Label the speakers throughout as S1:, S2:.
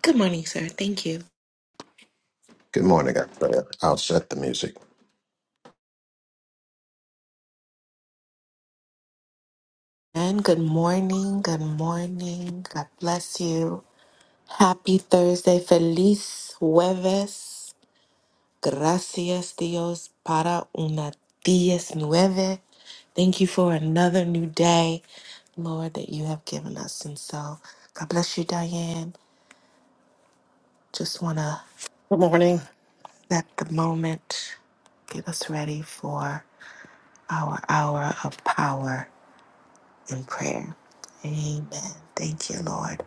S1: Good morning, sir. Thank you.
S2: Good morning, everybody. I'll set the music.
S1: And good morning. Good morning. God bless you. Happy Thursday. Feliz jueves. Gracias, Dios, para una diez nueve. Thank you for another new day, Lord, that you have given us. And so, God bless you, Diane. Just want to
S3: Good morning.
S1: set the moment, get us ready for our hour of power in prayer. Amen. Thank you, Lord.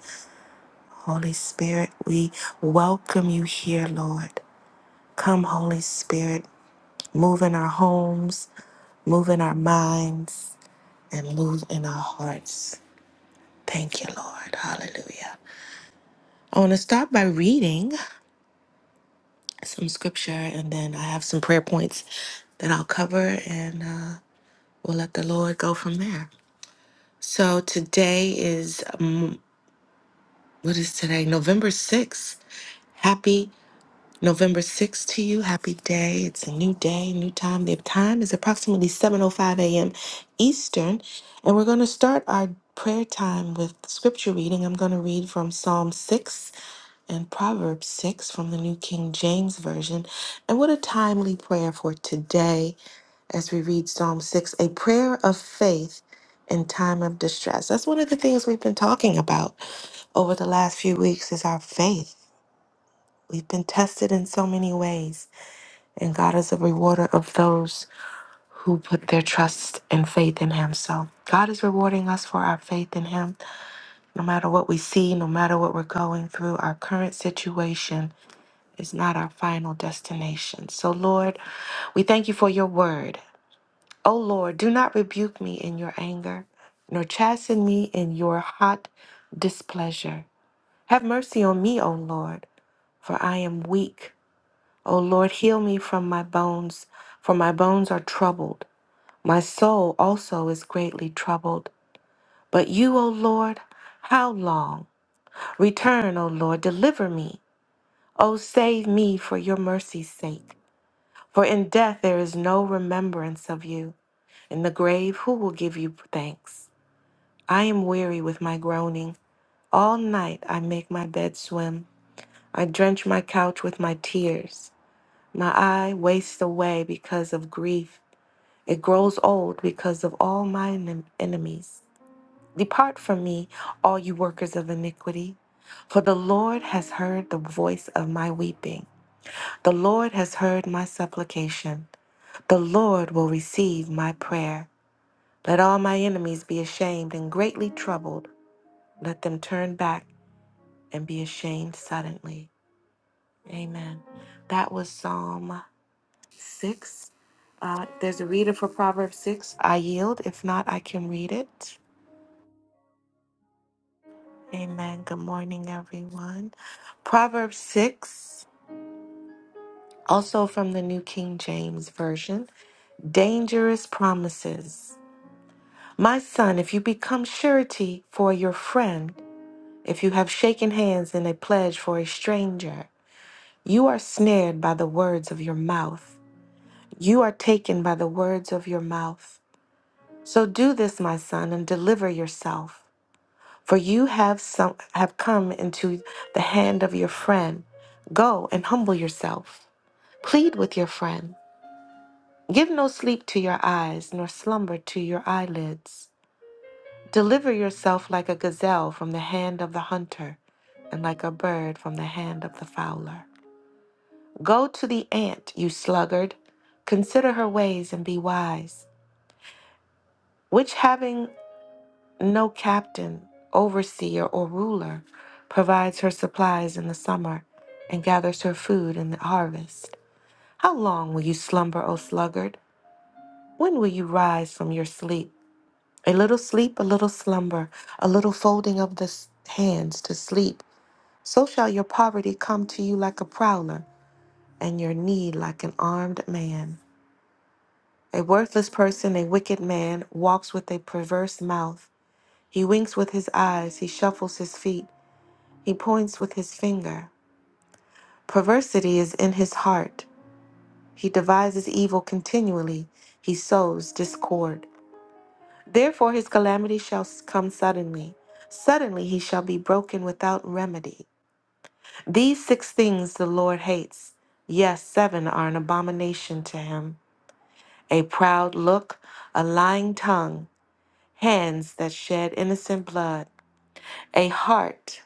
S1: Holy Spirit, we welcome you here, Lord. Come, Holy Spirit, move in our homes, move in our minds, and move in our hearts. Thank you, Lord. Hallelujah. I want to start by reading some scripture, and then I have some prayer points that I'll cover, and uh, we'll let the Lord go from there. So today is, um, what is today? November 6th. Happy November 6th to you. Happy day. It's a new day, new time. The time is approximately 7.05 a.m. Eastern. And we're going to start our prayer time with scripture reading. I'm going to read from Psalm 6 and Proverbs 6 from the New King James Version. And what a timely prayer for today as we read Psalm 6, a prayer of faith in time of distress. That's one of the things we've been talking about over the last few weeks is our faith. We've been tested in so many ways and God is a rewarder of those who put their trust and faith in Him. So God is rewarding us for our faith in Him. No matter what we see, no matter what we're going through, our current situation is not our final destination. So, Lord, we thank you for your word. O Lord, do not rebuke me in your anger, nor chasten me in your hot displeasure. Have mercy on me, O Lord, for I am weak. O Lord, heal me from my bones, for my bones are troubled. My soul also is greatly troubled. But you, O Lord, how long? Return, O Lord, deliver me. O save me for your mercy's sake. For in death there is no remembrance of you. In the grave, who will give you thanks? I am weary with my groaning. All night I make my bed swim. I drench my couch with my tears. My eye wastes away because of grief. It grows old because of all my enem- enemies. Depart from me, all you workers of iniquity, for the Lord has heard the voice of my weeping. The Lord has heard my supplication. The Lord will receive my prayer. Let all my enemies be ashamed and greatly troubled. Let them turn back and be ashamed suddenly. Amen. That was Psalm 6. Uh, if there's a reader for Proverbs 6, I yield. If not, I can read it. Amen. Good morning, everyone. Proverbs 6, also from the New King James Version Dangerous Promises. My son, if you become surety for your friend, if you have shaken hands in a pledge for a stranger, you are snared by the words of your mouth. You are taken by the words of your mouth. So do this, my son, and deliver yourself. For you have some have come into the hand of your friend. Go and humble yourself. Plead with your friend. Give no sleep to your eyes, nor slumber to your eyelids. Deliver yourself like a gazelle from the hand of the hunter, and like a bird from the hand of the fowler. Go to the ant, you sluggard. Consider her ways and be wise, which having No captain, overseer, or ruler provides her supplies in the summer and gathers her food in the harvest. How long will you slumber, O sluggard? When will you rise from your sleep? A little sleep, a little slumber, a little folding of the s- hands to sleep. So shall your poverty come to you like a prowler, and your need like an armed man. A worthless person, a wicked man, walks with a perverse mouth. He winks with his eyes, he shuffles his feet. He points with his finger. Perversity is in his heart. He devises evil continually. He sows discord. Therefore, his calamity shall come suddenly. Suddenly, he shall be broken without remedy. These six things the Lord hates. Yes, seven are an abomination to him a proud look, a lying tongue, hands that shed innocent blood, a heart.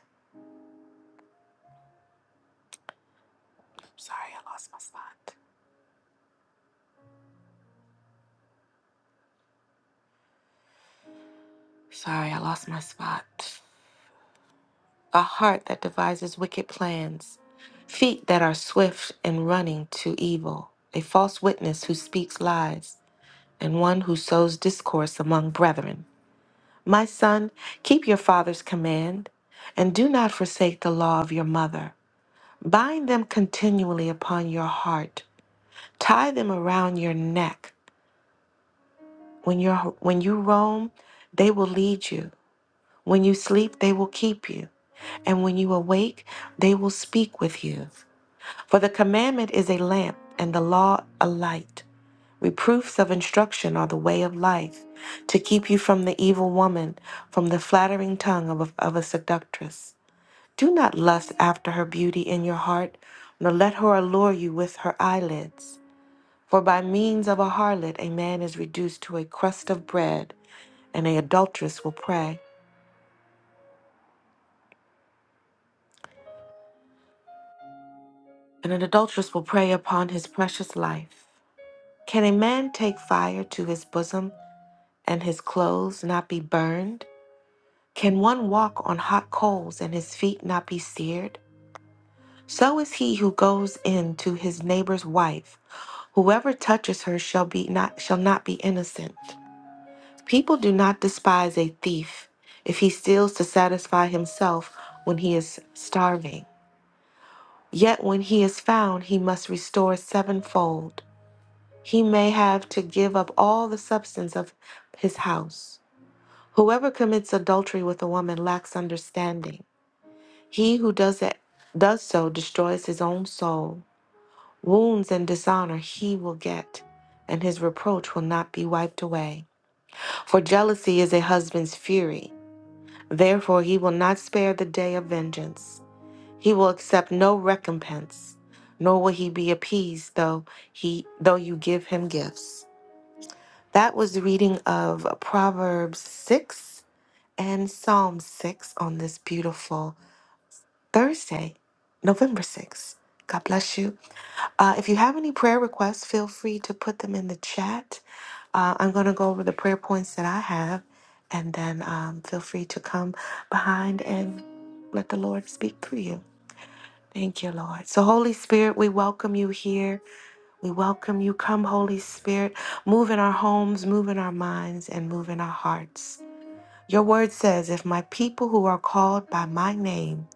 S1: Sorry, I lost my spot. Sorry, I lost my spot. a heart that devises wicked plans, feet that are swift in running to evil, a false witness who speaks lies, and one who sows discourse among brethren. My son, keep your father's command, and do not forsake the law of your mother. Bind them continually upon your heart, tie them around your neck. When, you're, when you roam, they will lead you. When you sleep, they will keep you. And when you awake, they will speak with you. For the commandment is a lamp, and the law a light. Reproofs of instruction are the way of life, to keep you from the evil woman, from the flattering tongue of a, of a seductress. Do not lust after her beauty in your heart, nor let her allure you with her eyelids. For by means of a harlot a man is reduced to a crust of bread, and an adulteress will prey, and an adulteress will prey upon his precious life. Can a man take fire to his bosom? and his clothes not be burned? Can one walk on hot coals and his feet not be seared? So is he who goes in to his neighbor's wife. Whoever touches her shall be not shall not be innocent. People do not despise a thief if he steals to satisfy himself when he is starving. Yet when he is found, he must restore sevenfold. He may have to give up all the substance of his house. Whoever commits adultery with a woman lacks understanding. He who does it does so destroys his own soul. Wounds and dishonor he will get, and his reproach will not be wiped away. For jealousy is a husband's fury. Therefore he will not spare the day of vengeance. He will accept no recompense, nor will he be appeased though he though you give him gifts. That was the reading of Proverbs 6 and Psalm 6 on this beautiful Thursday, November 6th. God bless you. Uh, if you have any prayer requests, feel free to put them in the chat. Uh, I'm going to go over the prayer points that I have, and then um, feel free to come behind and let the Lord speak through you. Thank you, Lord. So, Holy Spirit, we welcome you here. We welcome you. Come, Holy Spirit, move in our homes, move in our minds, and move in our hearts. Your word says, If my people who are called by my name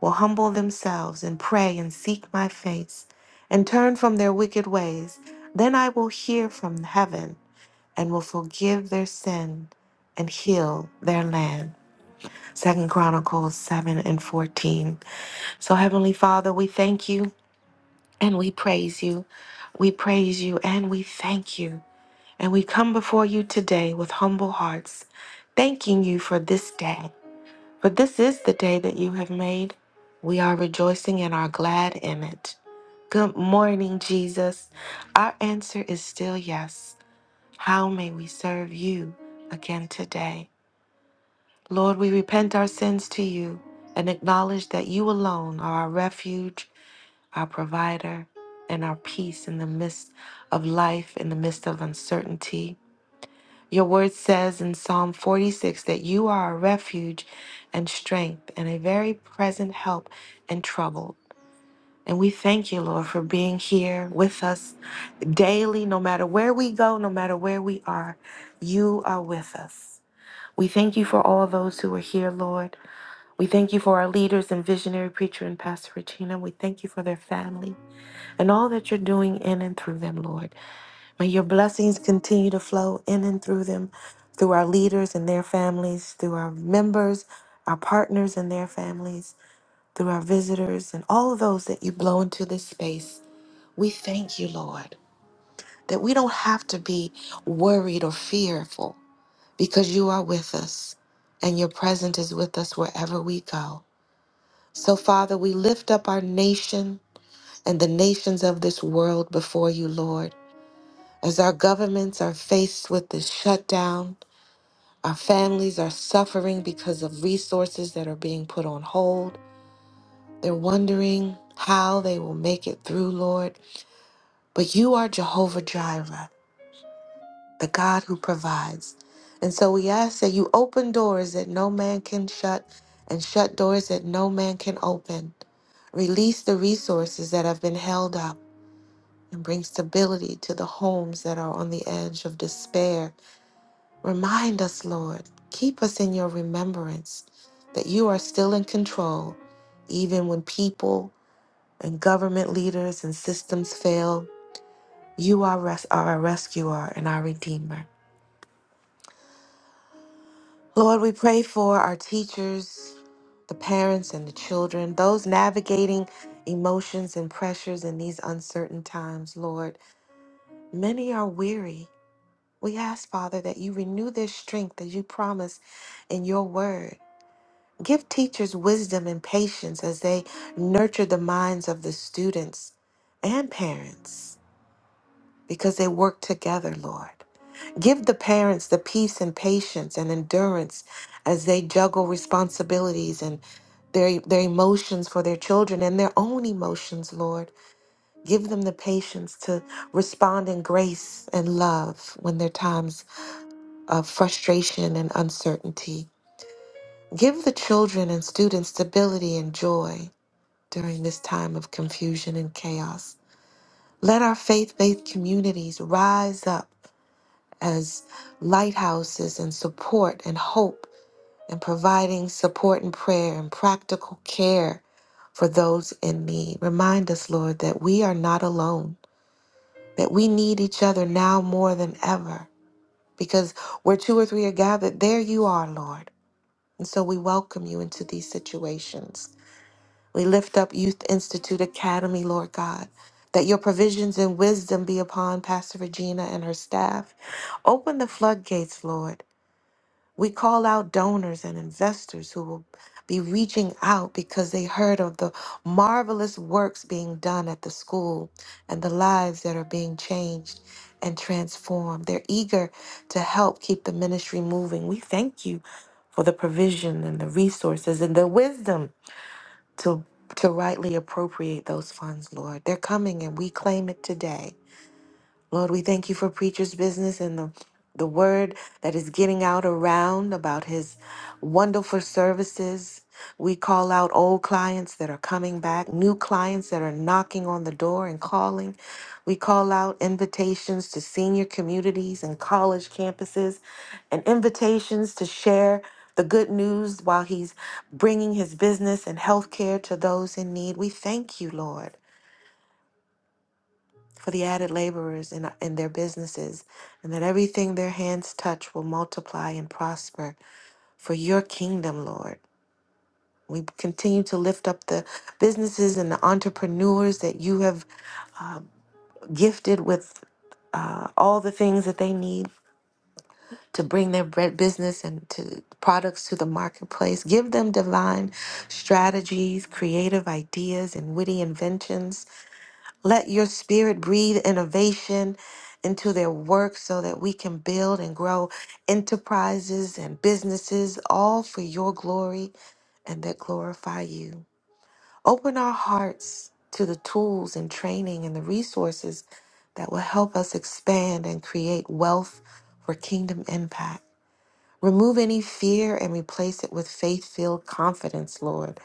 S1: will humble themselves and pray and seek my face and turn from their wicked ways, then I will hear from heaven and will forgive their sin and heal their land. Second Chronicles 7 and 14. So, Heavenly Father, we thank you and we praise you. We praise you and we thank you. And we come before you today with humble hearts, thanking you for this day For this is the day that you have made. We are rejoicing and are glad in it. Good morning, Jesus. Our answer is still yes. How may we serve you again today? Lord, we repent our sins to you and acknowledge that you alone are our refuge, our provider, and our peace in the midst of life, in the midst of uncertainty. Your word says in Psalm 46 that you are a refuge and strength and a very present help in trouble. And we thank you, Lord, for being here with us daily, no matter where we go, no matter where we are. You are with us. We thank you for all those who are here, Lord. We thank you for our leaders and visionary preacher and Pastor Regina. We thank you for their family and all that you're doing in and through them, Lord. May your blessings continue to flow in and through them, through our leaders and their families, through our members, our partners and their families, through our visitors, and all of those that you blow into this space. We thank you, Lord, that we don't have to be worried or fearful because you are with us and your presence is with us wherever we go. So, Father, we lift up our nation and the nations of this world before you, Lord, as our governments are faced with this shutdown Our families are suffering because of resources that are being put on hold. They're wondering how they will make it through, Lord. But you are Jehovah Jireh, the God who provides. And so we ask that you open doors that no man can shut and shut doors that no man can open. Release the resources that have been held up and bring stability to the homes that are on the edge of despair Remind us, Lord, keep us in your remembrance that you are still in control, even when people and government leaders and systems fail. You are res- are our rescuer and our redeemer. Lord, we pray for our teachers, the parents, and the children, those navigating emotions and pressures in these uncertain times, Lord. Many are weary. We ask, Father, that you renew their strength as you promise in your word. Give teachers wisdom and patience as they nurture the minds of the students and parents because they work together, Lord. Give the parents the peace and patience and endurance as they juggle responsibilities and their, their emotions for their children and their own emotions, Lord. Give them the patience to respond in grace and love when there are times of frustration and uncertainty. Give the children and students stability and joy during this time of confusion and chaos. Let our faith based communities rise up as lighthouses and support and hope and providing support and prayer and practical care for those in need. Remind us, Lord, that we are not alone, that we need each other now more than ever because where two or three are gathered, there you are, Lord. And so we welcome you into these situations. We lift up Youth Institute Academy, Lord God, that your provisions and wisdom be upon Pastor Regina and her staff. Open the floodgates, Lord. We call out donors and investors who will be reaching out because they heard of the marvelous works being done at the school and the lives that are being changed and transformed. They're eager to help keep the ministry moving. We thank you for the provision and the resources and the wisdom to to rightly appropriate those funds, Lord. They're coming and we claim it today. Lord, we thank you for preacher's business and the, the word that is getting out around about his wonderful services. We call out old clients that are coming back, new clients that are knocking on the door and calling. We call out invitations to senior communities and college campuses and invitations to share the good news while he's bringing his business and health care to those in need. We thank you, Lord for the added laborers in, in their businesses, and that everything their hands touch will multiply and prosper for your kingdom, Lord. We continue to lift up the businesses and the entrepreneurs that you have gifted with uh, all the things that they need to bring their bread business and to products to the marketplace. Give them divine strategies, creative ideas, and witty inventions Let your spirit breathe innovation into their work so that we can build and grow enterprises and businesses, all for your glory and that glorify you. Open our hearts to the tools and training and the resources that will help us expand and create wealth for kingdom impact. Remove any fear and replace it with faith filled confidence, Lord.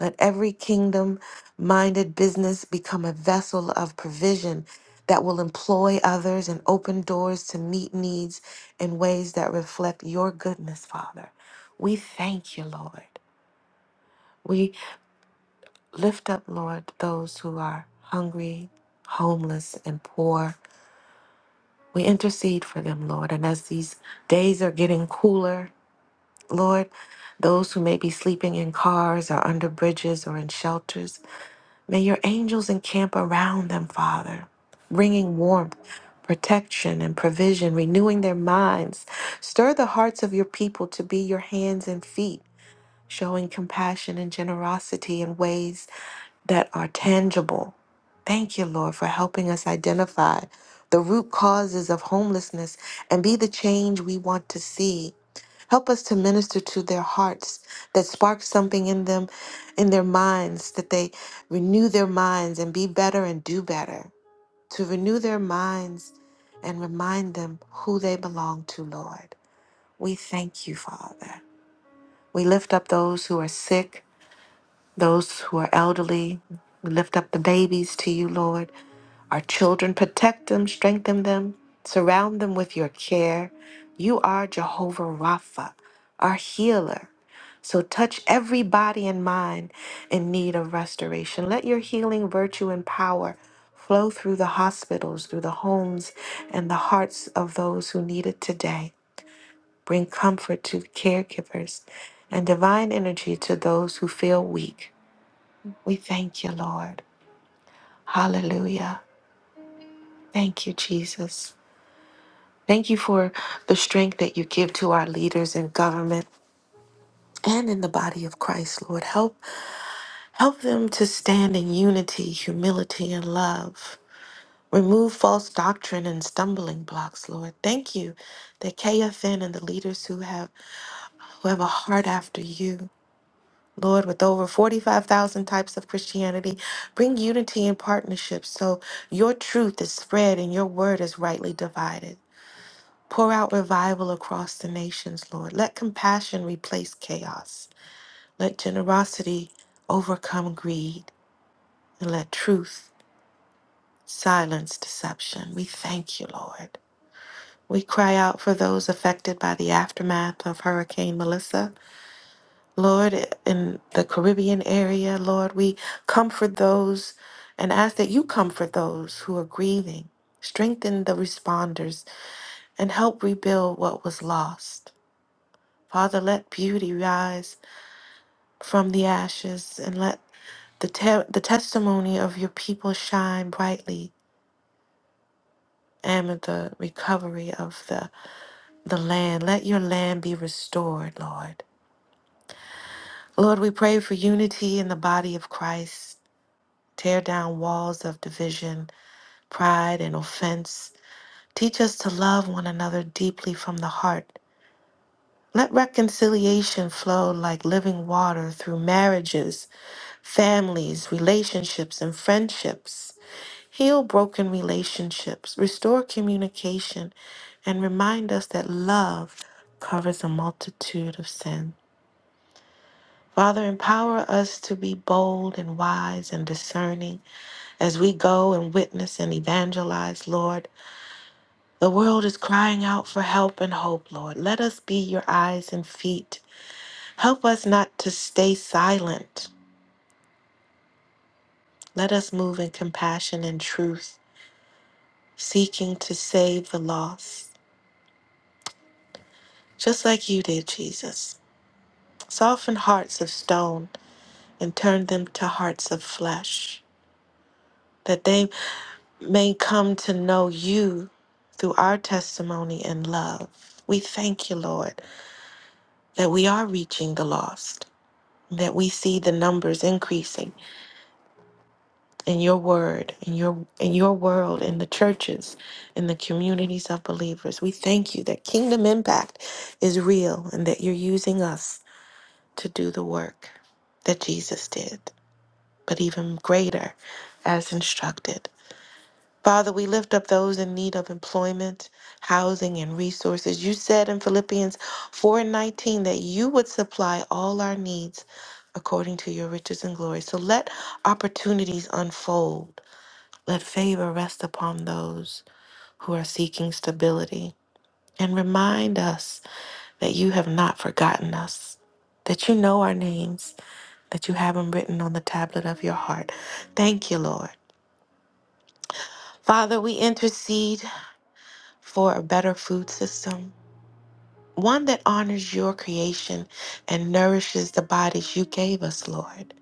S1: Let every kingdom minded business become a vessel of provision that will employ others and open doors to meet needs in ways that reflect your goodness, Father. We thank you, Lord. We lift up, Lord, those who are hungry, homeless, and poor. We intercede for them, Lord. And as these days are getting cooler, Lord, those who may be sleeping in cars or under bridges or in shelters, May your angels encamp around them, Father, bringing warmth, protection, and provision, renewing their minds. Stir the hearts of your people to be your hands and feet, showing compassion and generosity in ways that are tangible. Thank you, Lord, for helping us identify the root causes of homelessness and be the change we want to see. Help us to minister to their hearts that sparks something in them, in their minds, that they renew their minds and be better and do better. To renew their minds and remind them who they belong to, Lord. We thank you, Father. We lift up those who are sick, those who are elderly. We lift up the babies to you, Lord. Our children, protect them, strengthen them, surround them with your care. You are Jehovah Rapha, our healer. So touch every body and mind in need of restoration. Let your healing virtue and power flow through the hospitals, through the homes, and the hearts of those who need it today. Bring comfort to caregivers and divine energy to those who feel weak. We thank you, Lord. Hallelujah. Thank you, Jesus. Thank you for the strength that you give to our leaders in government and in the body of Christ, Lord. Help Help them to stand in unity, humility, and love. Remove false doctrine and stumbling blocks, Lord. Thank you that KFN and the leaders who have who have a heart after you, Lord, with over 45,000 types of Christianity, bring unity and partnership so your truth is spread and your word is rightly divided. Pour out revival across the nations, Lord. Let compassion replace chaos. Let generosity overcome greed and let truth Silence deception. We thank you, Lord. We cry out for those affected by the aftermath of Hurricane Melissa. Lord, in the Caribbean area, Lord, we comfort those and ask that you comfort those who are grieving. Strengthen the responders and help rebuild what was lost. Father, let beauty rise from the ashes and let the, te- the testimony of your people shine brightly amid the recovery of the the land. Let your land be restored, Lord. Lord, we pray for unity in the body of Christ. Tear down walls of division, pride, and offense. Teach us to love one another deeply from the heart. Let reconciliation flow like living water through marriages, families, relationships, and friendships. Heal broken relationships, restore communication, and remind us that love covers a multitude of sins. Father, empower us to be bold and wise and discerning as we go and witness and evangelize, Lord. The world is crying out for help and hope, Lord. Let us be your eyes and feet. Help us not to stay silent. Let us move in compassion and truth, seeking to save the lost, just like you did, Jesus. Soften hearts of stone and turn them to hearts of flesh that they. may come to know you through our testimony and love. We thank you, Lord, that we are reaching the lost, that we see the numbers increasing in your word, in your in your world, in the churches, in the communities of believers. We thank you that kingdom impact is real and that you're using us to do the work that Jesus did, but even greater as instructed. Father, we lift up those in need of employment, housing, and resources. You said in Philippians 4 and 19 that you would supply all our needs according to your riches and glory. So let opportunities unfold. Let favor rest upon those who are seeking stability. And remind us that you have not forgotten us, that you know our names, that you have them written on the tablet of your heart. Thank you, Lord. Father, we intercede for a better food system, one that honors your creation and nourishes the bodies you gave us, Lord.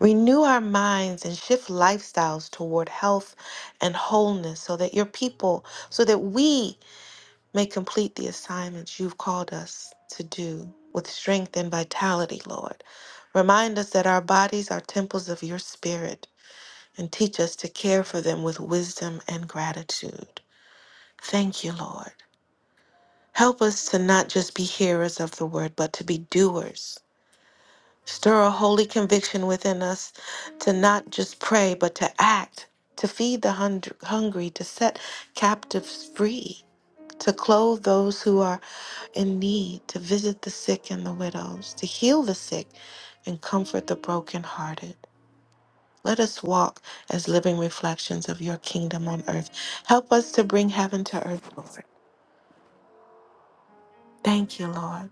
S1: Renew our minds and shift lifestyles toward health and wholeness so that your people, so that we may complete the assignments you've called us to do with strength and vitality, Lord. Remind us that our bodies are temples of your spirit and teach us to care for them with wisdom and gratitude. Thank you, Lord. Help us to not just be hearers of the word, but to be doers. Stir a holy conviction within us to not just pray, but to act, to feed the hun- hungry, to set captives free, to clothe those who are in need, to visit the sick and the widows, to heal the sick and comfort the brokenhearted. Let us walk as living reflections of your kingdom on earth. Help us to bring heaven to earth, Lord. Thank you, Lord.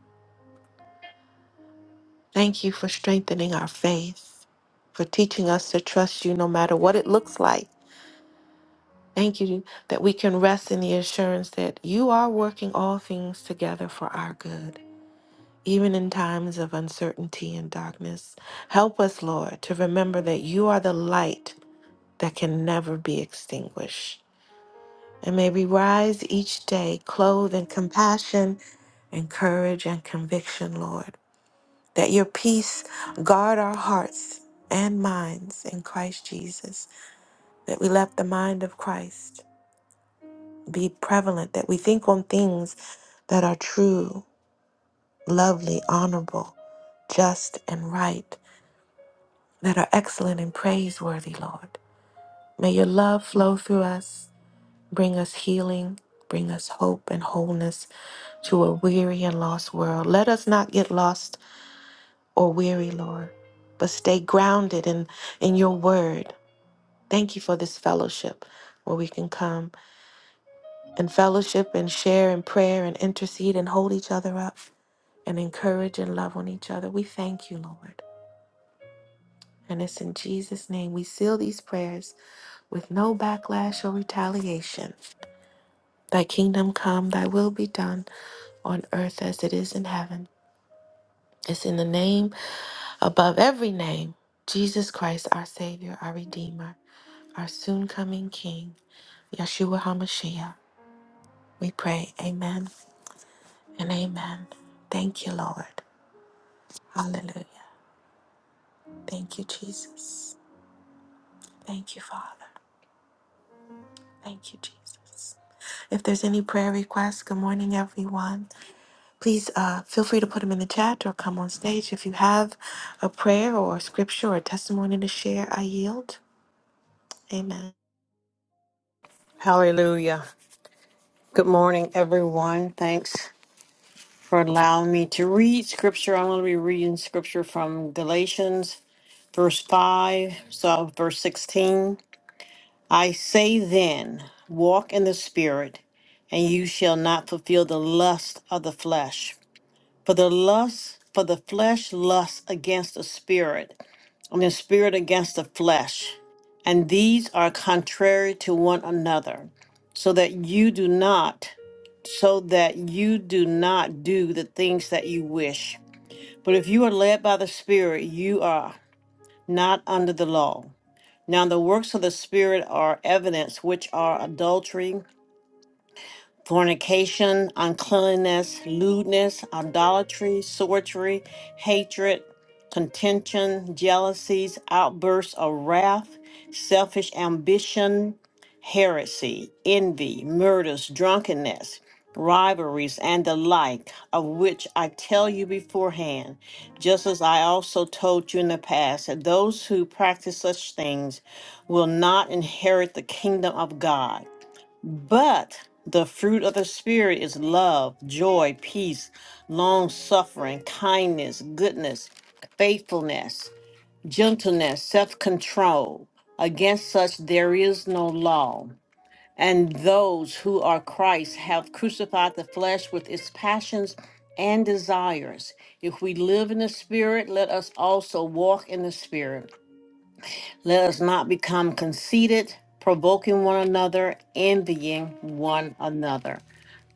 S1: Thank you for strengthening our faith, for teaching us to trust you no matter what it looks like. Thank you that we can rest in the assurance that you are working all things together for our good, even in times of uncertainty and darkness. Help us, Lord, to remember that you are the light that can never be extinguished. And may we rise each day clothed in compassion and courage and conviction, Lord. That your peace guard our hearts and minds in Christ Jesus. That we let the mind of Christ be prevalent. That we think on things that are true, lovely, honorable, just, and right. That are excellent and praiseworthy, Lord. May your love flow through us, bring us healing, bring us hope and wholeness to a weary and lost world. Let us not get lost or weary, Lord, but stay grounded in, in your word Thank you for this fellowship where we can come and fellowship and share in prayer and intercede and hold each other up and encourage and love on each other. We thank you, Lord. And it's in Jesus' name we seal these prayers with no backlash or retaliation. Thy kingdom come, thy will be done on earth as it is in heaven. It's in the name above every name, Jesus Christ, our Savior, our Redeemer, our soon coming King, Yeshua HaMashiach. We pray, Amen and amen. Thank you, Lord. Hallelujah. Thank you, Jesus. Thank you, Father. Thank you, Jesus. If there's any prayer requests, good morning, everyone. Please uh, feel free to put them in the chat or come on stage. If you have a prayer or scripture or testimony to share, I yield. Amen.
S3: Hallelujah. Good morning, everyone. Thanks for allowing me to read scripture. I'm going to be reading scripture from Galatians, verse 5, so verse 16. I say then, walk in the Spirit, and you shall not fulfill the lust of the flesh. For the lust, for the flesh lusts against the Spirit and the spirit against the flesh, and these are contrary to one another, so that you do not so that you do not do the things that you wish. But if you are led by the spirit, you are not under the law. Now the works of the spirit are evidence, which are adultery fornication, uncleanness, lewdness, idolatry, sorcery, hatred, contention, jealousies, outbursts of wrath, selfish ambition, heresy, envy, murders, drunkenness, rivalries, and the like, of which I tell you beforehand, just as I also told you in the past, that those who practice such things will not inherit the kingdom of God. But the fruit of the Spirit is love, joy, peace, long suffering, kindness, goodness, faithfulness, gentleness, self control. Against such there is no law. And those who are Christ have crucified the flesh with its passions and desires. If we live in the Spirit, let us also walk in the Spirit. Let us not become conceited, provoking one another, envying one another.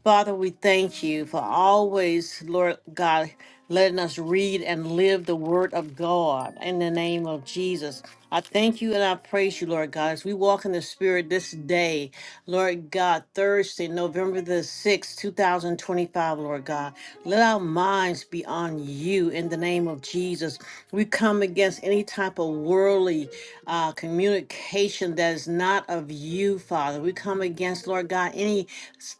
S3: Father, we thank you for always, Lord God, letting us read and live the word of God in the name of Jesus. I thank you and I praise you, Lord God, as we walk in the Spirit this day, Lord God, Thursday, November the 6th, 2025, Lord God. Let our minds be on you in the name of Jesus. We come against any type of worldly uh, uh, communication that is not of you, Father. We come against, Lord God, any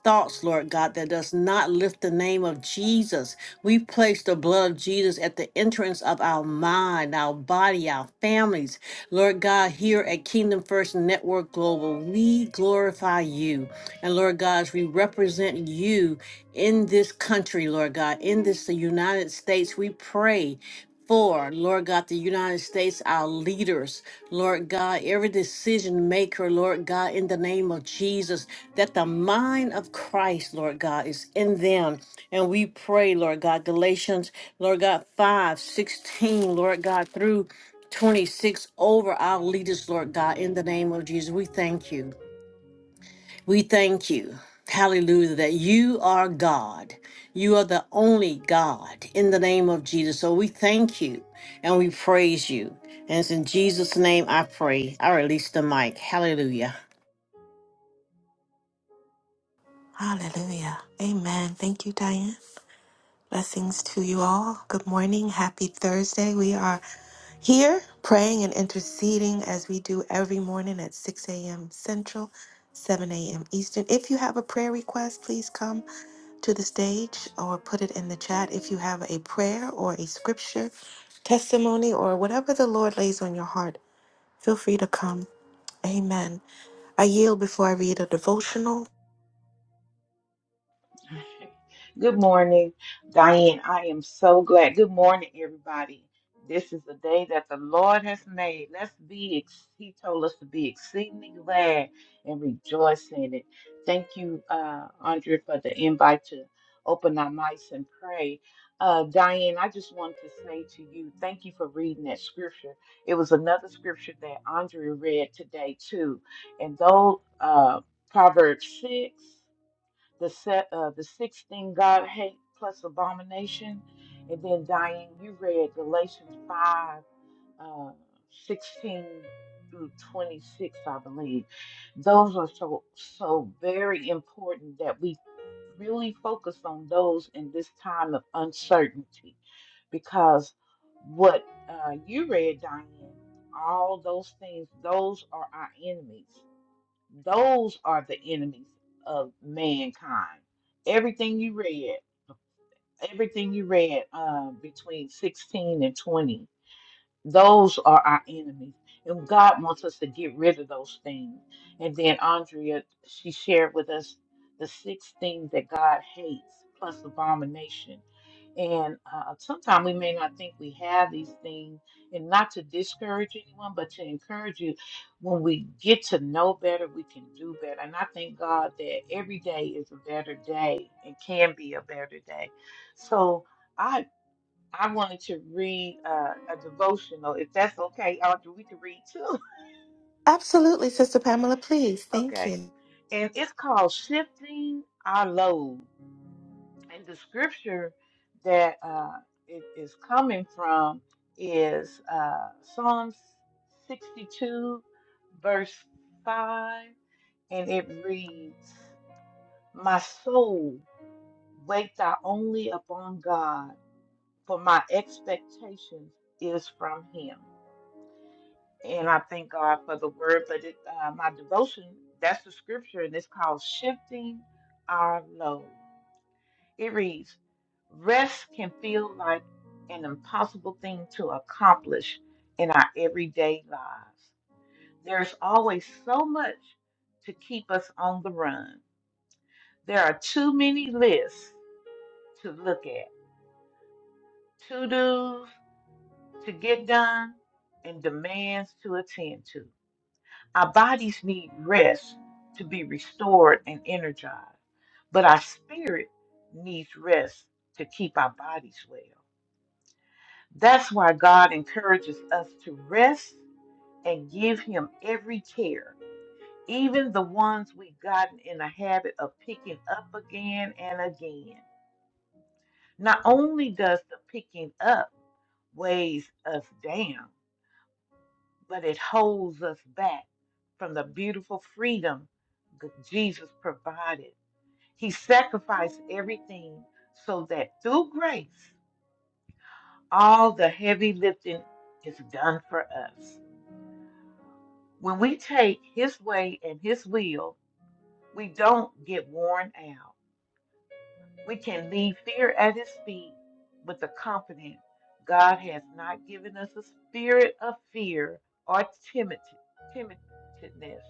S3: thoughts, Lord God, that does not lift the name of Jesus. We place the blood of Jesus at the entrance of our mind, our body, our families. Lord God, here at Kingdom First Network Global, we glorify you. And Lord God, as we represent you in this country, Lord God, in this United States, we pray for, Lord God, the United States, our leaders, Lord God, every decision maker, Lord God, in the name of Jesus, that the mind of Christ, Lord God, is in them. And we pray, Lord God, Galatians, Lord God, 5 16, Lord God, through 26 over our leaders, Lord God, in the name of Jesus. We thank you. We thank you, hallelujah, that you are God. You are the only God in the name of Jesus. So we thank you and we praise you. And it's in Jesus' name I pray. I release the mic. Hallelujah.
S1: Hallelujah. Amen. Thank you, Diane. Blessings to you all. Good morning. Happy Thursday. We are Here, praying and interceding as we do every morning at 6 a.m. Central, 7 a.m. Eastern. If you have a prayer request, please come to the stage or put it in the chat. If you have a prayer or a scripture, testimony, or whatever the Lord lays on your heart, feel free to come. Amen. I yield before I read a devotional.
S4: Good morning, Diane. I am so glad. Good morning, everybody. This is the day that the Lord has made. Let's be, ex- He told us to be exceedingly glad and rejoice in it. Thank you, uh, Andrea, for the invite to open our mics and pray. Uh, Diane, I just wanted to say to you, thank you for reading that scripture. It was another scripture that Andrea read today, too. And though uh, Proverbs 6 the set uh the sixth thing God hate plus abomination, and then Diane, you read Galatians five uh sixteen through twenty six, I believe. Those are so so very important that we really focus on those in this time of uncertainty, because what uh, you read, Diane, all those things, those are our enemies. Those are the enemies of mankind. Everything you read, everything you read um, between 16 and 20, those are our enemies. And God wants us to get rid of those things. And then Andrea, she shared with us the six things that God hates, plus abomination. And uh, sometimes we may not think we have these things, and not to discourage anyone, but to encourage you. When we get to know better, we can do better. And I thank God that every day is a better day and can be a better day. So, I. I wanted to read uh, a devotional, if that's okay, Audrey, we can read too.
S1: Absolutely, Sister Pamela, please. Thank
S4: Okay.
S1: you.
S4: And it's called Shifting Our Load. And the scripture that uh, it is coming from is uh, Psalms 62, verse 5. And it reads, My soul, wait thou only upon God, for my expectation is from him. And I thank God for the word, but it, uh, my devotion, that's the scripture, and it's called Shifting Our Load. It reads, Rest can feel like an impossible thing to accomplish in our everyday lives. There's always so much to keep us on the run. There are too many lists to look at, to dos to get done, and demands to attend to. Our bodies need rest to be restored and energized, but our spirit needs rest to keep our bodies well. That's why God encourages us to rest and give Him every care, even the ones we've gotten in the habit of picking up again and again. Not only does the picking up weighs us down, but it holds us back from the beautiful freedom that Jesus provided He sacrificed everything so that through grace, all the heavy lifting is done for us. When we take His way and His will, we don't get worn out. We can leave fear at His feet with the confidence God has not given us a spirit of fear or timid, timidness,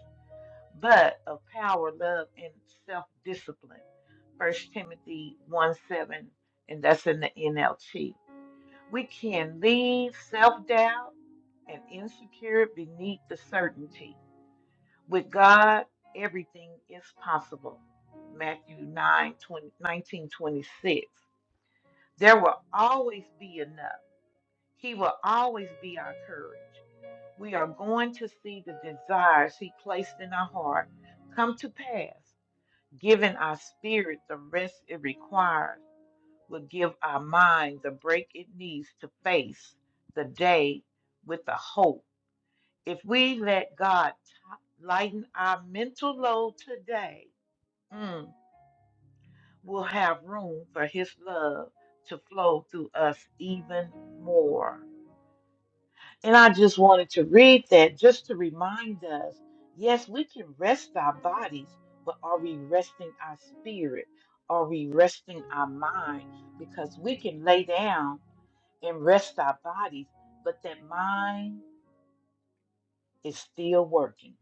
S4: but of power, love, and self discipline. First Timothy 1 7, and that's in the NLT. We can leave self doubt and insecurity beneath the certainty. With God, everything is possible. Matthew 9 20 19 26. There will always be enough. He will always be our courage. We are going to see the desires He placed in our heart come to pass Giving our spirit the rest it requires will give our mind the break it needs to face the day with the hope. If we let God t- lighten our mental load today, mm, we'll have room for His love to flow through us even more. And I just wanted to read that just to remind us yes, we can rest our bodies, but are we resting our spirit? Are we resting our mind? Because we can lay down and rest our bodies, but that mind is still working.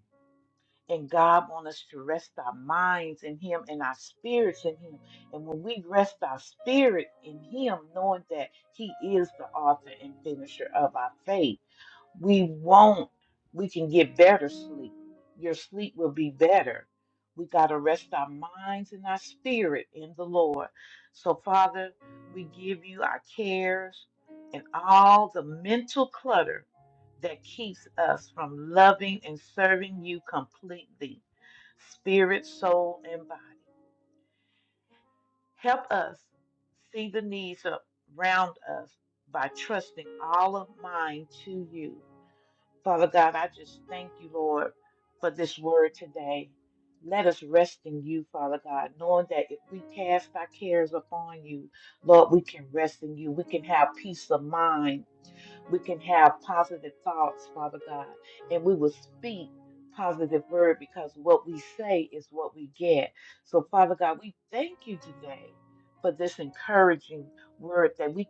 S4: And God wants us to rest our minds in Him and our spirits in Him. And when we rest our spirit in Him, knowing that He is the author and finisher of our faith we won't, we can get better sleep. Your sleep will be better. We got to rest our minds and our spirit in the Lord. So, Father, we give you our cares and all the mental clutter that keeps us from loving and serving you completely, spirit, soul, and body. Help us see the needs around us by trusting all of mine to you. Father God, I just thank you, Lord, for this word today. Let us rest in you, Father God, knowing that if we cast our cares upon you, Lord, we can rest in you. We can have peace of mind we can have positive thoughts, Father God, and we will speak positive word because what we say is what we get. So, Father God, we thank you today for this encouraging word that we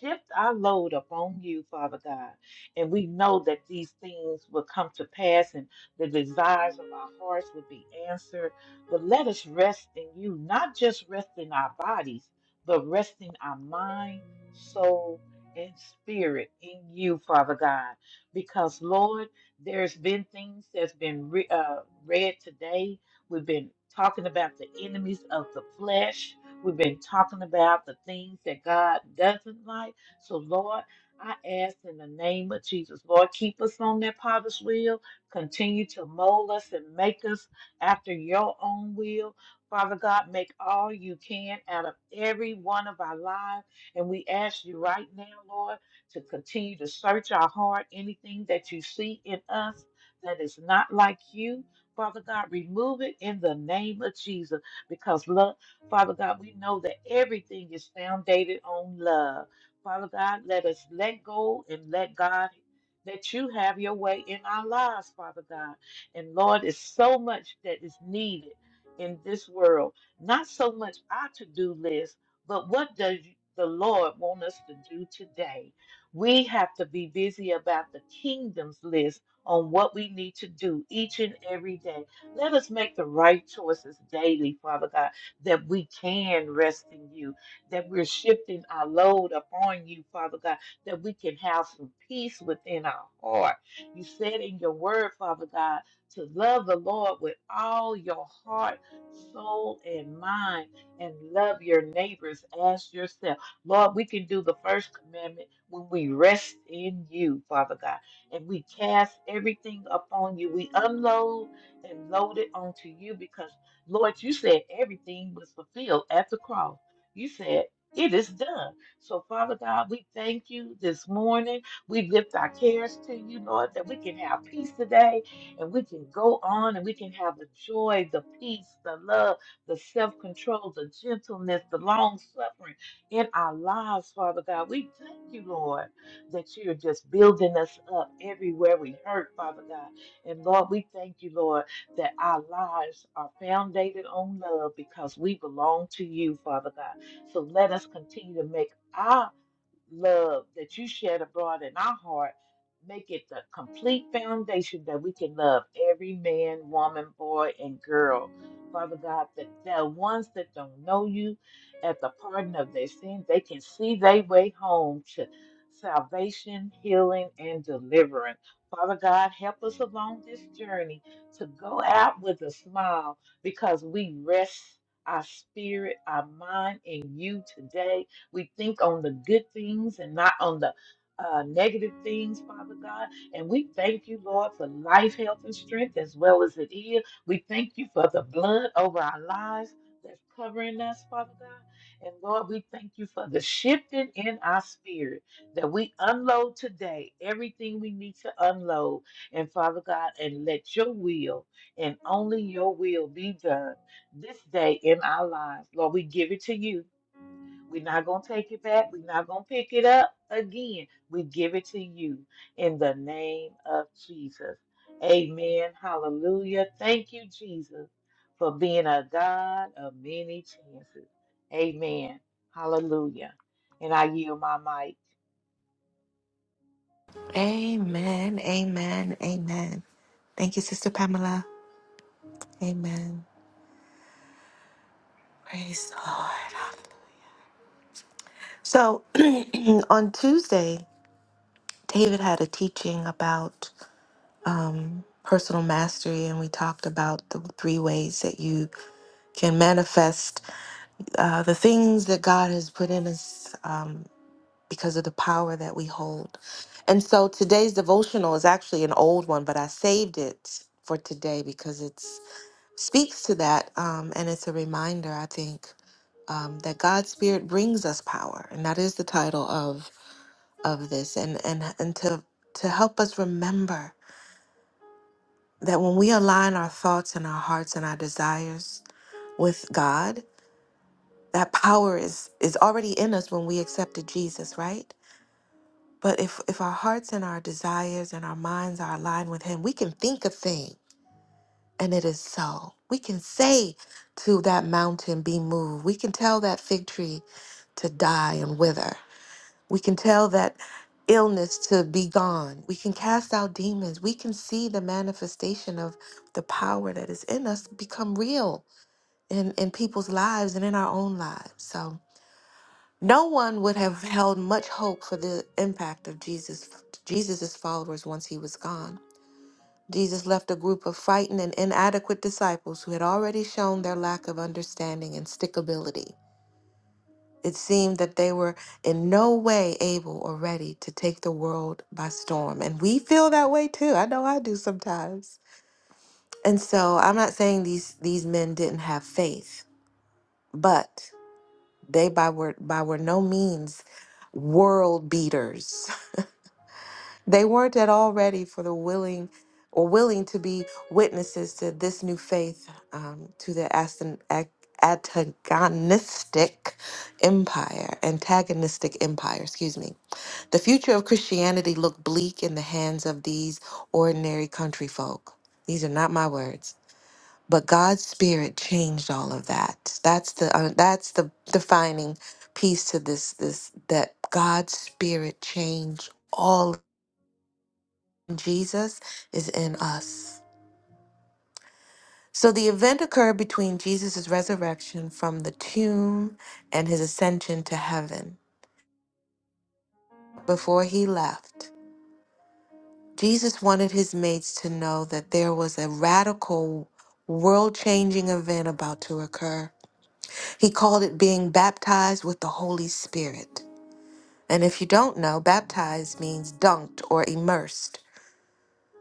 S4: shift our load upon you, Father God. And we know that these things will come to pass and the desires of our hearts will be answered. But let us rest in you, not just rest in our bodies, but rest in our mind, soul, and spirit in you, Father God. Because, Lord, there's been things that's been re- uh, read today. We've been talking about the enemies of the flesh. We've been talking about the things that God doesn't like. So, Lord, I ask in the name of Jesus, Lord, keep us on that potter's wheel. Continue to mold us and make us after your own will. Father God, make all you can out of every one of our lives and we ask you right now, Lord, to continue to search our heart, anything that you see in us that is not like you. Father God, remove it in the name of Jesus because love, Father God, we know that everything is founded on love. Father God, let us let go and let God, let you have your way in our lives, Father God. And Lord, it's so much that is needed in this world. Not so much our to do list but what does the Lord want us to do today? We have to be busy about the kingdom's list on what we need to do each and every day. Let us make the right choices daily, Father God, that we can rest in you, that we're shifting our load upon you, Father God, that we can have some peace within our heart. You said in your word, Father God, to love the Lord with all your heart, soul, and mind and love your neighbors as yourself. Lord, we can do the first commandment when we rest in you, Father God, and we cast everything upon you. We unload and load it onto you because, Lord, you said everything was fulfilled at the cross. You said, it is done. So, Father God, we thank you this morning. We lift our cares to you, Lord, that we can have peace today and we can go on and we can have the joy, the peace, the love the self control, the gentleness, the long suffering in our lives, Father God. We thank you, Lord, that you're just building us up everywhere we hurt, Father God. And Lord, we thank you, Lord, that our lives are founded on love because we belong to you, Father God. So let us continue to make our love that you shed abroad in our heart, make it the complete foundation that we can love every man, woman, boy, and girl. Father God, that the ones that don't know you at the pardon of their sins, they can see their way home to salvation, healing, and deliverance. Father God, help us along this journey to go out with a smile because we rest our spirit, our mind in you today we think on the good things and not on the uh, negative things, Father God. And we thank you, Lord, for life, health, and strength as well as it is. We thank you for the blood over our lives that's covering us, Father God. And Lord, we thank you for the shifting in our spirit that we unload today everything we need to unload. And Father God, and let your will and only your will be done this day in our lives. Lord, we give it to you. We're not going to take it back. We're not going to pick it up again. We give it to you in the name of Jesus. Amen. Hallelujah. Thank you, Jesus, for being a God of many chances. Amen. Hallelujah. And I yield my mic.
S1: Amen. Amen. Amen. Thank you, Sister Pamela. Amen. Praise the Lord. So on Tuesday, David had a teaching about um, personal mastery, and we talked about the three ways that you can manifest uh, the things that God has put in us um, because of the power that we hold. And so today's devotional is actually an old one, but I saved it for today because it speaks to that, um, and it's a reminder, I think, um, that God's Spirit brings us power. And that is the title of of this and and and to to help us remember that when we align our thoughts and our hearts and our desires with God, that power is is already in us when we accepted Jesus, right? But if if our hearts and our desires and our minds are aligned with him, we can think a thing and it is so. We can say to that mountain be moved. We can tell that fig tree to die and wither We can tell that illness to be gone. We can cast out demons. We can see the manifestation of the power that is in us become real in, in people's lives and in our own lives. So no one would have held much hope for the impact of Jesus Jesus's followers once he was gone. Jesus left a group of frightened and inadequate disciples who had already shown their lack of understanding and stickability. It seemed that they were in no way able or ready to take the world by storm. And we feel that way too. I know I do sometimes. And so I'm not saying these these men didn't have faith, but they by were by were no means world beaters. They weren't at all ready for the willing or willing to be witnesses to this new faith um, to the Aston, ac- antagonistic empire, antagonistic empire, excuse me The future of Christianity looked bleak in the hands of these ordinary country folk. These are not my words, but God's spirit changed all of that. That's the uh, that's the defining piece to this this that God's spirit changed all Jesus is in us. So the event occurred between Jesus' resurrection from the tomb and his ascension to heaven. Before he left, Jesus wanted his mates to know that there was a radical, world changing event about to occur. He called it being baptized with the Holy Spirit. And if you don't know, baptized means dunked or immersed.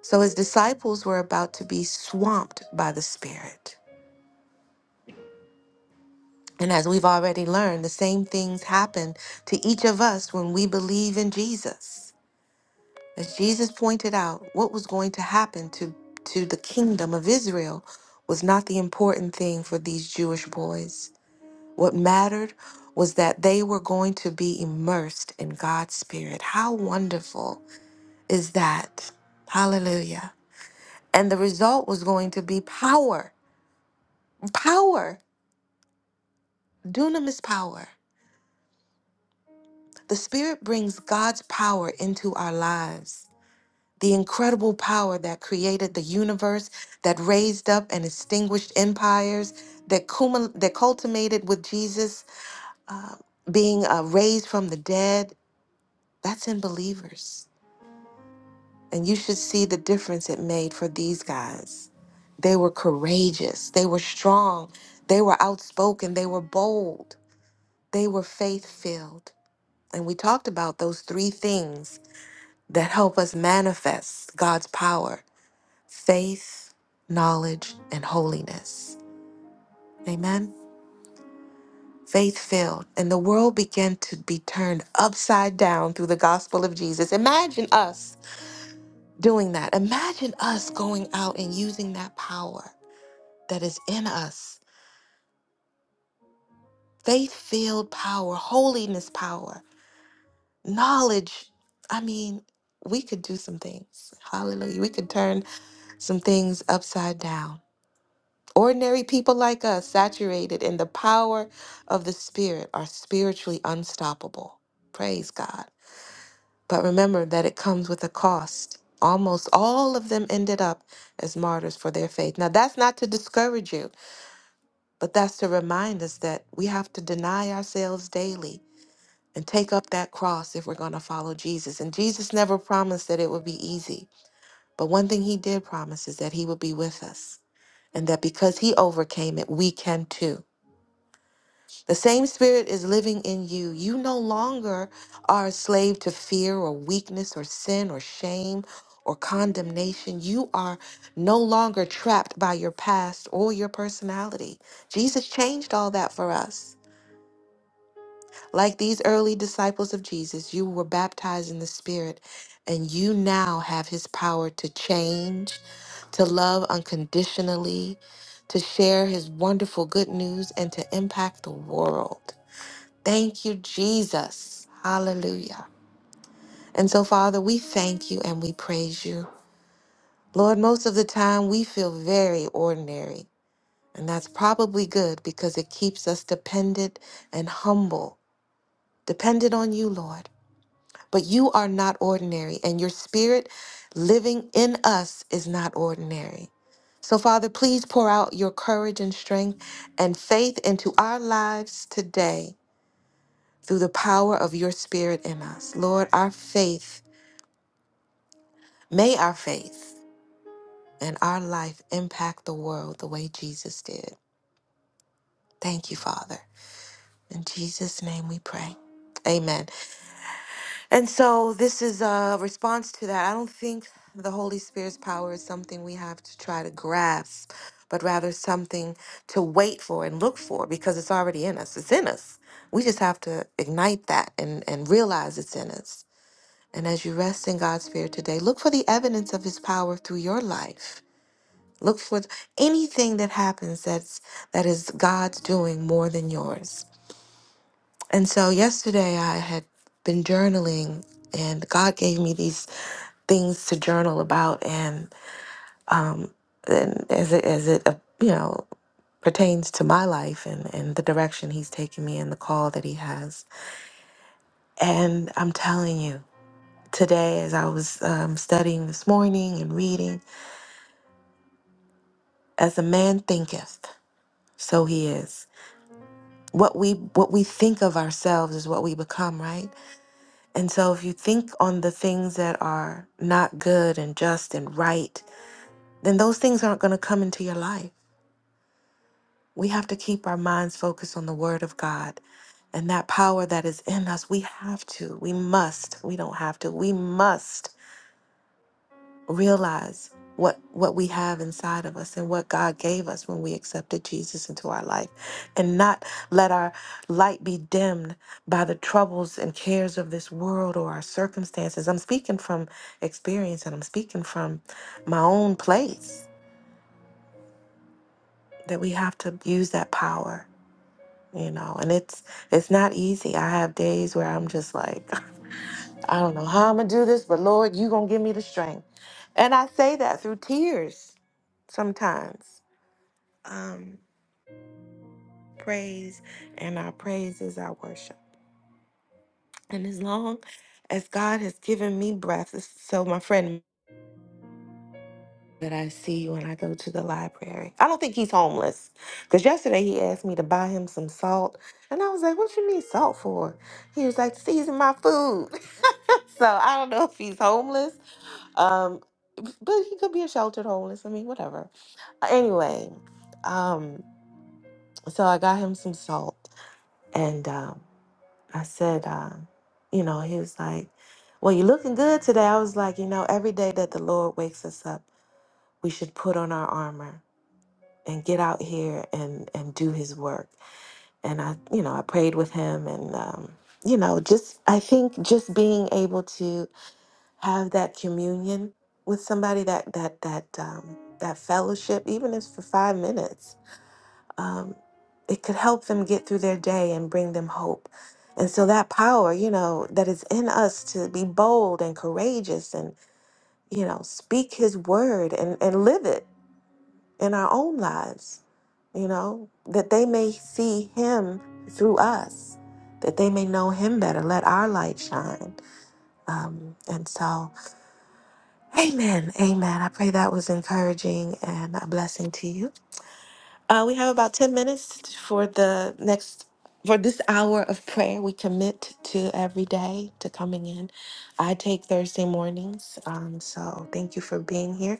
S1: So his disciples were about to be swamped by the Spirit. And as we've already learned, the same things happen to each of us when we believe in Jesus. As Jesus pointed out, what was going to happen to, to the kingdom of Israel was not the important thing for these Jewish boys. What mattered was that they were going to be immersed in God's Spirit. How wonderful is that? Hallelujah. And the result was going to be power. Power. Dunamis power. The Spirit brings God's power into our lives. the incredible power that created the universe, that raised up and extinguished empires, that, cumu- that culminated with Jesus being uh, raised from the dead, that's in believers. And you should see the difference it made for these guys. They were courageous, they were strong, they were outspoken, they were bold, they were faith filled. And we talked about those three things that help us manifest God's power faith, knowledge, and holiness. Amen. Faith filled, and the world began to be turned upside down through the gospel of Jesus. Imagine us doing that. Imagine us going out and using that power that is in us faith filled power, holiness power, knowledge. I mean, we could do some things. Hallelujah. We could turn some things upside down. Ordinary people like us, saturated in the power of the Spirit, are spiritually unstoppable. Praise God. But remember that it comes with a cost. Almost all of them ended up as martyrs for their faith. Now, that's not to discourage you, but that's to remind us that we have to deny ourselves daily and take up that cross if we're going to follow Jesus. And Jesus never promised that it would be easy. But one thing he did promise is that he would be with us and that because he overcame it, we can too. The same spirit is living in you. You no longer are a slave to fear or weakness or sin or shame or condemnation. You are no longer trapped by your past or your personality. Jesus changed all that for us. Like these early disciples of Jesus, you were baptized in the Spirit, and you now have His power to change, to love unconditionally, to share His wonderful good news, and to impact the world. Thank you, Jesus. Hallelujah. And so, Father, we thank you and we praise you. Lord, most of the time we feel very ordinary, and that's probably good because it keeps us dependent and humble, dependent on you, Lord. But you are not ordinary, and your spirit living in us is not ordinary. So, Father, please pour out your courage and strength and faith into our lives today through the power of your spirit in us. Lord, our faith, may our faith and our life impact the world the way Jesus did. Thank you, Father. In Jesus' name we pray. Amen. And so this is a response to that. I don't think the Holy Spirit's power is something we have to try to grasp, but rather something to wait for and look for because it's already in us. It's in us. We just have to ignite that and, and realize it's in us. And as you rest in God's Spirit today, look for the evidence of His power through your life. Look for th- anything that happens that's that is God's doing more than yours. And so yesterday I had been journaling, and God gave me these things to journal about, and um, and as it as it uh, you know pertains to my life and and the direction He's taking me and the call that He has. And I'm telling you today, as I was um, studying this morning and reading. as a man thinketh so he is what we what we think of ourselves is what we become right and so if you think on the things that are not good and just and right then those things aren't going to come into your life we have to keep our minds focused on the word of god and that power that is in us we have to we must we don't have to we must realize what what we have inside of us and what God gave us when we accepted Jesus into our life and not let our light be dimmed by the troubles and cares of this world or our circumstances. I'm speaking from experience and I'm speaking from my own place that we have to use that power, you know. And it's it's not easy. I have days where I'm just like, I don't know how I'm going to do this, but Lord, you going to give me the strength. And I say that through tears sometimes um, praise, and our praise is our worship. And as long as God has given me breath, this- so my friend that I see when I go to the library, I don't think he's homeless. Because yesterday he asked me to buy him some salt. And I was like, what you need salt for? He was like, season my food. so I don't know if he's homeless. Um, but he could be a sheltered homeless. I mean, whatever. Uh, Anyway, um, so I got him some salt. And um, I said, uh, you know, he was like, well, you're looking good today. I was like, you know, every day that the Lord wakes us up, we should put on our armor and get out here and and do His work. And I, you know, I prayed with him, and um, you know, just I think just being able to have that communion with somebody that that that um, that fellowship, even if it's for five minutes, um, it could help them get through their day and bring them hope. And so that power, you know, that is in us to be bold and courageous and, you know, speak his word and, and live it in our own lives, you know, that they may see him through us, that they may know him better. Let our light shine. Um, and so, amen, amen. I pray that was encouraging and a blessing to you. Uh, we have about 10 minutes t- for the next, for this hour of prayer we commit to every day to coming in. I take Thursday mornings. Um, so thank you for being here.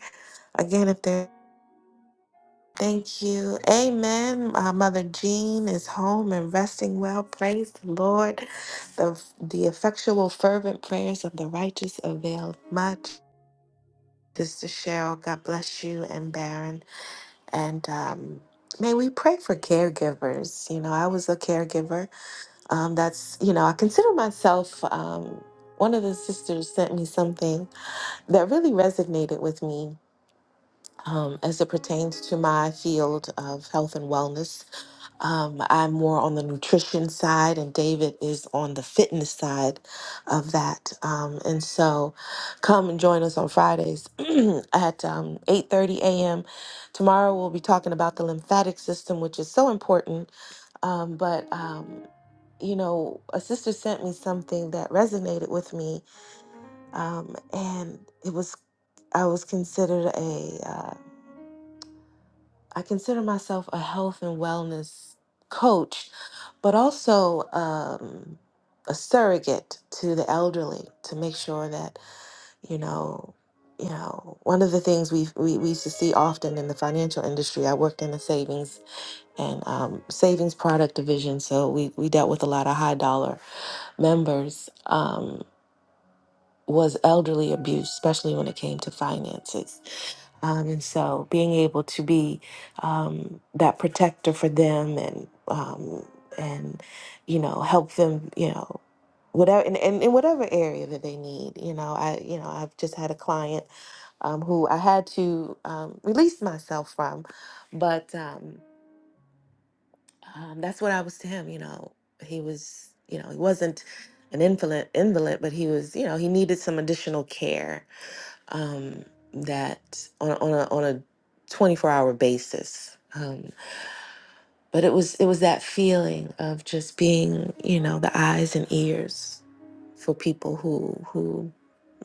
S1: Again, if there, thank you. Amen. Uh, Mother Jean is home and resting well. Praise the Lord. The, the effectual, fervent prayers of the righteous avail much. Sister Cheryl, God bless you and Baron. And um, may we pray for caregivers. You know, I was a caregiver. Um, that's, you know, I consider myself, um, one of the sisters sent me something that really resonated with me um, as it pertains to my field of health and wellness um, I'm more on the nutrition side, and David is on the fitness side of that. Um, and so, come and join us on Fridays at um, 8:30 a.m. Tomorrow we'll be talking about the lymphatic system, which is so important. Um, but um, you know, a sister sent me something that resonated with me, um, and it was I was considered a uh, I consider myself a health and wellness coach, but also um, a surrogate to the elderly to make sure that you know, you know, one of the things we we we used to see often in the financial industry. I worked in the savings and um, savings product division, so we we dealt with a lot of high dollar members. Um, was elderly abuse, especially when it came to finances um, and so being able to be um, that protector for them and, um, and, you know, help them, you know, whatever, in, in, in whatever area that they need, you know, I, you know, I've just had a client um, who I had to um, release myself from. But um, um, that's what I was to him. You know, he was, you know, he wasn't an invalid, invalid, but he was, you know, he needed some additional care um, that on on a on a 24 hour basis. Um, but it was it was that feeling of just being you know the eyes and ears for people who who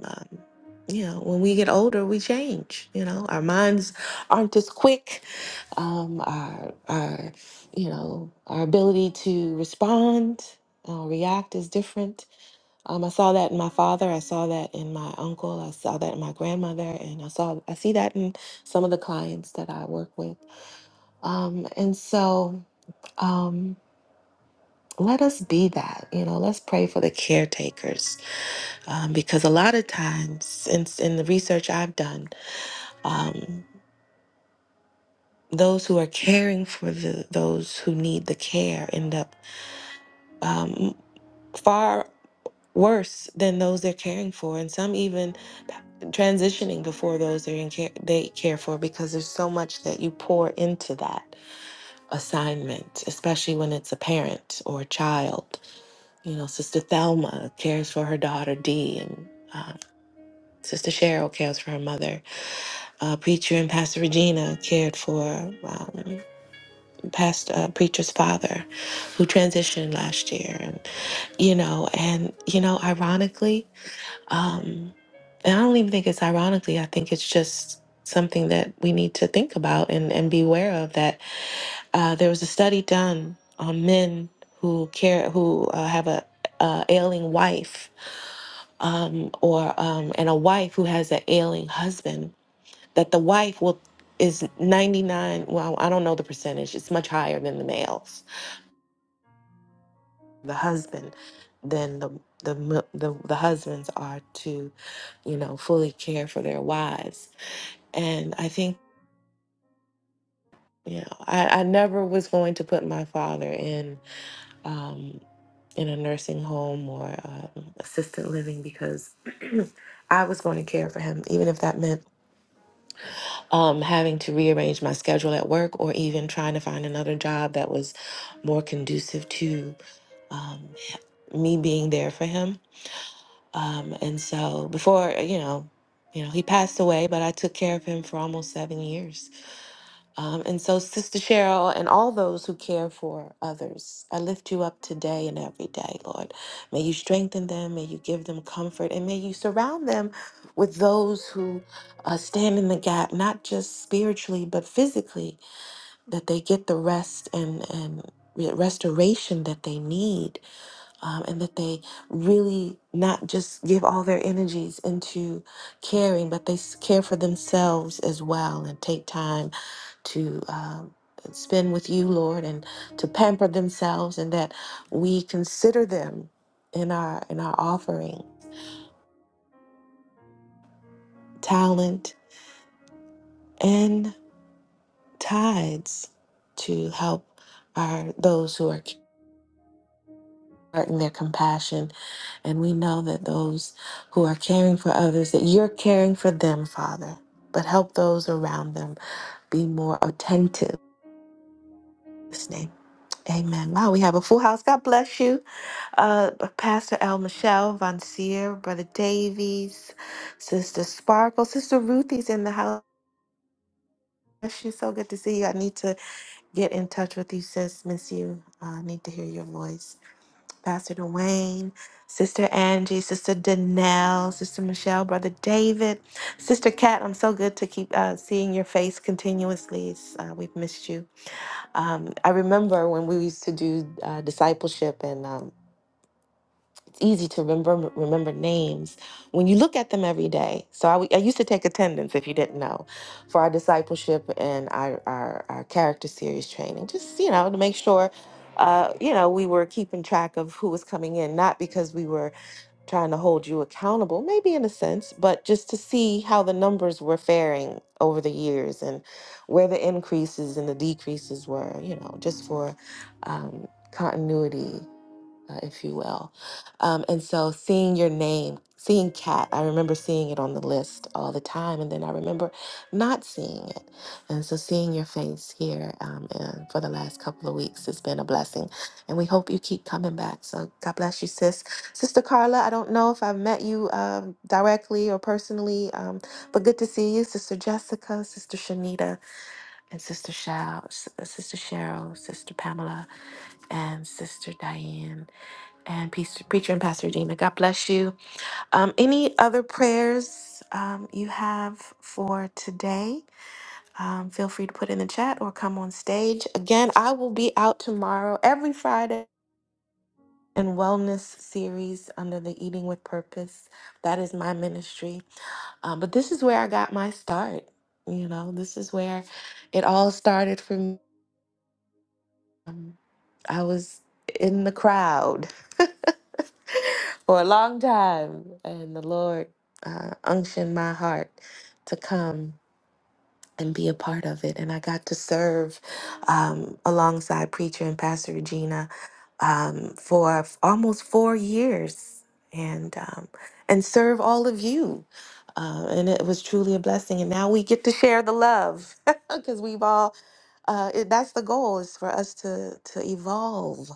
S1: um, you know when we get older we change you know our minds aren't as quick um, our our you know our ability to respond uh, react is different um, I saw that in my father. I saw that in my uncle. I saw that in my grandmother, and I saw I see that in some of the clients that I work with. Um, and so, um, let us be that. You know, let's pray for the caretakers um, because a lot of times, in in the research I've done, um, those who are caring for the those who need the care end up um, far worse than those they're caring for, and some even transitioning before those they in care, they care for because there's so much that you pour into that assignment, especially when it's a parent or a child. You know, Sister Thelma cares for her daughter Dee, and uh, Sister Cheryl cares for her mother. Uh, preacher and Pastor Regina cared for um, past uh, preacher's father, who transitioned last year, and you know, and you know, ironically. Um, and I don't even think it's ironically, I think it's just something that we need to think about and, and be aware of that uh, there was a study done on men who care who uh, have a, a ailing wife um, or um, and a wife who has an ailing husband that the wife will is 99 well I don't know the percentage it's much higher than the males the husband than the the, the the husbands are to you know fully care for their wives and I think you know I, I never was going to put my father in um, in a nursing home or um, assisted living because I was going to care for him, even if that meant um, having to rearrange my schedule at work or even trying to find another job that was more conducive to um, me being there for him. Um, and so before you know, you know he passed away, but I took care of him for almost seven years Um, and so, Sister Cheryl, and all those who care for others, I lift you up today and every day, Lord. May you strengthen them, may you give them comfort, and may you surround them with those who uh, stand in the gap, not just spiritually, but physically, that they get the rest and, and restoration that they need um, and that they really not just give all their energies into caring, but they s- care for themselves as well and take time to um, spend with you, Lord, and to pamper themselves, and that we consider them in our in our offering, talent and tides to help our those who are in their compassion And we know that those who are caring for others, that you're caring for them, Father, but help those around them be more attentive. In Jesus' name. Amen. Wow, we have a full house. God bless you. Uh, Pastor El Michelle, Von Seer, Brother Davies, Sister Sparkle, Sister Ruthie's in the house. She's so good to see you. I need to get in touch with you, sis. Miss you. Uh, need to hear your voice. Pastor Dwayne, Sister Angie, Sister Danelle, Sister Michelle, Brother David, Sister Kat. I'm so good to keep uh, seeing your face continuously. It's, Uh, we've missed you. Um, I remember when we used to do uh, discipleship, and um, it's easy to remember remember names when you look at them every day. So I, w- I used to take attendance if you didn't know for our discipleship and our our, our character series training, just you know to make sure. Uh, you know, we were keeping track of who was coming in, not because we were trying to hold you accountable, maybe in a sense, but just to see how the numbers were faring over the years and where the increases and the decreases were, you know, just for um, continuity uh, if you will. Um, and so seeing your name, seeing cat, I remember seeing it on the list all the time. And then I remember not seeing it. And so seeing your face here um, and for the last couple of weeks has been a blessing. And we hope you keep coming back. So God bless you, sis. Sister Carla, I don't know if I've met you um, directly or personally, um, but good to see you. Sister Jessica, Sister Shanita, and Sister Shao, Sister Cheryl, Sister Pamela, and Sister Diane and peace, preacher and pastor Dina. God bless you. Um, any other prayers um, you have for today? Um, feel free to put in the chat or come on stage. Again, I will be out tomorrow every Friday in wellness series under the Eating with Purpose. That is my ministry. Um, but this is where I got my start. You know, this is where it all started for me. Um, I was in the crowd. for a long time. And the Lord uh, unctioned my heart to come and be a part of it. And I got to serve um, alongside preacher and Pastor Regina um, for f- almost four years and um, and serve all of you. Uh, and it was truly a blessing. And now we get to share the love because we've all, uh, it, that's the goal is for us to, to evolve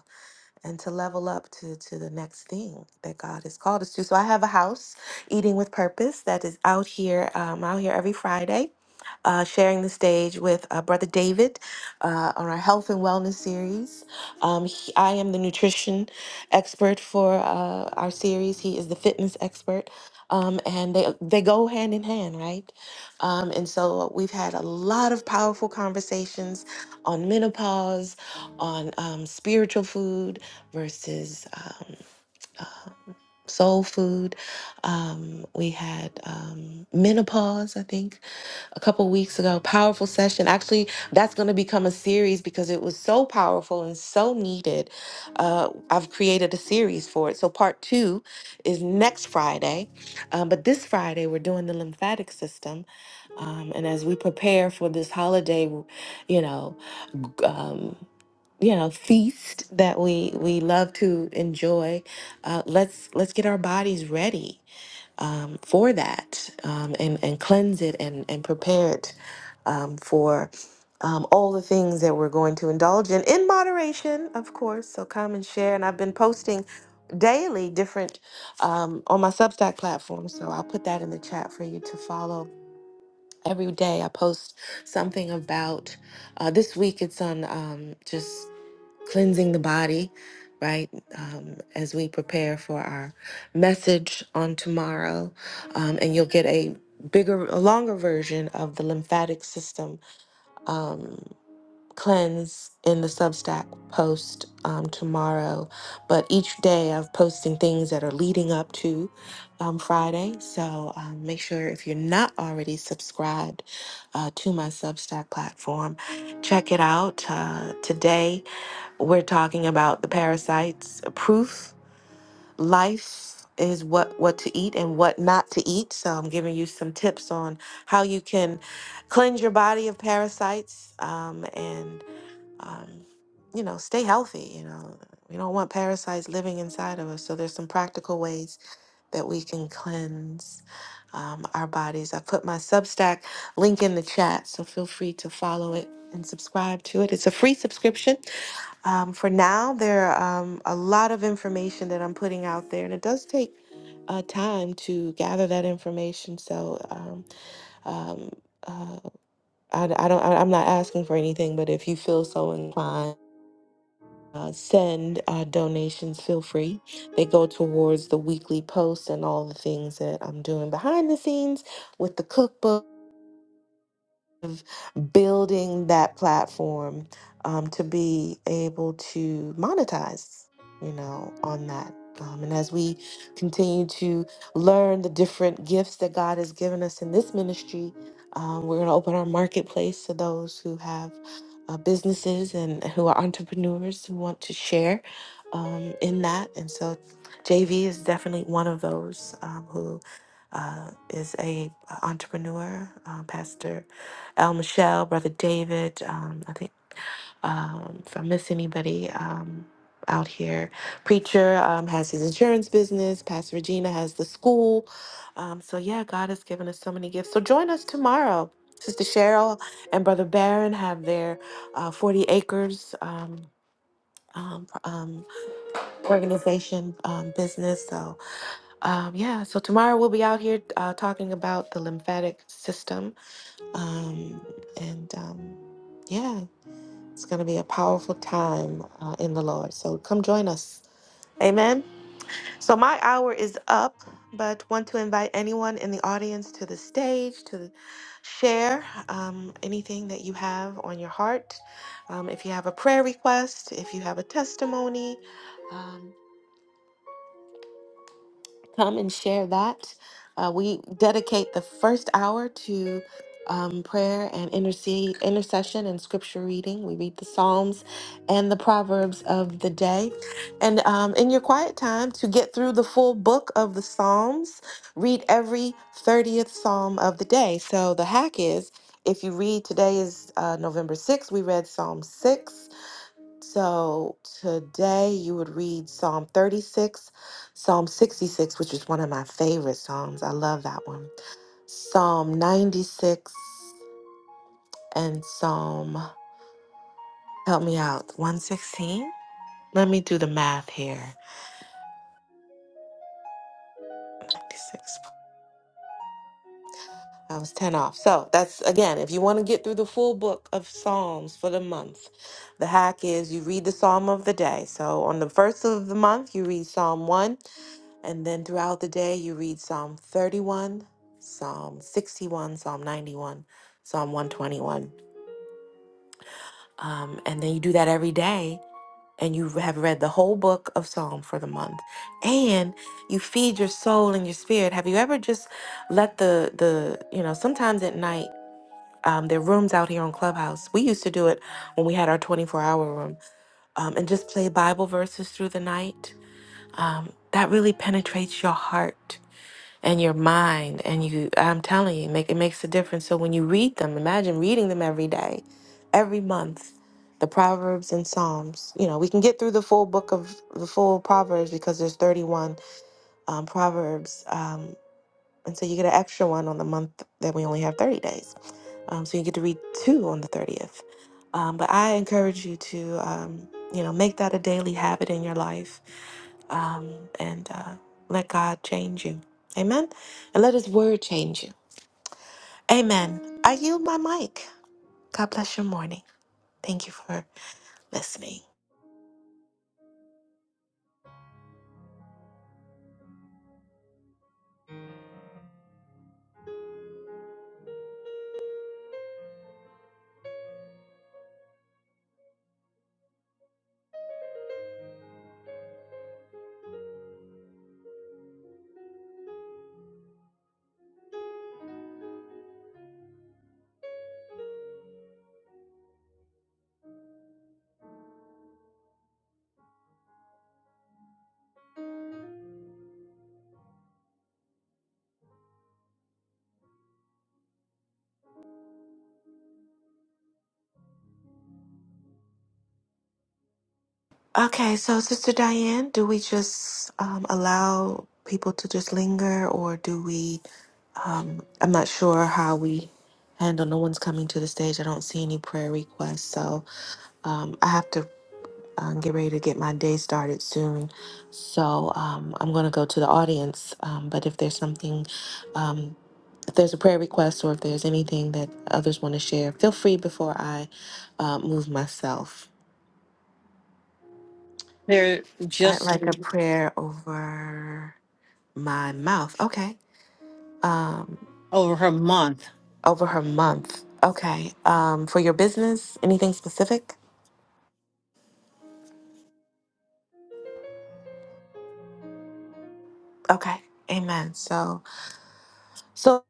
S1: and to level up to to the next thing that God has called us to. So I have a house, Eating with Purpose, that is out here. Um, out here every Friday, uh, sharing the stage with uh, Brother David uh, on our health and wellness series. Um, he- I am the nutrition expert for uh, our series. He is the fitness expert. Um, and they they go hand in hand, right? Um, and so we've had a lot of powerful conversations on menopause, on um, spiritual food, versus um, soul food. Um, we had um, menopause, I think, a couple weeks ago. Powerful session. Actually, that's going to become a series because it was so powerful and so needed. Uh, I've created a series for it. So part two is next Friday, um, but this Friday we're doing the lymphatic system. Um, and as we prepare for this holiday, you know. um, you know feast that we we love to enjoy uh, let's let's get our bodies ready um, for that um, and and cleanse it and and prepare it um, for um, all the things that we're going to indulge in in moderation of course so come and share and i've been posting daily different um, on my substack platform so i'll put that in the chat for you to follow every day i post something about uh, this week it's on um, just cleansing the body, right? Um, as we prepare for our message on tomorrow, um, and you'll get a bigger, a longer version of the lymphatic system um, cleanse in the Substack post um, tomorrow. But each day I'm posting things that are leading up to um, Friday. So um, make sure if you're not already subscribed uh, to my Substack platform, check it out uh, today we're talking about the parasites. Proof, life is what what to eat and what not to eat. So I'm giving you some tips on how you can cleanse your body of parasites um, and um, you know stay healthy. You know we don't want parasites living inside of us. So there's some practical ways that we can cleanse um, our bodies. I put my Substack link in the chat, so feel free to follow it and subscribe to it. It's a free subscription. Um, for now, there are um, a lot of information that I'm putting out there, and it does take uh, time to gather that information. So um, um, uh, I, I don't. I, I'm not asking for anything, but if you feel so inclined. Uh, send uh, donations feel free they go towards the weekly posts and all the things that i'm doing behind the scenes with the cookbook of building that platform um, to be able to monetize, you know, on that. Um, and as we continue to learn the different gifts that God has given us in this ministry, um, we're going to open our marketplace to those who have uh, businesses and who are entrepreneurs who want to share um, in that. And so JV is definitely one of those um, who uh, is a uh, entrepreneur, uh, pastor El Michelle, Brother David. Um, I think um, if I miss anybody um, out here, Preacher um, has his insurance business, Pastor Regina has the school. Um, so, yeah, God has given us so many gifts. So, join us tomorrow. Sister Cheryl and Brother Barron have their uh, 40 acres. Um, um, um, organization, um, business. So, um, yeah. So tomorrow we'll be out here uh, talking about the lymphatic system um, and um, yeah, it's going to be a powerful time uh, in the Lord. So come join us. Amen. So my hour is up, but want to invite anyone in the audience to the stage to share um, anything that you have on your heart. Um, if you have a prayer request, if you have a testimony, um, come and share that. Uh, we dedicate the first hour to um, prayer and intercede, intercession and scripture reading. We read the Psalms and the Proverbs of the day. And um, in your quiet time, to get through the full book of the Psalms, read every 30th Psalm of the day. So the hack is if you read today is uh, November 6th, we read Psalm 6. So today you would read Psalm 36, Psalm 66, which is one of my favorite Psalms. I love that one. Psalm 96 and Psalm, help me out, 116? Let me do the math here. 96. I was 10 off. So that's again, if you want to get through the full book of Psalms for the month, the hack is you read the Psalm of the day. So on the first of the month, you read Psalm 1. And then throughout the day, you read Psalm 31, Psalm 61, Psalm 91, Psalm 121. Um, and then you do that every day, and you have read the whole book of Psalm for the month. And you feed your soul and your spirit. Have you ever just let the the you know? Sometimes at night, um, there are rooms out here on Clubhouse. We used to do it when we had our twenty four hour room, um, and just play Bible verses through the night. Um, that really penetrates your heart and your mind and you i'm telling you make it makes a difference so when you read them imagine reading them every day every month the proverbs and psalms you know we can get through the full book of the full proverbs because there's 31 um, proverbs um, and so you get an extra one on the month that we only have 30 days um, so you get to read two on the 30th um, but i encourage you to um, you know make that a daily habit in your life um, and uh, let God change you. Amen. And let His word change you. Amen. I yield my mic. God bless your morning. Thank you for listening. Okay, so Sister Diane, do we just um, allow people to just linger or do we? Um, I'm not sure how we handle. No one's coming to the stage. I don't see any prayer requests, so um, I have to um, get ready to get my day started soon. So um, I'm going to go to the audience. Um, but if there's something, um, if there's a prayer request, or if there's anything that others want to share, feel free before I uh, move myself.
S3: They're
S1: I'd
S3: just
S1: like a prayer over my mouth. Okay. Um,
S3: over a month.
S1: over her month. Okay. Um, for your business, anything specific? Okay. Amen. So, so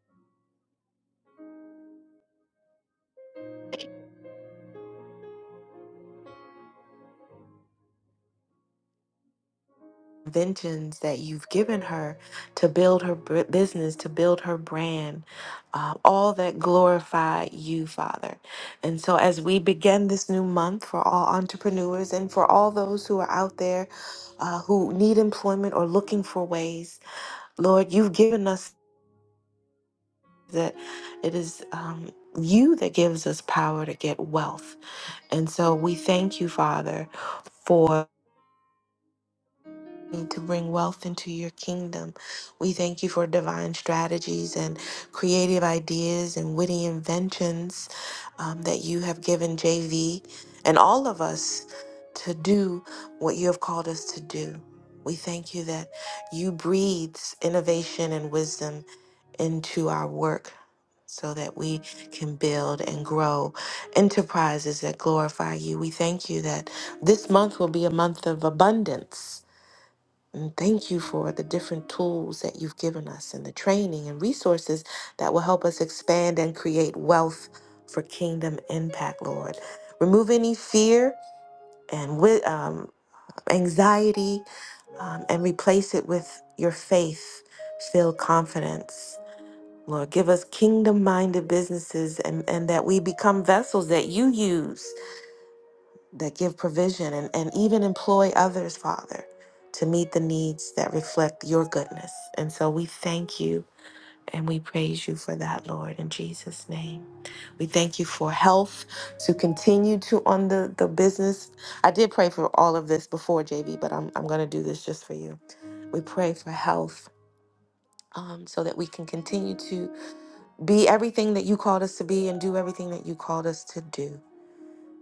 S1: inventions that you've given her to build her br- business, to build her brand, uh, all that glorify you, Father. And so, as we begin this new month for all entrepreneurs and for all those who are out there uh, who need employment or looking for ways, Lord, you've given us that it is um, you that gives us power to get wealth. And so we thank you, Father, for to bring wealth into your kingdom. We thank you for divine strategies and creative ideas and witty inventions um, that you have given JV and all of us to do what you have called us to do. We thank you that you breathes innovation and wisdom into our work so that we can build and grow enterprises that glorify you. We thank you that this month will be a month of abundance. And thank you for the different tools that you've given us and the training and resources that will help us expand and create wealth for kingdom impact, Lord. Remove any fear and wi- um, anxiety um, and replace it with your faith, filled confidence Lord, give us kingdom minded businesses and, and that we become vessels that you use that give provision and, and even employ others, Father, to meet the needs that reflect your goodness. And so we thank you and we praise you for that, Lord, in Jesus' name. We thank you for health to continue to on the, the business. I did pray for all of this before, JB, but I'm, I'm going to do this just for you. We pray for health um, so that we can continue to be everything that you called us to be and do everything that you called us to do.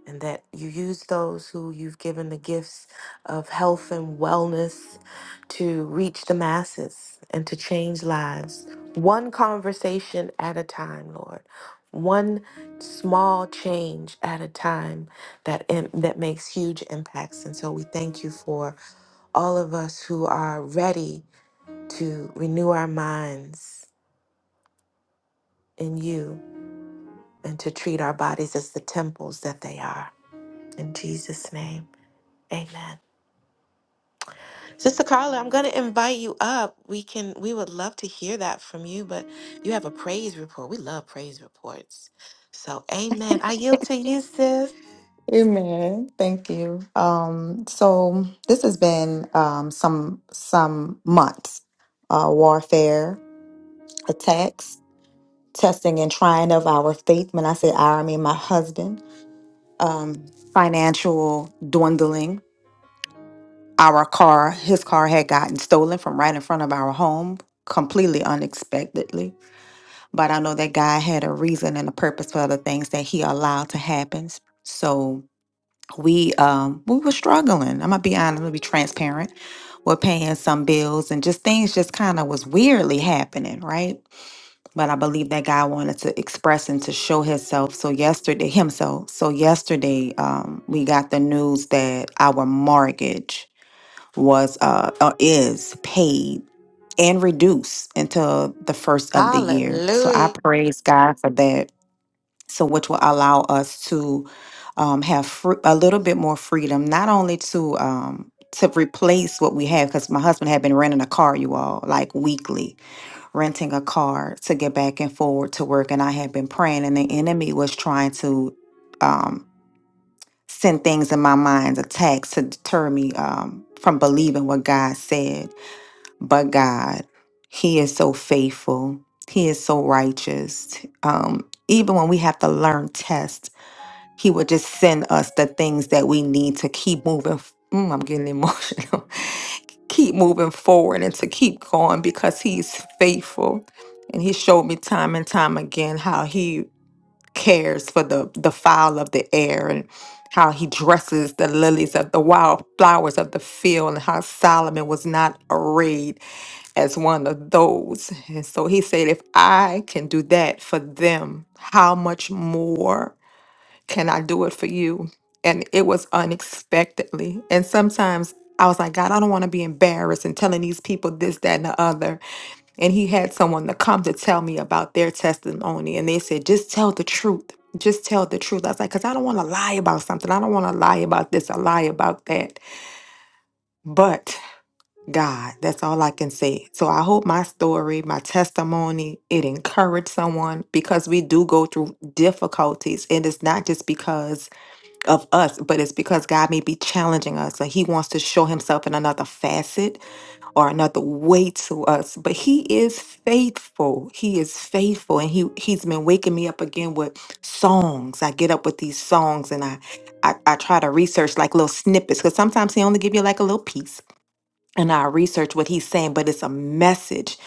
S1: And that you use those who you've given the gifts of health and wellness to reach the masses and to change lives, one conversation at a time, Lord. One small change at a time that im- that makes huge impacts. And so we thank you for all of us who are ready to renew our minds in you and to treat our bodies as the temples that they are. In Jesus' name, amen. Sister Carla, I'm going to invite you up. We can, we would love to hear that from you, but you have a praise report. We love praise reports. So, amen. I yield to you, sis.
S5: Amen. Thank you. Um, so this has been um, some some months uh, warfare, attacks, testing, and trying of our faith. When I say our, I mean my husband. Um, financial dwindling. Our car, his car, had gotten stolen from right in front of our home, completely unexpectedly. But I know that God had a reason and a purpose for the things that He allowed to happen. So we um we were struggling. I'm gonna be honest, I'm gonna be transparent. We're paying some bills and just things just kind of was weirdly happening, right? But I believe that God wanted to express and to show himself. So yesterday, himself. So yesterday, um, we got the news that our mortgage was uh uh, is paid and reduced until the first of the year. So I
S1: Hallelujah.
S5: praise God for that so which will allow us to um, have fr- a little bit more freedom, not only to um, to replace what we have, because my husband had been renting a car, you all, like weekly, renting a car to get back and forward to work, and I had been praying, and the enemy was trying to um, send things in my mind, attacks to deter me um, from believing what God said. But God, He is so faithful. He is so righteous. Um, even when we have to learn tests he will just send us the things that we need to keep moving. f- Mm, I'm getting emotional. keep moving forward and to keep going because He's faithful. And He showed me time and time again how He cares for the, the fowl of the air and how He dresses the lilies of the wild flowers of the field and how Solomon was not arrayed as one of those. And so He said, If I can do that for them, how much more? can I do it for you? And it was unexpectedly. And sometimes I was like, God, I don't want to be embarrassed and telling these people this, that, and the other. And he had someone to come to tell me about their testimony. And they said, just tell the truth. Just tell the truth. I was like, because I don't want to lie about something. I don't want to lie about this or lie about that. But God, that's all I can say. So I hope my story, my testimony, it encouraged someone because we do go through difficulties. And it's not just because of us, but it's because God may be challenging us or He wants to show Himself in another facet or another way to us. But He is faithful. He is faithful. And He He's been waking me up again with songs. I get up with these songs and I I, I try to research like little snippets because sometimes he only give you like a little piece. And I research what he's saying, but it's a message.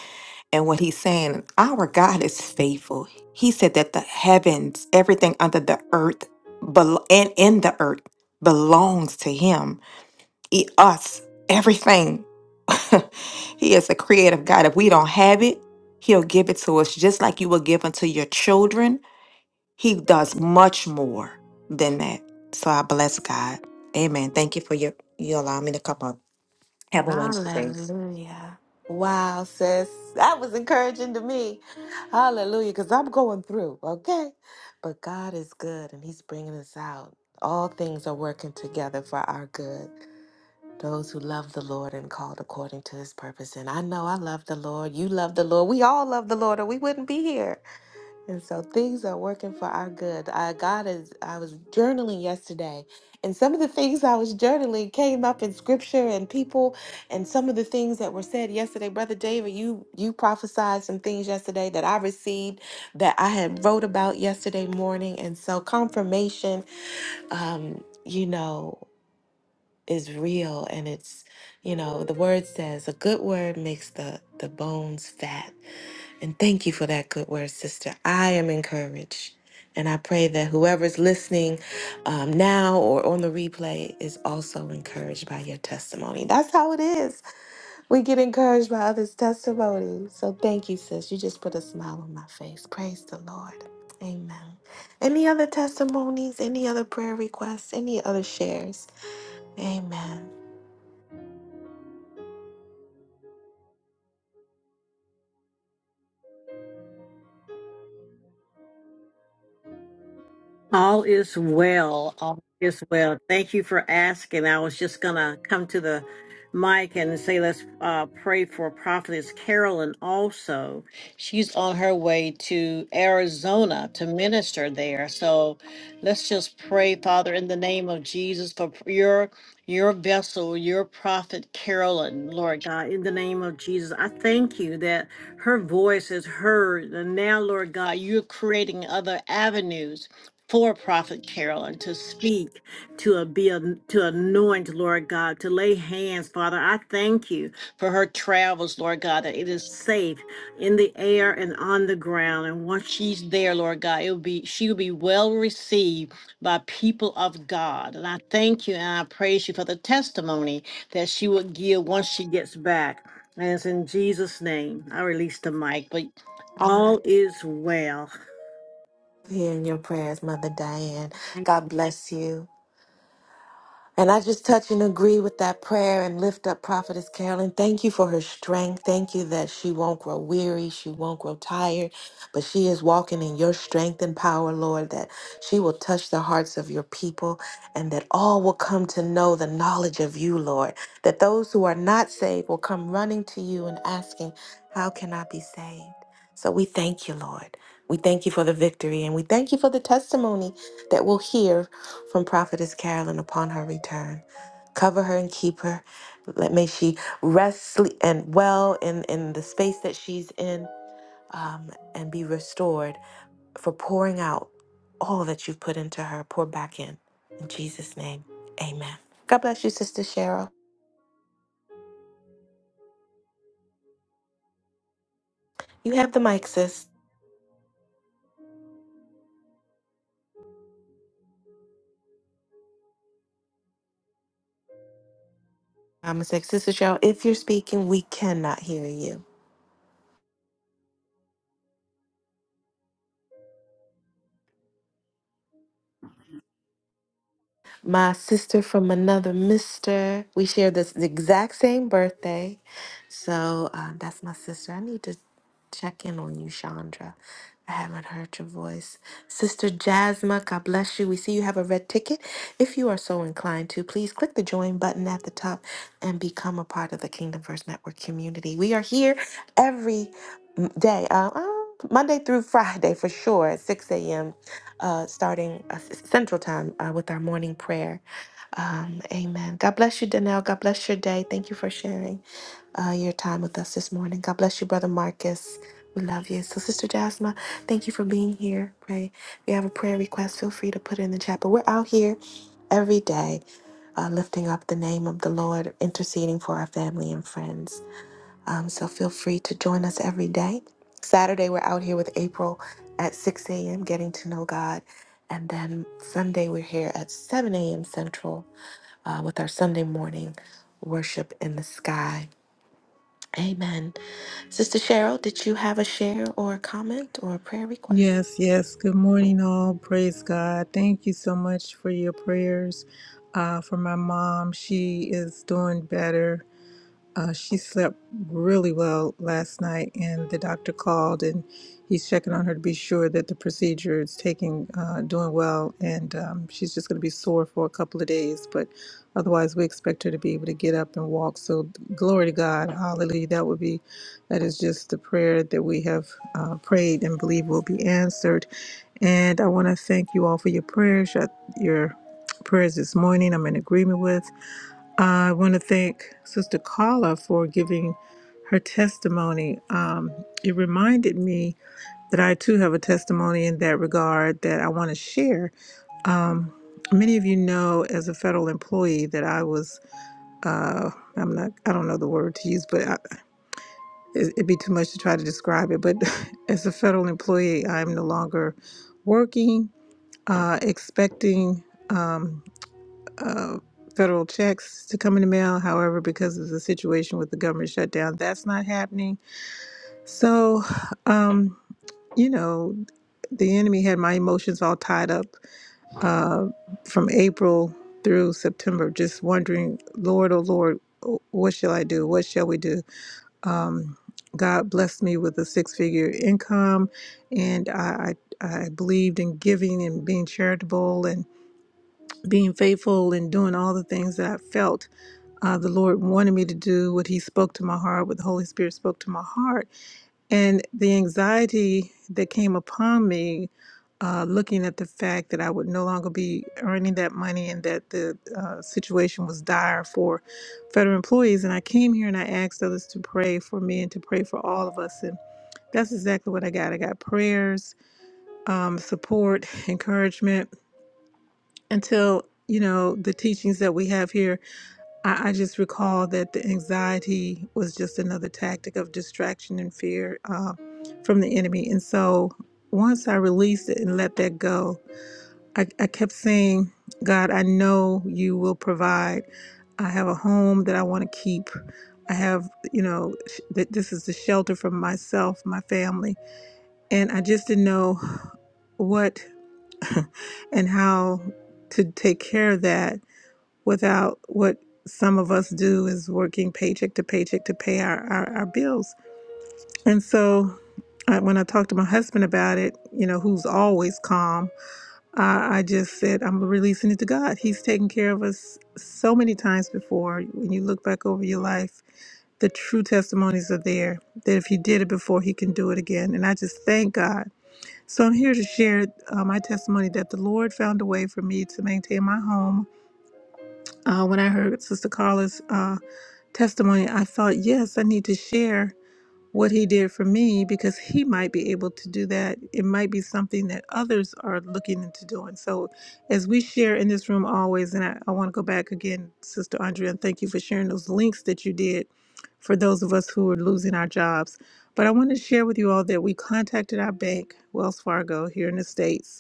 S5: And what he's saying, our God is faithful. He said that the heavens, everything under the earth, bel- and in the earth belongs to him. He, us, everything. he is a creative God. If we don't have it, he'll give it to us just like you will give unto your children. He does much more than that. So I bless God. Amen. Thank you for your you allowing me to come up. Have a wonderful day.
S1: Hallelujah. Wow, sis. That was encouraging to me. Hallelujah. Because I'm going through, okay? But God is good and He's bringing us out. All things are working together for our good. Those who love the Lord and called according to his purpose. And I know I love the Lord. You love the Lord. We all love the Lord or we wouldn't be here. And so things are working for our good. I, God is, I was journaling yesterday and some of the things I was journaling came up in scripture and people and some of the things that were said yesterday. Brother David, you, you prophesied some things yesterday that I received that I had wrote about yesterday morning. And so confirmation, um, you know, is real and it's you know the word says a good word makes the the bones fat and thank you for that good word sister i am encouraged and i pray that whoever's listening um, now or on the replay is also encouraged by your testimony that's how it is we get encouraged by others testimony so thank you sis you just put a smile on my face praise the lord amen any other testimonies any other prayer requests any other shares amen
S3: All is well. All is well. Thank you for asking. I was just going to come to the mic and say, let's uh, pray for Prophetess Carolyn also. She's on her way to Arizona to minister there. So Let's just pray, Father, in the name of Jesus, for your your vessel, your prophet Carolyn, Lord God, in the name of Jesus. I thank you that her voice is heard. And now, Lord God, you're creating other avenues for Prophet Carolyn to speak, to a, be a, to anoint, Lord God, to lay hands, Father. I thank you for her travels, Lord God, that it is safe in the air and on the ground. And once she's there, Lord God, it'll be she will be well received by people of God. And I thank you and I praise you for the testimony that she will give once she gets back. And it's in Jesus' name. I release the mic, but
S1: All right.
S3: all is well.
S1: Hearing your prayers, Mother Diane. God bless you. And I just touch and agree with that prayer and lift up Prophetess Carolyn. Thank you for her strength. Thank you that she won't grow weary, she won't grow tired, but she is walking in your strength and power, Lord, that she will touch the hearts of your people and that all will come to know the knowledge of you, Lord. That those who are not saved will come running to you and asking, How can I be saved? So we thank you, Lord. We thank you for the victory and we thank you for the testimony that we'll hear from Prophetess Carolyn upon her return. Cover her and keep her. Let may she rest sleep, and well in, in the space that she's in um, and be restored for pouring out all that you've put into her. Pour back in. In Jesus' name, amen. God bless you, Sister Cheryl. You have the mic, sis. I'm a Sister Cheryl, if you're speaking, we cannot hear you. my sister from another mister. We share this the exact same birthday. So uh, that's my sister. I need to check in on you, Chandra. I haven't heard your voice. Sister Jasma, God bless you. We see you have a red ticket. If you are so inclined to, please click the join button at the top and become a part of the Kingdom First Network community. We are here every m- day, uh, uh, Monday through Friday for sure, at 6 a.m uh, starting uh, s- Central Time uh, with our morning prayer. Um, amen. God bless you, Danelle. God bless your day. Thank you for sharing uh, your time with us this morning. God bless you, Brother Marcus. We love you. So, Sister Jasma, thank you for being here. Pray. If you have a prayer request, feel free to put it in the chat. But we're out here every day uh, lifting up the name of the Lord, interceding for our family and friends. Um, so, feel free to join us every day. Saturday, we're out here with April at 6 a.m., getting to know God. And then Sunday, we're here at 7 a.m. Central uh, with our Sunday morning worship in the sky. Amen. Sister Cheryl, did you have a share or a comment or a prayer request?
S6: Yes, yes. Good morning, all. Praise God. Thank you so much for your prayers uh, for my mom. She is doing better. Uh, she slept really well last night, and the doctor called and he's checking on her to be sure that the procedure is taking uh, doing well, and um, she's just going to be sore for a couple of days, but otherwise we expect her to be able to get up and walk. So glory to God, Hallelujah! That would be that is just the prayer that we have uh, prayed and believe will be answered. And I want to thank you all for your prayers, your your prayers this morning. I'm in agreement with. I want to thank Sister Carla for giving her testimony. Um, it reminded me that I too have a testimony in that regard that I want to share. Um, many of you know, as a federal employee, that I was. Uh, I'm not. I don't know the word to use, but I, it, it'd be too much to try to describe it. But as a federal employee, I'm no longer working, uh, expecting. Um, uh, federal checks to come in the mail. However, because of the situation with the government shutdown, that's not happening. So, um, you know, the enemy had my emotions all tied up uh, from April through September, just wondering, Lord, oh Lord, what shall I do? What shall we do? Um, God blessed me with a six-figure income, and I, I I believed in giving and being charitable and being faithful and doing all the things that I felt uh, the Lord wanted me to do what He spoke to my heart, what the Holy Spirit spoke to my heart. And the anxiety that came upon me, uh, looking at the fact that I would no longer be earning that money and that the uh, situation was dire for federal employees. And I came here and I asked others to pray for me and to pray for all of us. And that's exactly what I got. I got prayers, um, support, encouragement until, you know, the teachings that we have here I, I just recall that the anxiety was just another tactic of distraction and fear uh, from the enemy. And so once I released it and let that go, I, I kept saying, God, I know you will provide. I have a home that I want to keep. I have, you know, sh- that this is the shelter for myself, my family. And I just didn't know what and how to take care of that without what some of us do is working paycheck to paycheck to pay our, our, our bills. And so I, when I talked to my husband about it, you know, who's always calm, I, I just said, I'm releasing it to God. He's taken care of us so many times before. When you look back over your life, the true testimonies are there that if he did it before, he can do it again. And I just thank God. So I'm here to share uh, my testimony that the Lord found a way for me to maintain my home uh, when I heard Sister Carla's. uh, testimony, I thought, yes, I need to share what he did for me because he might be able to do that. It might be something that others are looking into doing. So, as we share in this room always, and I, I want to go back again, Sister Andrea, and thank you for sharing those links that you did for those of us who are losing our jobs. But I want to share with you all that we contacted our bank, Wells Fargo, here in the States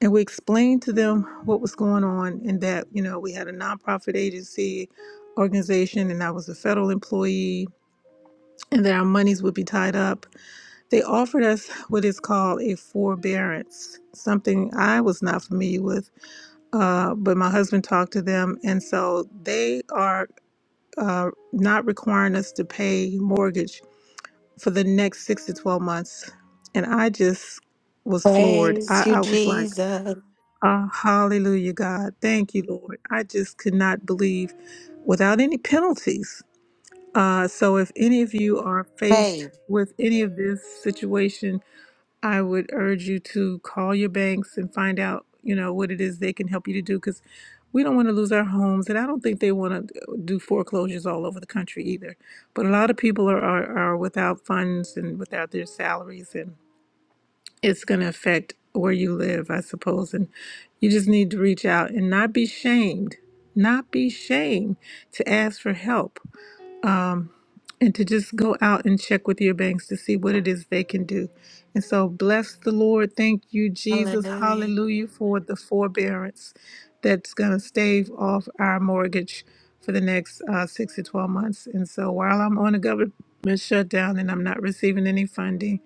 S6: and we explained to them what was going on and that, you know, we had a nonprofit agency organization and I was a federal employee and that our monies would be tied up. They offered us what is called a forbearance, something I was not familiar with, uh, but my husband talked to them. And so they are uh, not requiring us to pay mortgage for the next six to 12 months. And I just was floored. I,
S1: Praise you,
S6: I was like,
S1: Jesus.
S6: Oh, hallelujah, God. Thank you, Lord. I just could not believe without any penalties. Uh, so, if any of you are faced
S1: Babe.
S6: with any of this situation, I would urge you to call your banks and find out, you know, what it is they can help you to do because we don't want to lose our homes. And I don't think they want to do foreclosures all over the country either. But a lot of people are, are, are without funds and without their salaries. And it's going to affect where you live, I suppose. And you just need to reach out and not be shamed, not be shamed to ask for help um, and to just go out and check with your banks to see what it is they can do. And so, bless the Lord. Thank you, Jesus.
S1: Hallelujah.
S6: Hallelujah for the forbearance that's going to stave off our mortgage for the next uh, six to 12 months. And so, while I'm on a government shutdown and I'm not receiving any funding,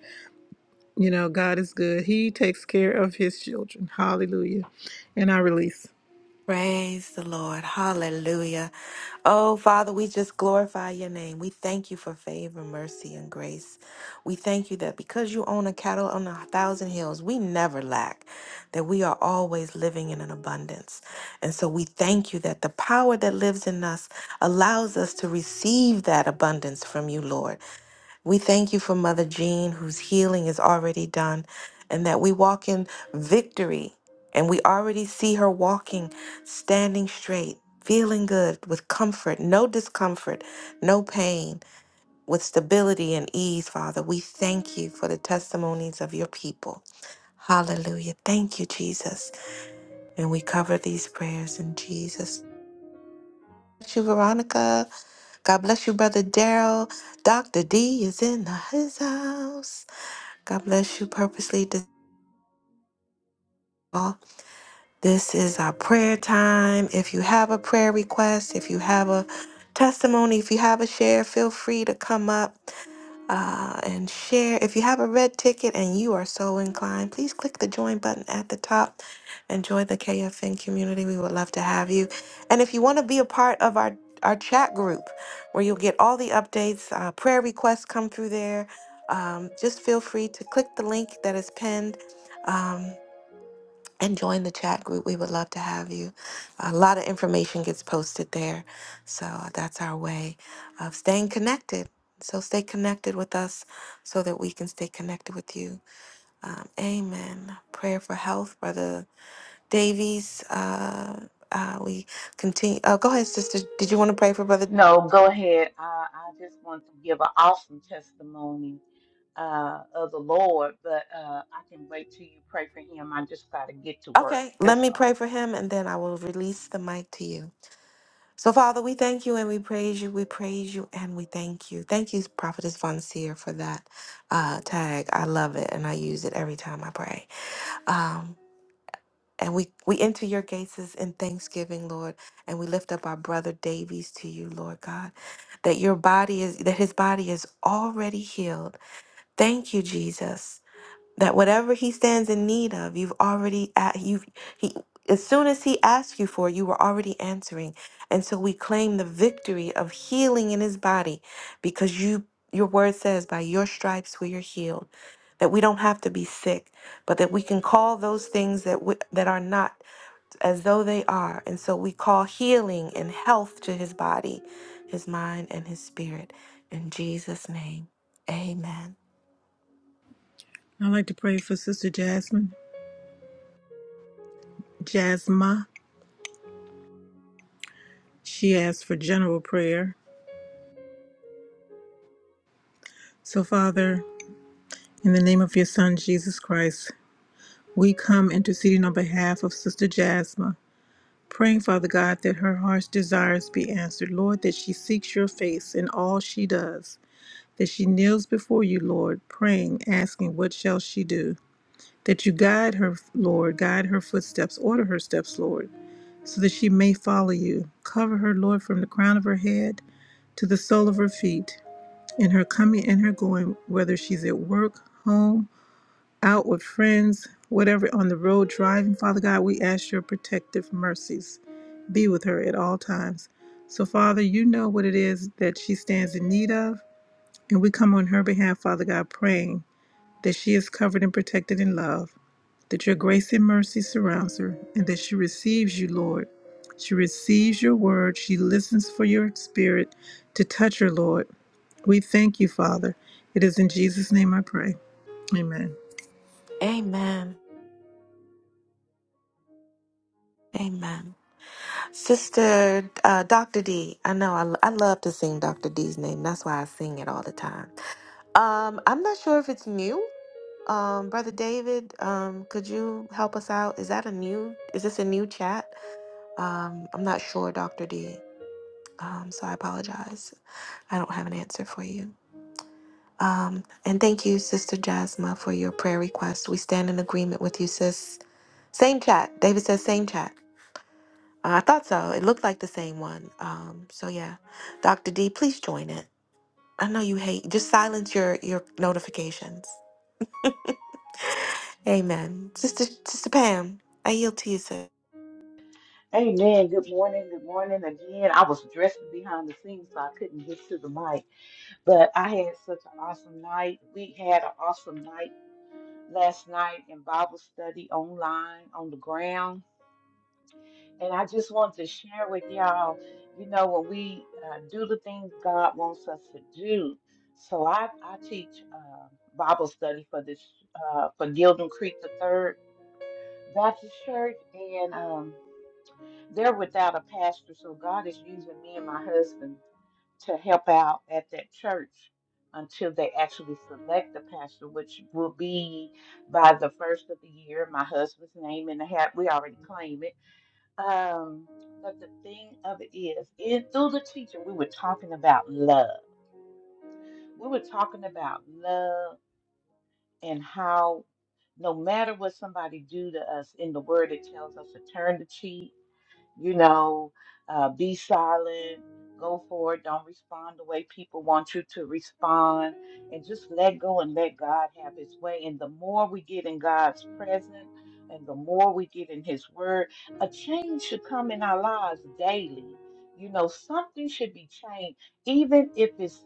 S6: you know, God is good. He takes care of his children. Hallelujah. And I release.
S1: Praise the Lord. Hallelujah. Oh, Father, we just glorify your name. We thank you for favor, mercy, and grace. We thank you that because you own a cattle on a thousand hills, we never lack, that we are always living in an abundance. And so we thank you that the power that lives in us allows us to receive that abundance from you, Lord. We thank you for Mother Jean, whose healing is already done, and that we walk in victory. And we already see her walking, standing straight, feeling good, with comfort, no discomfort, no pain, with stability and ease, Father. We thank you for the testimonies of your people. Hallelujah. Thank you, Jesus. And we cover these prayers in Jesus. Thank you, Veronica. God bless you, Brother Daryl. Dr. D is in his house. God bless you purposely. to all. This is our prayer time. If you have a prayer request, if you have a testimony, if you have a share, feel free to come up uh, and share. If you have a red ticket and you are so inclined, please click the join button at the top and join the KFN community. We would love to have you. And if you want to be a part of our our chat group where you'll get all the updates, uh, prayer requests come through there. Um, just feel free to click the link that is pinned. Um, and join the chat group. We would love to have you. A lot of information gets posted there. So that's our way of staying connected. So stay connected with us so that we can stay connected with you. Um, amen. Prayer for health, Brother Davies. Uh, uh, we continue. Oh, go ahead, sister. Did you want to pray for Brother?
S4: No, go ahead. I, I just want to give an awesome testimony uh, of the Lord, but uh, I can wait till you pray for him. I just got to get to work.
S1: Okay, let
S4: That's
S1: me
S4: all.
S1: pray for him and then I will release the mic to you. So, Father, we thank you and we praise you. We praise you and we thank you. Thank you, Prophetess Von Seer, for that uh, tag. I love it and I use it every time I pray. Um, and we, we enter your gates in thanksgiving, Lord, and we lift up our brother Davies to you, Lord God, that your body is that his body is already healed. Thank you, Jesus that whatever he stands in need of you've already at you've he as soon as he asked you for it, you were already answering and so we claim the victory of healing in his body because you your word says by your stripes we are healed that we don't have to be sick but that we can call those things that we, that are not as though they are and so we call healing and health to his body his mind and his spirit in Jesus name amen
S6: I'd like to pray for Sister Jasmine. Jasma. She asked for general prayer. So, Father, in the name of your Son, Jesus Christ, we come interceding on behalf of Sister Jasma, praying, Father God, that her heart's desires be answered. Lord, that she seeks your face in all she does, that she kneels before you, Lord, praying, asking, What shall she do? that you guide her, Lord, guide her footsteps, order her steps, Lord, so that she may follow you. Cover her, Lord, from the crown of her head to the sole of her feet, in her coming and her going, whether she's at work, home, out with friends, whatever, on the road, driving. Father God, we ask your protective mercies. Be with her at all times. So, Father, you know what it is that she stands in need of, and we come on her behalf, Father God, praying that she is covered and protected in love that your grace and mercy surrounds her, and that she receives you, Lord. She receives your word. She listens for your spirit to touch her, Lord. We thank you, Father. It is in Jesus' name I pray. Amen.
S1: amen amen Sister uh, Dr. D, I know I, l- I love to sing Dr. D's name. That's why I sing it all the time. Um, I'm not sure if it's new. Um, Brother David, um, could you help us out? Is that a new? Is this a new chat? Um, I'm not sure, Dr. D. Um, so I apologize. I don't have an answer for you. Um, and thank you, Sister Jasma, for your prayer request. We stand in agreement with you, sis. Same chat. David says same chat. I thought so. It looked like the same one. Um, so yeah, Dr. D, please join it. I know you hate. Just silence your your notifications. Amen. Sister Sister Pam, I yield to you, sis.
S4: Amen. Good morning. Good morning again. I was dressing behind the scenes, so I couldn't get to the mic. But I had such an awesome night. We had an awesome night last night in Bible study online on the ground. And I just want to share with y'all, you know, when we uh, do the things God wants us to do. So I, I teach uh, Bible study for this uh, for Gildon Creek the Third Baptist Church, and um, they're without a pastor, so God is using me and my husband to help out at that church until they actually select a pastor, which will be by the first of the year. My husband's name and the hat, we already claim it. Um, but the thing of it is, in through the teaching, we were talking about love. We were talking about love and how no matter what somebody do to us in the word, it tells us to turn the cheek you know, uh, be silent, go for it, don't respond the way people want you to respond, and just let go and let God have his way. And the more we get in God's presence, and the more we get in his word, a change should come in our lives daily. You know, something should be changed, even if it's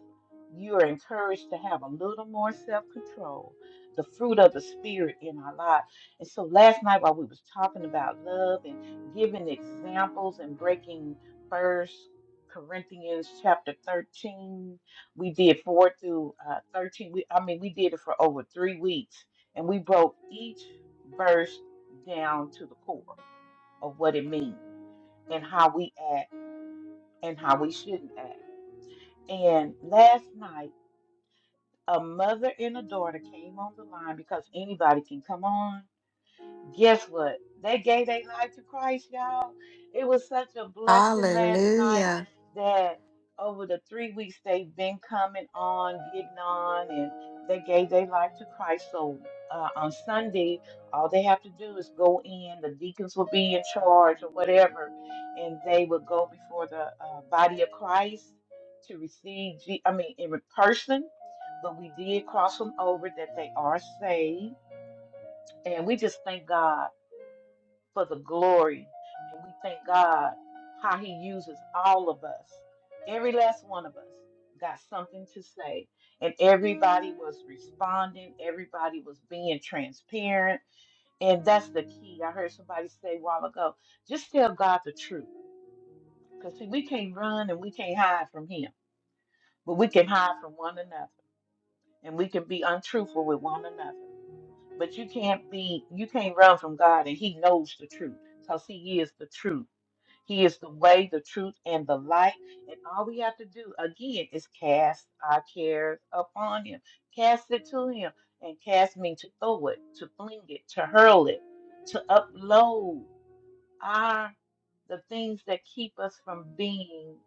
S4: you're encouraged to have a little more self-control, the fruit of the spirit in our life. And so last night while we was talking about love giving examples and breaking first corinthians chapter 13 we did four through uh, 13 we, i mean we did it for over three weeks and we broke each verse down to the core of what it means and how we act and how we shouldn't act and last night a mother and a daughter came on the line because anybody can come on guess what? They gave their life to Christ, y'all. It was such a blessing last night
S1: Hallelujah.
S4: that over the three weeks they've been coming on, getting on, and they gave their life to Christ. So uh, on Sunday, all they have to do is go in. The deacons will be in charge or whatever, and they will go before the uh, body of Christ to receive, Je- I mean, in person. But we did cross them over that they are saved. And we just thank God for the glory. And we thank God how He uses all of us. Every last one of us got something to say. And everybody was responding, everybody was being transparent. And that's the key. I heard somebody say a while ago just tell God the truth. Because, see, we can't run and we can't hide from Him, but we can hide from one another and we can be untruthful with one another. But you can't be, you can't run from God and He knows the truth because He is the truth He is the way, the truth, and the light. And all we have to do, again, is cast our cares upon Him. Cast it to Him. And cast means to throw it, to fling it, to hurl it, to upload our the things that keep us from being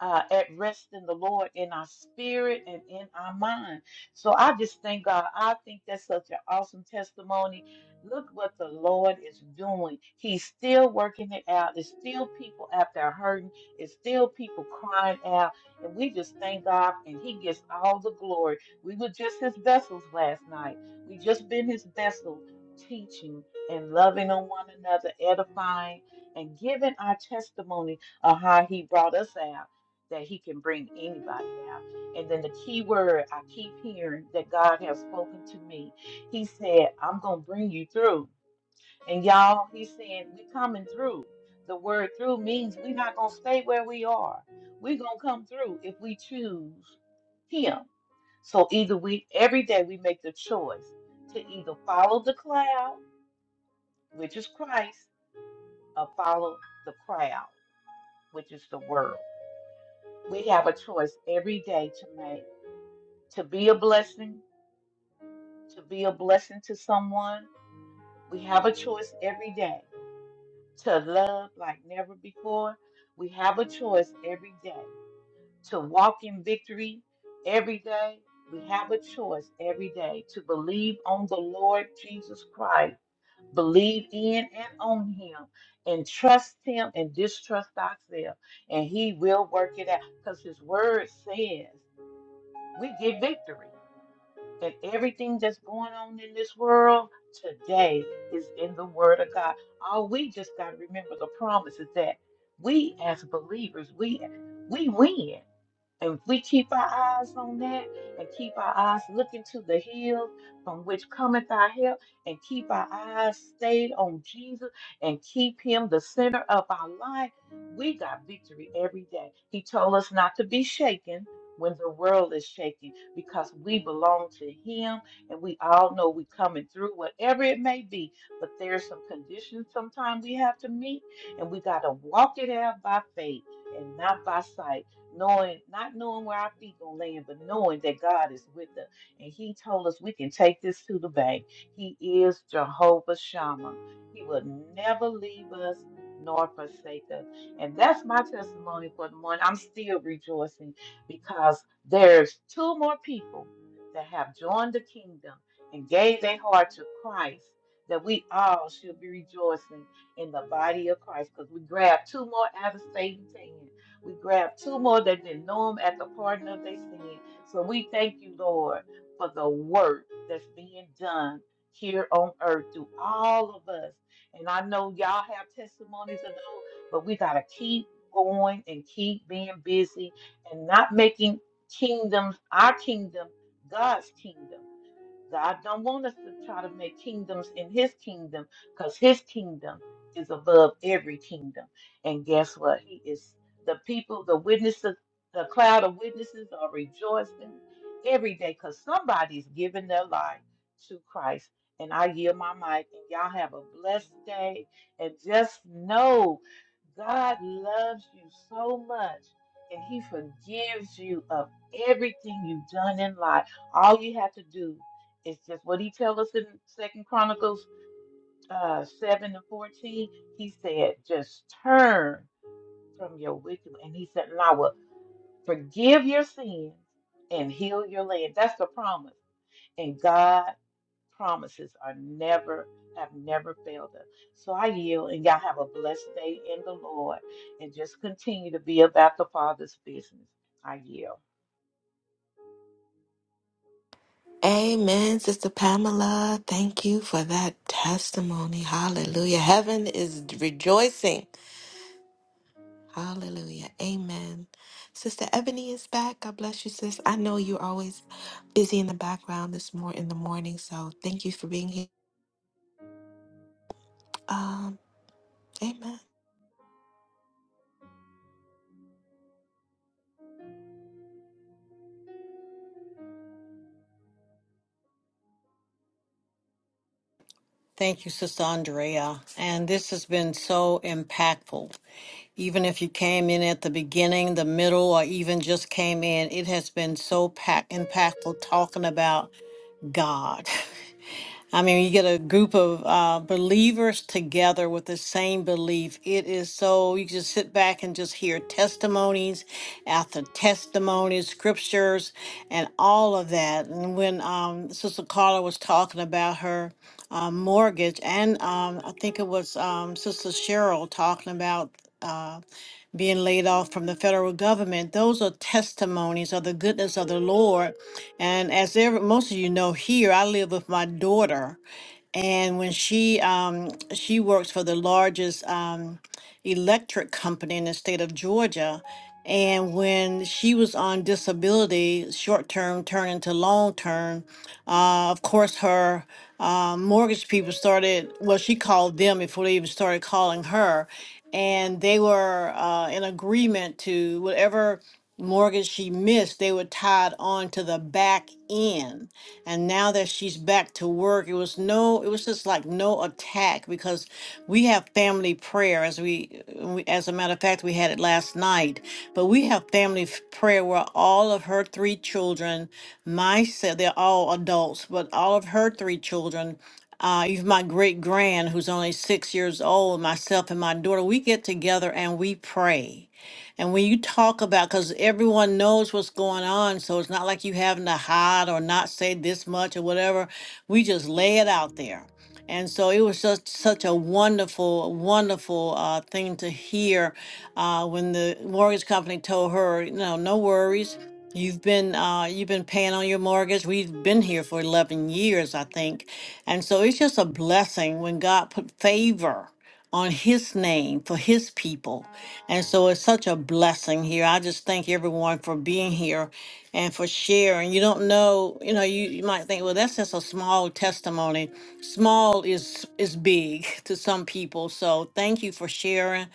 S4: uh, at rest in the Lord in our spirit and in our mind. So I just thank God. I think that's such an awesome testimony. Look what the Lord is doing. He's still working it out. There's still people out there hurting. It's still people crying out. And we just thank God and He gets all the glory. We were just His vessels last night. We just been His vessel teaching and loving on one another, edifying and giving our testimony of how He brought us out that he can bring anybody out. And then the key word I keep hearing that God has spoken to me, he said, I'm going to bring you through. And y'all, he's saying, we coming through. The word through means we're not going to stay where we are. We're going to come through if we choose him. So either we, every day we make the choice to either follow the cloud, which is Christ, or follow the crowd, which is the world. We have a choice every day to make to be a blessing, to be a blessing to someone. We have a choice every day to love like never before. We have a choice every day to walk in victory every day. We have a choice every day to believe on the Lord Jesus Christ, believe in and on Him, and trust Him and distrust ourselves. And He will work it out because His word says we get victory. that everything that's going on in this world today is in the Word of God. All we just got to remember the promise is that we as believers, we we win. And if we keep our eyes on that and keep our eyes looking to the hills from which cometh our help and keep our eyes stayed on Jesus and keep him the center of our life, we got victory every day. He told us not to be shaken when the world is shaking because we belong to him and we all know we're coming through whatever it may be but there's some conditions sometimes we have to meet and we got to walk it out by faith and not by sight knowing not knowing where our feet gonna land, but knowing that God is with us. And He told us we can take this to the bank. He is Jehovah Shammah. He will never leave us nor forsake us. And that's my testimony for the morning. I'm still rejoicing because there's two more people that have joined the kingdom and gave their heart to Christ. That we all should be rejoicing in the body of Christ because we grabbed two more out of Satan's hand we grabbed two more that didn't know him at the pardon of their sin. So we thank you, Lord, for the work that's being done here on earth through all of us. And I know y'all have testimonies of those, but we got to keep going and keep being busy and not making kingdoms, our kingdom, God's kingdom. God don't want us to try to make kingdoms in his kingdom because his kingdom is above every kingdom. And guess what? He is the people, the witnesses, the cloud of witnesses are rejoicing every day because somebody's giving their life to Christ. And I yield my mic, and y'all have a blessed day. And just know God loves you so much, and He forgives you of everything you've done in life. All you have to do it's just what he tells us in Second Chronicles uh, seven and fourteen. He said, "Just turn from your wicked," and he said, "And I will forgive your sins and heal your land." That's the promise, and God promises are never have never failed us. So I yield, and y'all have a blessed day in the Lord, and just continue to be about the Father's business. I yield.
S1: Amen, Sister Pamela. Thank you for that testimony. Hallelujah. Heaven is rejoicing. Hallelujah. Amen. Sister Ebony is back. God bless you, sis. I know you're always busy in the background this more in the morning, so thank you for being here. Um, amen.
S3: Thank you, Sister Andrea. And this has been so impactful even if you came in at the beginning, the middle, or even just came in, it has been so pack, impactful talking about God. I mean, you get a group of uh, believers together with the same belief. It is so, you just sit back and just hear testimonies after testimonies, scriptures, and all of that. And when um, Sister Carla was talking about her uh, mortgage, and um, I think it was um, Sister Cheryl talking about. Uh, being laid off from the federal government, those are testimonies of the goodness of the Lord. And as every, most of you know here, I live with my daughter. And when she um, she works for the largest um, electric company in the state of Georgia. And when she was on disability, short term turned into long term, uh, of course, her uh, mortgage people started, well, she called them before they even started calling her. And they were uh, in agreement to whatever mortgage she missed, they were tied on to the back end. And now that she's back to work, it was no, it was just like no attack because we have family prayer as we, we as a matter of fact, we had it last night, but we have family f- prayer where all of her three children, myself, they're all adults, but all of her three children, uh, even my great grand, who's only six years old, myself and my daughter, we get together and we pray and when you talk about, because everyone knows what's going on, so it's not like you having to hide or not say this much or whatever. We just lay it out there. And so it was just such a wonderful, wonderful uh, thing to hear uh, when the mortgage company told her, no, no worries. You've been uh, you've been paying on your mortgage. We've been here for eleven years, I think, and so it's just a blessing when God put favor on his name for his people. And so it's such a blessing here. I just thank everyone for being here and for sharing. You don't know, you know, you, you might think, well, that's just a small testimony. Small is is big to some people. So thank you for sharing.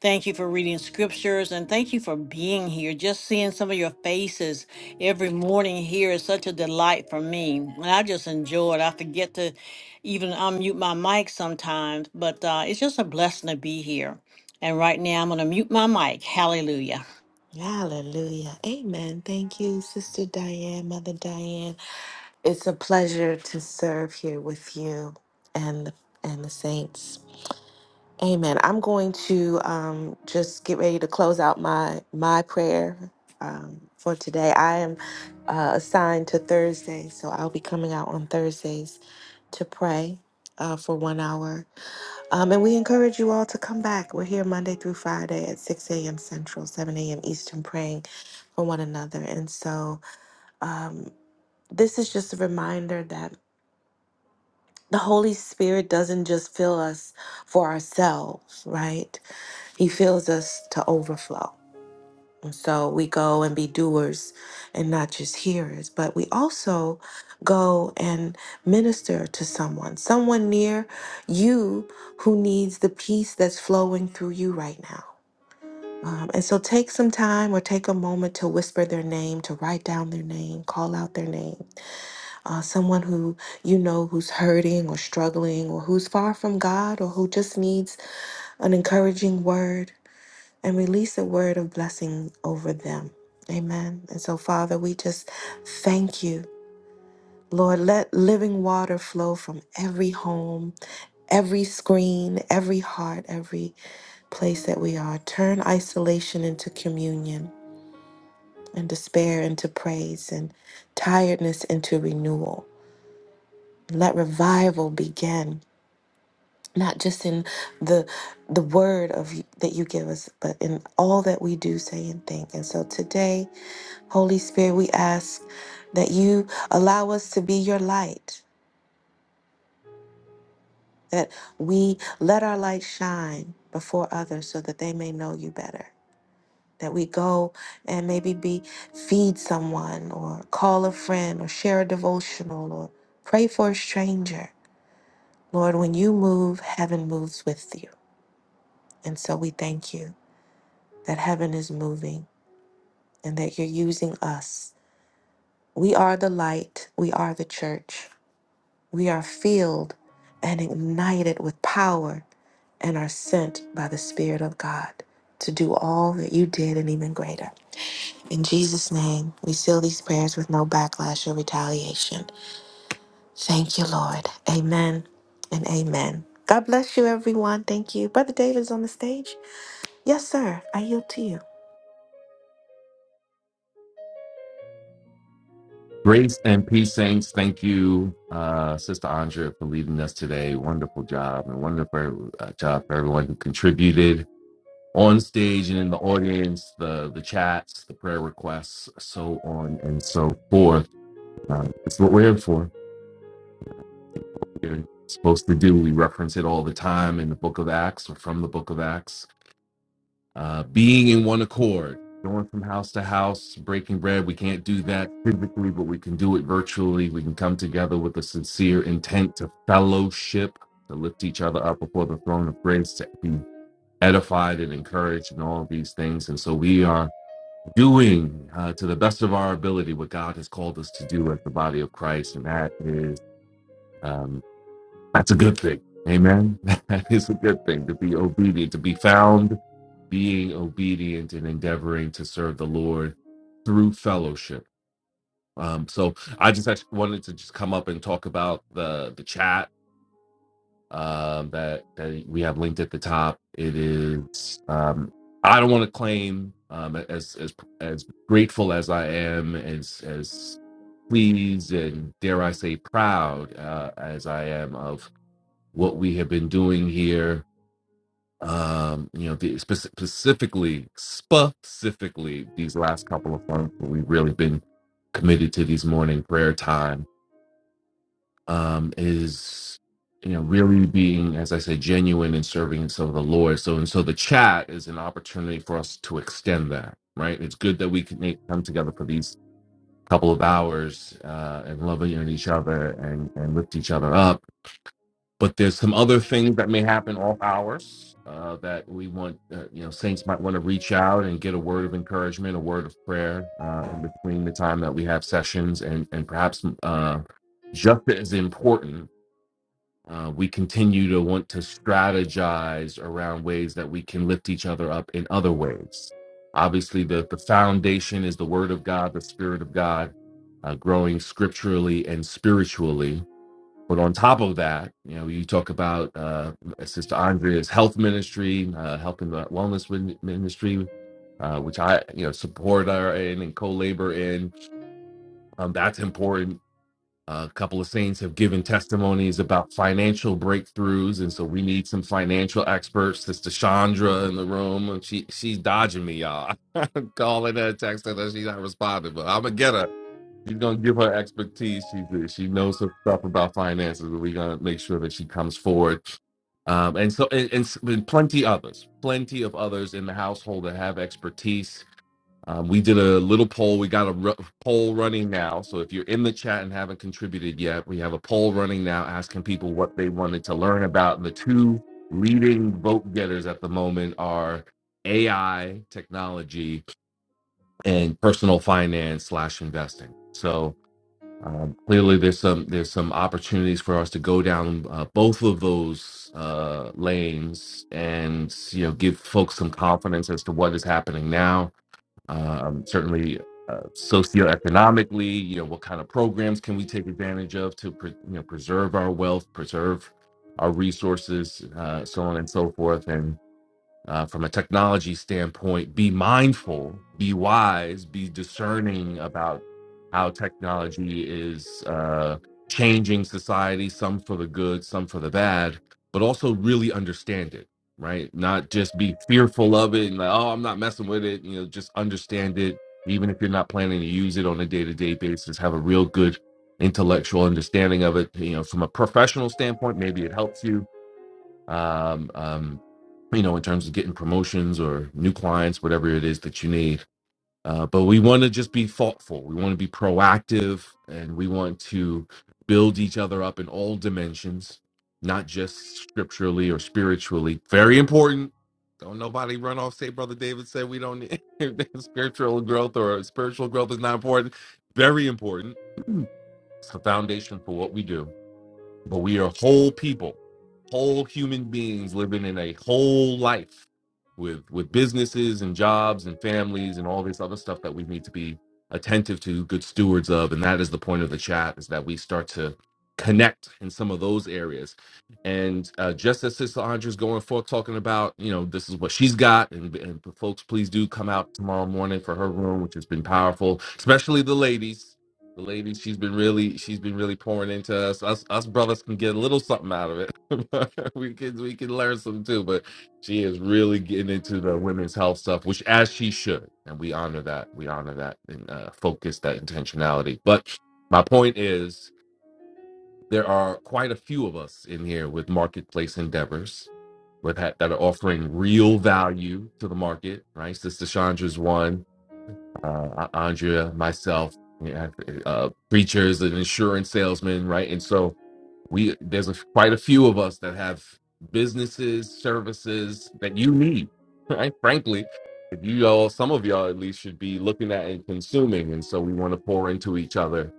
S3: Thank you for reading scriptures and thank you for being here. Just seeing some of your faces every morning here is such a delight for me. And I just enjoy it. I forget to even unmute my mic sometimes, but uh, it's just a blessing to be here. And right now, I'm going to mute my mic. Hallelujah.
S1: Hallelujah. Amen. Thank you, Sister Diane, Mother Diane. It's a pleasure to serve here with you and the and the saints. Amen. I'm going to um, just get ready to close out my my prayer um, for today. I am uh, assigned to Thursday, so I'll be coming out on Thursdays to pray uh, for one hour Um, and we encourage you all to come back. We're here Monday through Friday at 6 a.m. Central, 7 a.m. Eastern, praying for one another. And so um, this is just a reminder that the Holy Spirit doesn't just fill us for ourselves, right? He fills us to overflow. And so we go and be doers and not just hearers, but we also go and minister to someone, someone near you who needs the peace that's flowing through you right now. Um, and so take some time or take a moment to whisper their name, to write down their name, call out their name. Uh, someone who you know who's hurting or struggling or who's far from God or who just needs an encouraging word and release a word of blessing over them. Amen. And so, Father, we just thank you. Lord, let living water flow from every home, every screen, every heart, every place that we are. Turn isolation into communion and despair into praise and tiredness into renewal. Let revival begin, not just in the the word of that you give us, but in all that we do say and think. And so today Holy Spirit, we ask that you allow us to be your light, that we let our light shine before others so that they may know you better. That we go and maybe be feed someone or call a friend or share a devotional or pray for a stranger. Lord, when you move, heaven moves with you. And so we thank you that heaven is moving and that you're using us. We are the light, we are the church. We are filled and ignited with power and are sent by the Spirit of God to do all that you did and even greater. In Jesus' name, we seal these prayers with no backlash or retaliation. Thank you, Lord. Amen and amen. God bless you, everyone. Thank you. Brother David's on the stage. Yes, sir. I yield to you.
S7: Grace and peace, saints. Thank you, uh, Sister Andrea, for leading us today. Wonderful job, and wonderful uh, job for everyone who contributed on stage and in the audience, the the chats, the prayer requests, so on and so forth. Uh, it's what we're here for. We're supposed to do. We reference it all the time in the Book of Acts or from the Book of Acts. uh, being in one accord, going from house to house, breaking bread. We can't do that physically, but we can do it virtually. We can come together with a sincere intent to fellowship, to lift each other up before the throne of grace, to be edified and encouraged, and all of these things. And so we are doing uh, to the best of our ability what God has called us to do as the body of Christ, and that is. um, that's a good thing. Amen. That is a good thing to be obedient, to be found being obedient and endeavoring to serve the Lord through fellowship. Um, so I just actually wanted to just come up and talk about the the chat um, that that we have linked at the top. It is um, I don't want to claim um, as as as grateful as I am as as pleased and dare I say proud uh, as I am of what we have been doing here. Um, you know, the, spec- specifically, specifically these last couple of months, where we've really been committed to these morning prayer time um, is, you know, really being, as I say, genuine and serving and serving the Lord. So, and so the chat is an opportunity for us to extend that, right? It's good that we can make, come together for these couple of hours uh, and loving on each other and, and lift each other up but there's some other things that may happen off hours uh, that we want, uh, you know, saints might want to reach out and get a word of encouragement, a word of prayer uh, in between the time that we have sessions, and and perhaps uh, just as important, uh, we continue to want to strategize around ways that we can lift each other up in other ways. Obviously, the the foundation is the Word of God, the Spirit of God, uh, growing scripturally and spiritually but on top of that, you know, you talk about uh, Sister Andrea's health ministry, uh, helping the wellness win- ministry, uh, which I, you know, support her in and co-labor in. Um, that's important. a couple of saints have given testimonies about financial breakthroughs, and so we need some financial experts. Sister Chandra in the room, and she she's dodging me, y'all. I'm calling her, texting her, she's not responding, but I'm gonna get her. She's gonna give her expertise. She she knows some stuff about finances, but we're gonna make sure that she comes forward. Um, and so and, and s- and plenty others, plenty of others in the household that have expertise. Um, we did a little poll. We got a ru- poll running now. So if you're in the chat and haven't contributed yet, we have a poll running now asking people what they wanted to learn about. The two leading vote getters at the moment are AI technology and personal finance slash investing. So um, clearly, there's some there's some opportunities for us to go down uh, both of those uh, lanes, and you know, give folks some confidence as to what is happening now. Um, certainly, uh, socioeconomically, you know, what kind of programs can we take advantage of to pre- you know preserve our wealth, preserve our resources, uh, so on and so forth, uh, from a technology standpoint, be mindful, be wise, be discerning about how technology is uh, changing society, some for the good, some for the bad, but also really understand it, right? Not just be fearful of it and like, oh, I'm not messing with it. You know, just understand it. Even if you're not planning to use it on a day to day basis, have a real good intellectual understanding of it. You know, from a professional standpoint, maybe it helps you um, um, you know, in terms of getting promotions or new clients, whatever it is that you need. Uh, but we want to just be thoughtful. We want to be proactive and we want to build each other up in all dimensions, not just scripturally or spiritually. Very important. Don't nobody run off, say, Brother David said we don't need spiritual growth or spiritual growth is not important. Very important. It's the foundation for what we do. But we are whole people whole human beings living in a whole life with with businesses and jobs and families and all this other stuff that we need to be attentive to good stewards of and that is the point of the chat is that we start to connect in some of those areas and uh, just as sister andre's going forth talking about you know this is what she's got and, and folks please do come out tomorrow morning for her room which has been powerful especially the ladies the lady, she's been really, she's been really pouring into us. Us, us brothers can get a little something out of it. we can, we can learn some too. But she is really getting into the women's health stuff, which as she should, and we honor that. We honor that and uh, focus that intentionality. But my point is, there are quite a few of us in here with marketplace endeavors with that, that are offering real value to the market. Right, Sister Chandra's one uh, Andrea, myself, we uh, preachers, an insurance salesman, right? And so we there's a, quite a few of us that have businesses, services that you need, right? Frankly, if you all, some of y'all at least, should be looking at and consuming. And so we want to pour into each other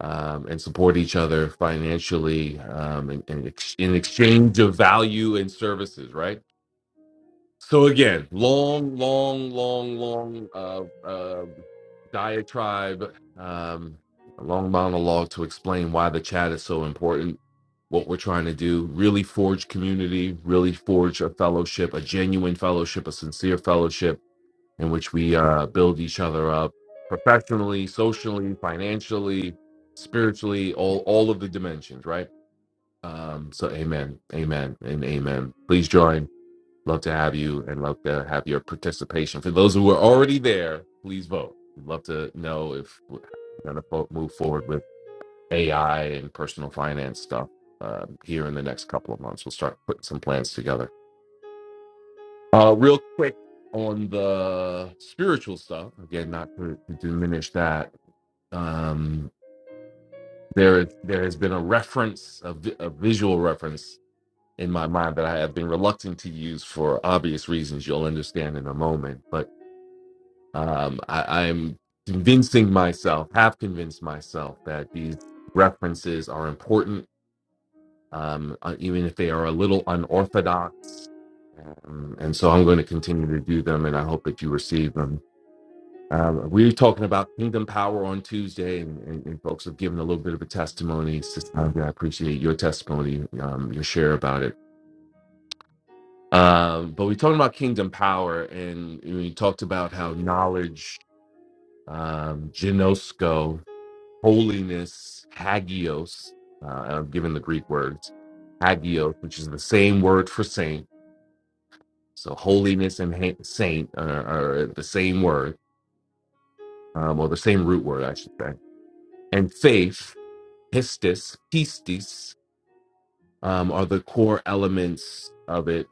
S7: um, and support each other financially um, in, in, ex- in exchange of value and services, right? So again, long, long, long, long uh, uh, diatribe, um, a long monologue to explain why the chat is so important, what we're trying to do, really forge community, really forge a fellowship, a genuine fellowship, a sincere fellowship in which we uh, build each other up professionally, socially, financially, spiritually, all all of the dimensions, right? Um, so amen, amen, and amen. Please join. Love to have you and love to have your participation. For those who are already there, please vote. We'd love to know if we're going to fo- move forward with AI and personal finance stuff uh, here in the next couple of months. We'll start putting some plans together. Uh, real quick on the spiritual stuff, again, not to, to diminish that. Um, there, is- there has been a reference, a, vi- a visual reference in my mind that I have been reluctant to use for obvious reasons you'll understand in a moment. But Um, I, I'm convincing myself, have convinced myself that these references are important, um, uh, even if they are a little unorthodox. Um, and so I'm going to continue to do them, and I hope that you receive them. Um, we were talking about kingdom power on Tuesday, and, and, and folks have given a little bit of a testimony. Sister Andrea, I appreciate your testimony, um, your share about it. Um, but we talked about kingdom power, and we talked about how knowledge, um, ginosko, holiness, hagios. Uh, and I'm given the Greek words, hagios, which is the same word for saint. So holiness and ha- saint are, are the same word, um, or the same root word, I should say. And faith, pistis, pistis, um, are the core elements of it.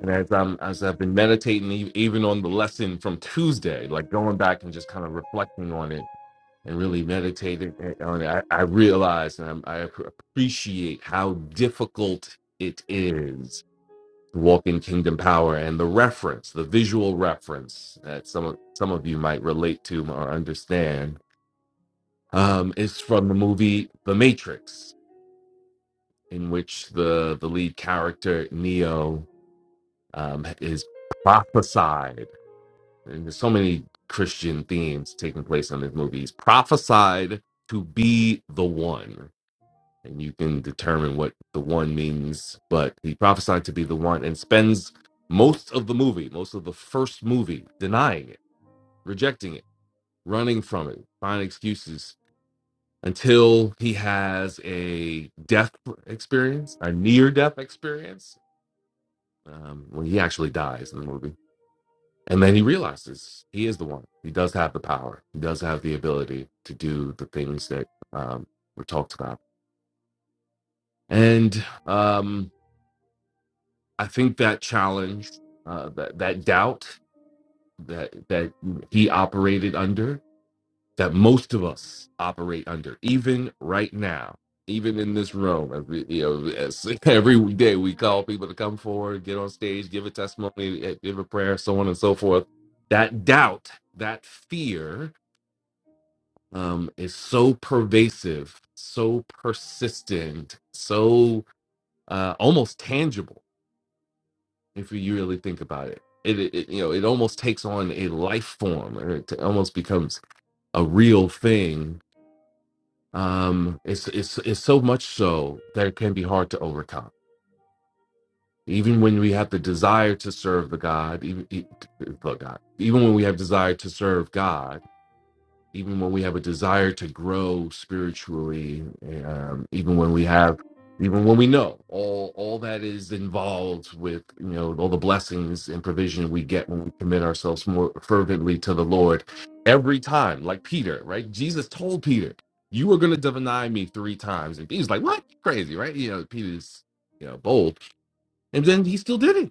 S7: And as I'm as I've been meditating, e- even on the lesson from Tuesday, like going back and just kind of reflecting on it, and really meditated on it, I, I realized and I'm, I ap- appreciate how difficult it is to walk in kingdom power and the reference, the visual reference that some of, some of you might relate to or understand um, is from the movie The Matrix, in which the, the lead character, Neo, um, is prophesied. And there's so many Christian themes taking place in this movie. He's prophesied to be the one and you can determine what the one means. But he prophesied to be the one and spends most of the movie, most of the first movie, denying it, rejecting it, running from it, finding excuses until he has a death experience, a near death experience, um, when he actually dies in the movie. And then he realizes he is the one. He does have the power, he does have the ability to do the things that um, were talked about. And um, I think that challenge, uh, that that doubt that that he operated under, that most of us operate under, even right now, even in this room, as we- you know, as every day we call people to come forward, get on stage, give a testimony, eh, give a prayer, so on and so forth. That doubt, that fear, um, is so pervasive, so persistent, so uh, almost tangible if you really think about it. It, it, it, you know it almost takes on a life form or it almost becomes a real thing um it's it's it's so much so that it can be hard to overcome even when we have the desire to serve the god even e- the god even when we have desire to serve god even when we have a desire to grow spiritually, um, even when we have, even when we know all all that is involved with you know all the blessings and provision we get when we commit ourselves more fervently to the Lord, every time, like Peter, right? Jesus told Peter, "You are going to deny me three times," and Peter's like, "What? Crazy, right?" You know, Peter's you know bold, and then he still did it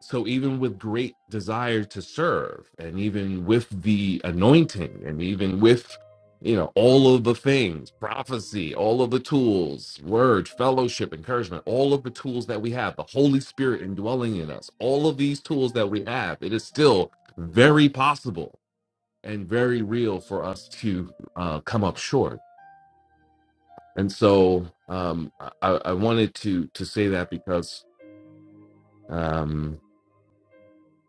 S7: so even with great desire to serve and even with the anointing and even with you know all of the things prophecy all of the tools word fellowship encouragement all of the tools that we have the holy spirit indwelling in us all of these tools that we have it is still very possible and very real for us to uh, come up short and so um, I, I wanted to to say that because um,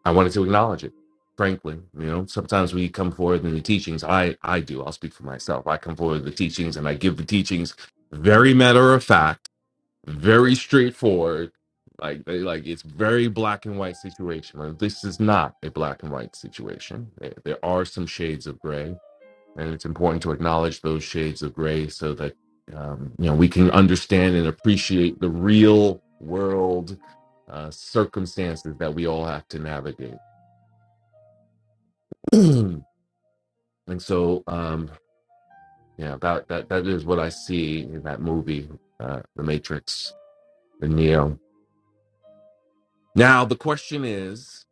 S7: I wanted to acknowledge it, frankly. You know, sometimes we come forward in the teachings. I I do. I'll speak for myself. I come forward with the teachings, and I give the teachings very matter of fact, very straightforward. Like they, like it's very black and white situation. Well, This is not a black and white situation. There, there are some shades of gray, and it's important to acknowledge those shades of gray so that um, you know we can understand and appreciate the real world uh, circumstances that we all have to navigate and so um yeah that that that is what i see in that movie uh the matrix the neo now the question is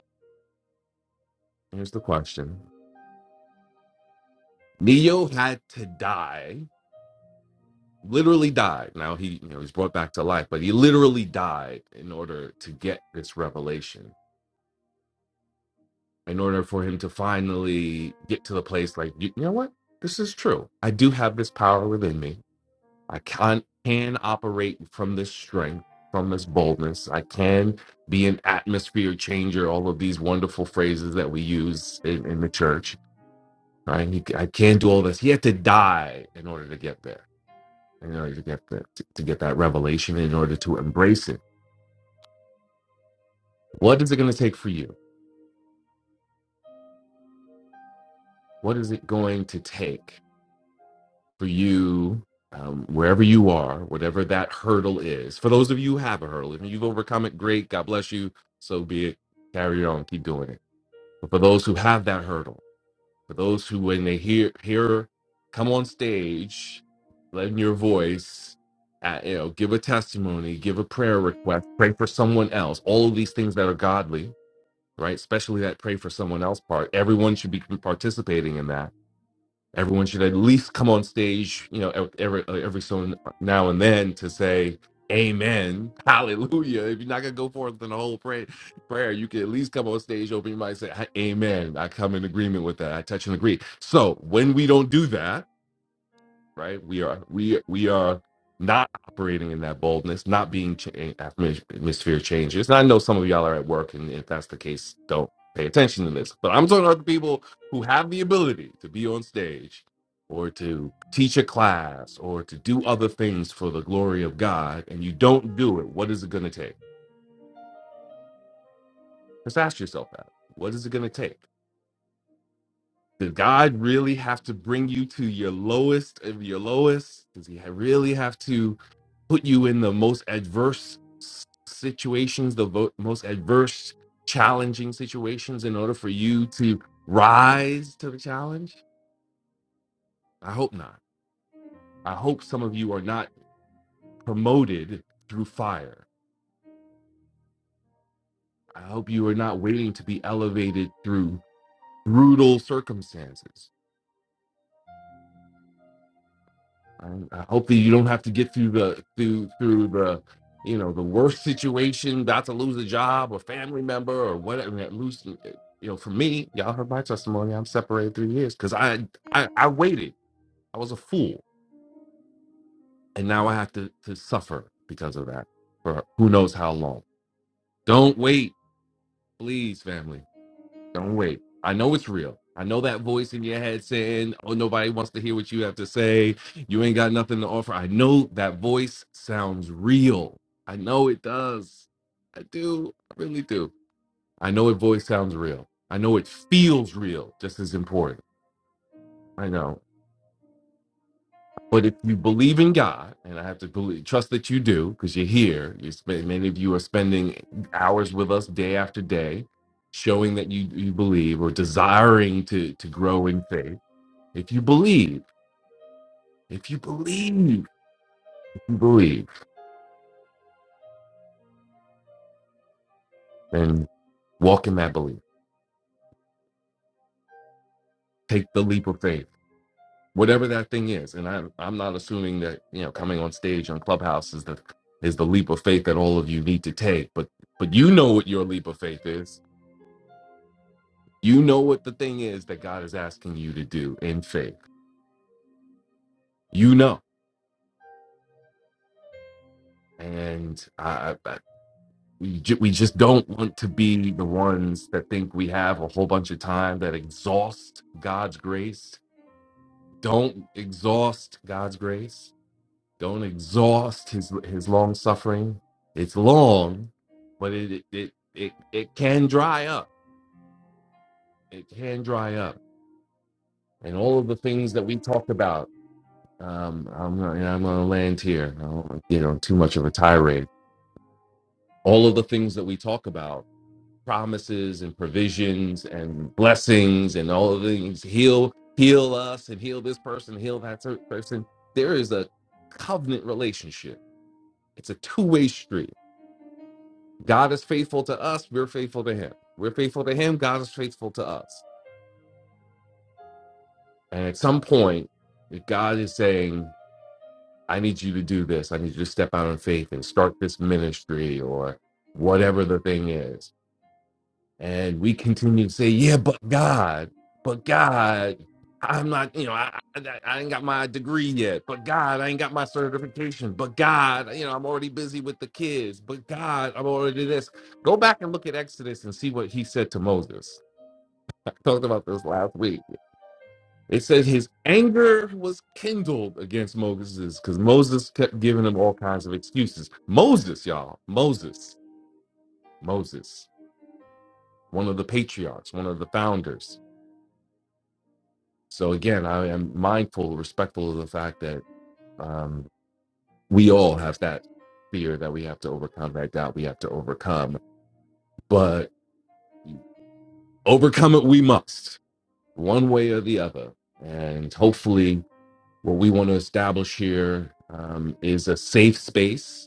S7: here's the question neo had to die literally died now he you know he's brought back to life but he literally died in order to get this revelation in order for him to finally get to the place like you, you know what this is true i do have this power within me I can, can operate from this strength, from this boldness. I can be an atmosphere changer, all of these wonderful phrases that we use in, in the church. Right? He, I can do all this. He had to die in order to get there, in order to get that, to, to get that revelation, in order to embrace it. What is it going to take for you? What is it going to take? for you, um, wherever you are, whatever that hurdle is. For those of you who have a hurdle, if you've overcome it, great. God bless you. So be it. Carry on. Keep doing it. But for those who have that hurdle, for those who, when they hear hear come on stage, letting your voice, uh, you know, give a testimony, give a prayer request, pray for someone else. All of these things that are godly, right? Especially that pray for someone else part. Everyone should be participating in that Everyone should at least come on stage, you know, ev- every uh, every so now and then to say Amen, Hallelujah. If you're not gonna go forth in a whole pray prayer, you can at least come on stage, open your mic, say "Hey, Amen. I come in agreement with that. I touch and agree. So when we don't do that right? We are we we are not operating in that boldness, not being cha- atmosphere changes. And I know some of y'all are at work, and if that's the case, don't pay attention to this. But I'm talking about the people who have the ability to be on stage, or to teach a class, or to do other things for the glory of God, and you don't do it. What is it going to take? Just ask yourself that. What is it going to take? Did God really have to bring you to your lowest of your lowest? Does He ha- really have to put you in the most adverse s- situations, the vo- most adverse, challenging situations in order for you to rise to the challenge? I hope not. I hope some of you are not promoted through fire. I hope you are not waiting to be elevated through brutal circumstances. Um, uh, hopefully, you don't have to get through the through through the you know the worst situation, about to lose a job or family member or whatever. At least, you know, for me, y'all heard my testimony. I'm separated three years because I, I I waited. I was a fool, and now I have to to suffer because of that for who knows how long. Don't wait, please, family. Don't wait. I know it's real. I know that voice in your head saying, "Oh, nobody wants to hear what you have to say. You ain't got nothing to offer." I know that voice sounds real. I know it does. I do. I really do. I know it voice sounds real. I know it feels real, just as important. I know. But if you believe in God, and I have to believe, trust that you do, because you're here. You spend, many of you are spending hours with us day after day, showing that you, you believe or desiring to to grow in faith. If you believe, if you believe, if you believe, then walk in that belief. Take the leap of faith, whatever that thing is. And I'm I'm not assuming that you know coming on stage on Clubhouse is the is the leap of faith that all of you need to take. But but you know what your leap of faith is You know what the thing is that God is asking you to do in faith. You know, and I, I, we ju- we just don't want to be the ones that think we have a whole bunch of time that exhaust God's grace. Don't exhaust God's grace. Don't exhaust His His long suffering. It's long, but it it it it can dry up. It can dry up, and all of the things that we talked about Um, I'm gonna, and I'm going to land here. I don't want to get on too much of a tirade. All of the things that we talk about, promises and provisions and blessings and all of the things, heal, heal us and heal this person, heal that cer- person. There is a covenant relationship. It's a two-way street. God is faithful to us. We're faithful to Him. We're faithful to Him. God is faithful to us. And at some point, if God is saying, I need you to do this. I need you to step out in faith and start this ministry or whatever the thing is. And we continue to say, yeah, but God, but God, I'm not, you know, I, I, I ain't got my degree yet, but God, I ain't got my certification, but God, you know, I'm already busy with the kids, but God, I'm already this. Go back and look at Exodus and see what he said to Moses. I talked about this last week it says his anger was kindled against Moses because Moses kept giving him all kinds of excuses. Moses, y'all, Moses, Moses, one of the patriarchs, one of the founders. So again, I am mindful, respectful of the fact that um, we all have that fear that we have to overcome, that doubt we have to overcome, but overcome it we must, one way or the other. And hopefully, what we want to establish here um, is a safe space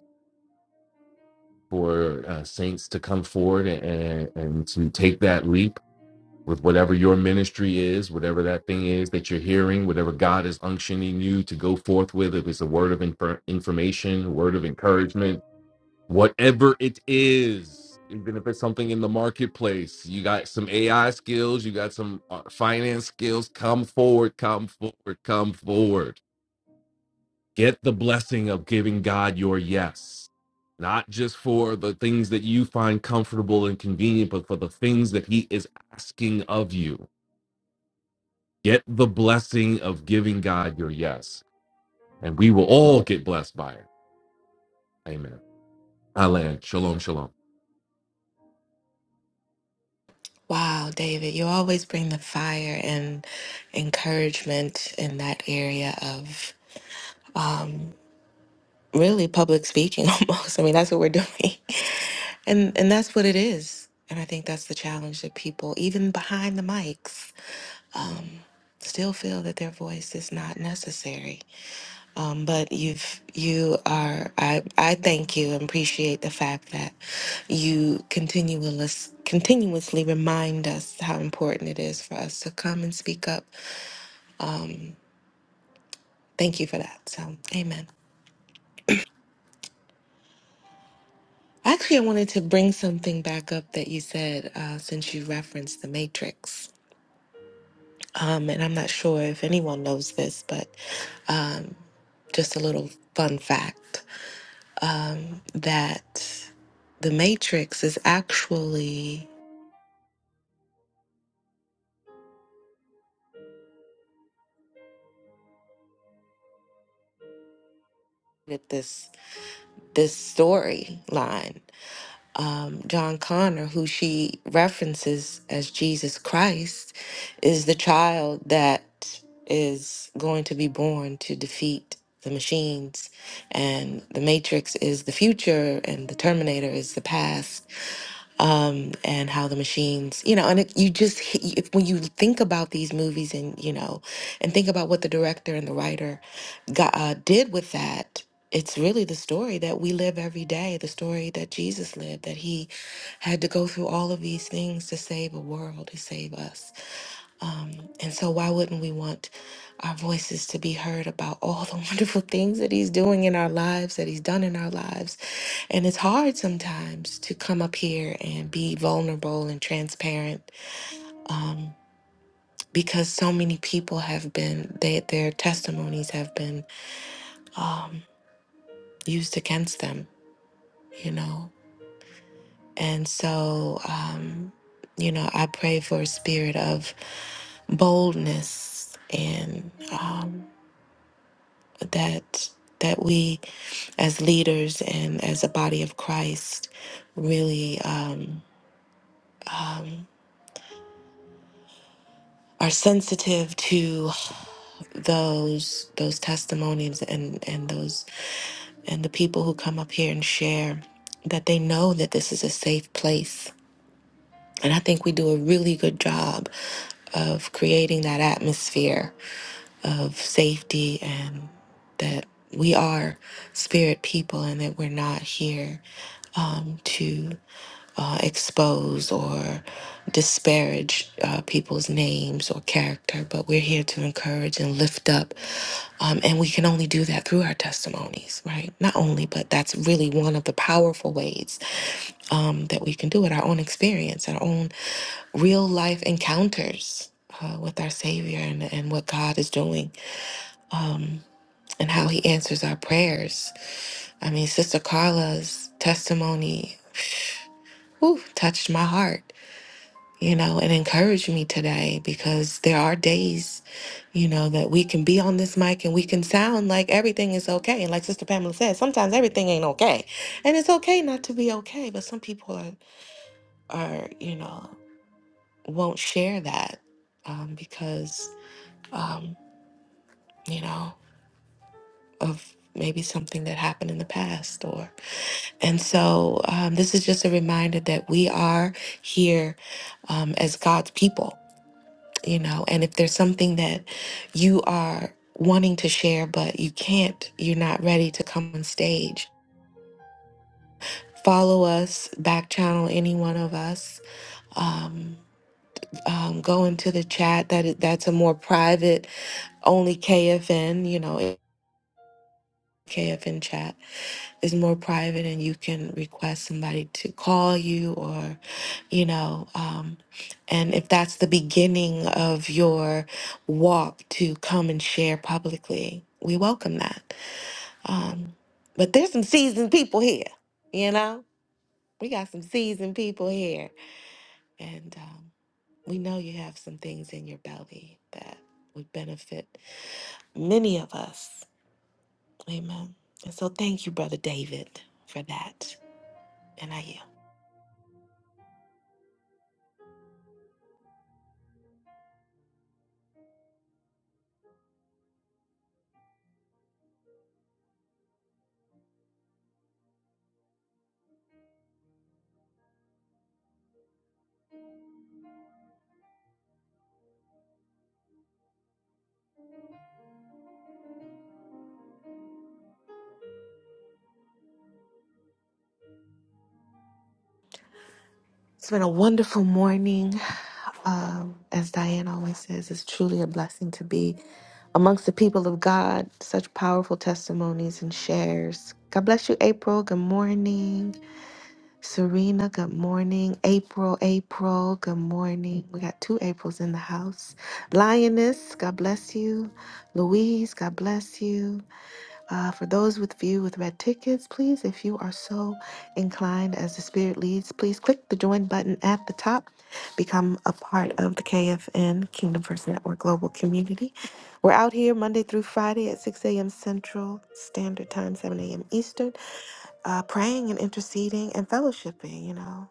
S7: for uh, saints to come forward and, and to take that leap with whatever your ministry is, whatever that thing is that you're hearing, whatever God is unctioning you to go forth with, if it's a word of infor- information, word of encouragement, whatever it is, even if it's something in the marketplace, you got some AI skills, you got some uh, finance skills, come forward, come forward, come forward Get the blessing of giving God your yes, not just for the things that you find comfortable and convenient, but for the things that He is asking of you. Get the blessing of giving God your yes, and we will all get blessed by it. Amen. Alan, shalom, shalom.
S1: Wow, David, you always bring the fire and encouragement in that area of. really public speaking almost. I mean, that's what we're doing. And and that's what it is. And I think that's the challenge that people, even behind the mics, still feel that their voice is not necessary. Um, but you've you are I I thank you and appreciate the fact that you continuous continuously remind us how important it is for us to come and speak up. Thank you for that. So amen. Actually, I wanted to bring something back up that you said uh, since you referenced the Matrix. Um, and I'm not sure if anyone knows this, but um, just a little fun fact um, that the Matrix is actually this this storyline. um, John Connor, who she references as Jesus Christ, is the child that is going to be born to defeat the machines. And the Matrix is the future, and the Terminator is the past um, and how the machines, you know, and it, you just he- if, when you think about these movies and you know, and think about what the director and the writer got, uh, did with that, it's really the story that we live every day, the story that Jesus lived, that he had to go through all of these things to save a world, to save us. Um, and so, why wouldn't we want our voices to be heard about all the wonderful things that he's doing in our lives, that he's done in our lives? And it's hard sometimes to come up here and be vulnerable and transparent um, because so many people have been, they, their testimonies have been um, used against them, you know? And so, um, you know, I pray for a spirit of boldness and um, that that we as leaders and as a body of Christ really um, are sensitive to those those testimonies and and those and the people who come up here and share that they know that this is a safe place and i think we do a really good job of creating that atmosphere of safety and that we are spirit people and that we're not here to uh, expose or disparage uh, people's names or character, but we're here to encourage and lift up. Um, and we can only do that through our testimonies, right? Not only, but that's really one of the powerful ways um, that we can do it our own experience, our own real life encounters. Uh, with our Savior and, and what God is doing and how He answers our prayers. I mean, Sister Carla's testimony whew, touched my heart you know, and encourage me today because there are days, you know, that we can be on this mic and we can sound like everything is okay. And like Sister Pamela said, sometimes everything ain't okay. And it's okay not to be okay, but some people are, are you know, won't share that um, because, you know, of maybe something that happened in the past or and so um, this is just a reminder that we are here um, as god's people you know and if there's something that you are wanting to share but you can't you're not ready to come on stage follow us back channel any one of us um, um, go into the chat that is- that's a more private only kfn you know kfn chat is more private and you can request somebody to call you or you know um, and if that's the beginning of your walk to come and share publicly we welcome that um, but there's some seasoned people here you know we got some seasoned people here and um, we know you have some things in your belly that would benefit many of us amen and so thank you brother david for that and i yield It's been a wonderful morning. Um, as Diane always says, it's truly a blessing to be amongst the people of God. Such powerful testimonies and shares. God bless you, April. Good morning. Serena, good morning. April, April, good morning. We got two Aprils in the house. Lioness, God bless you. Louise, God bless you. Uh, for those with you with red tickets, please, if you are so inclined as the Spirit leads, please click the join button at the top. Become a part of the KFN Kingdom First Network Global Community. We're out here Monday through Friday at 6 a.m. Central Standard Time, 7 a.m. Eastern, uh, praying and interceding and fellowshipping, you know,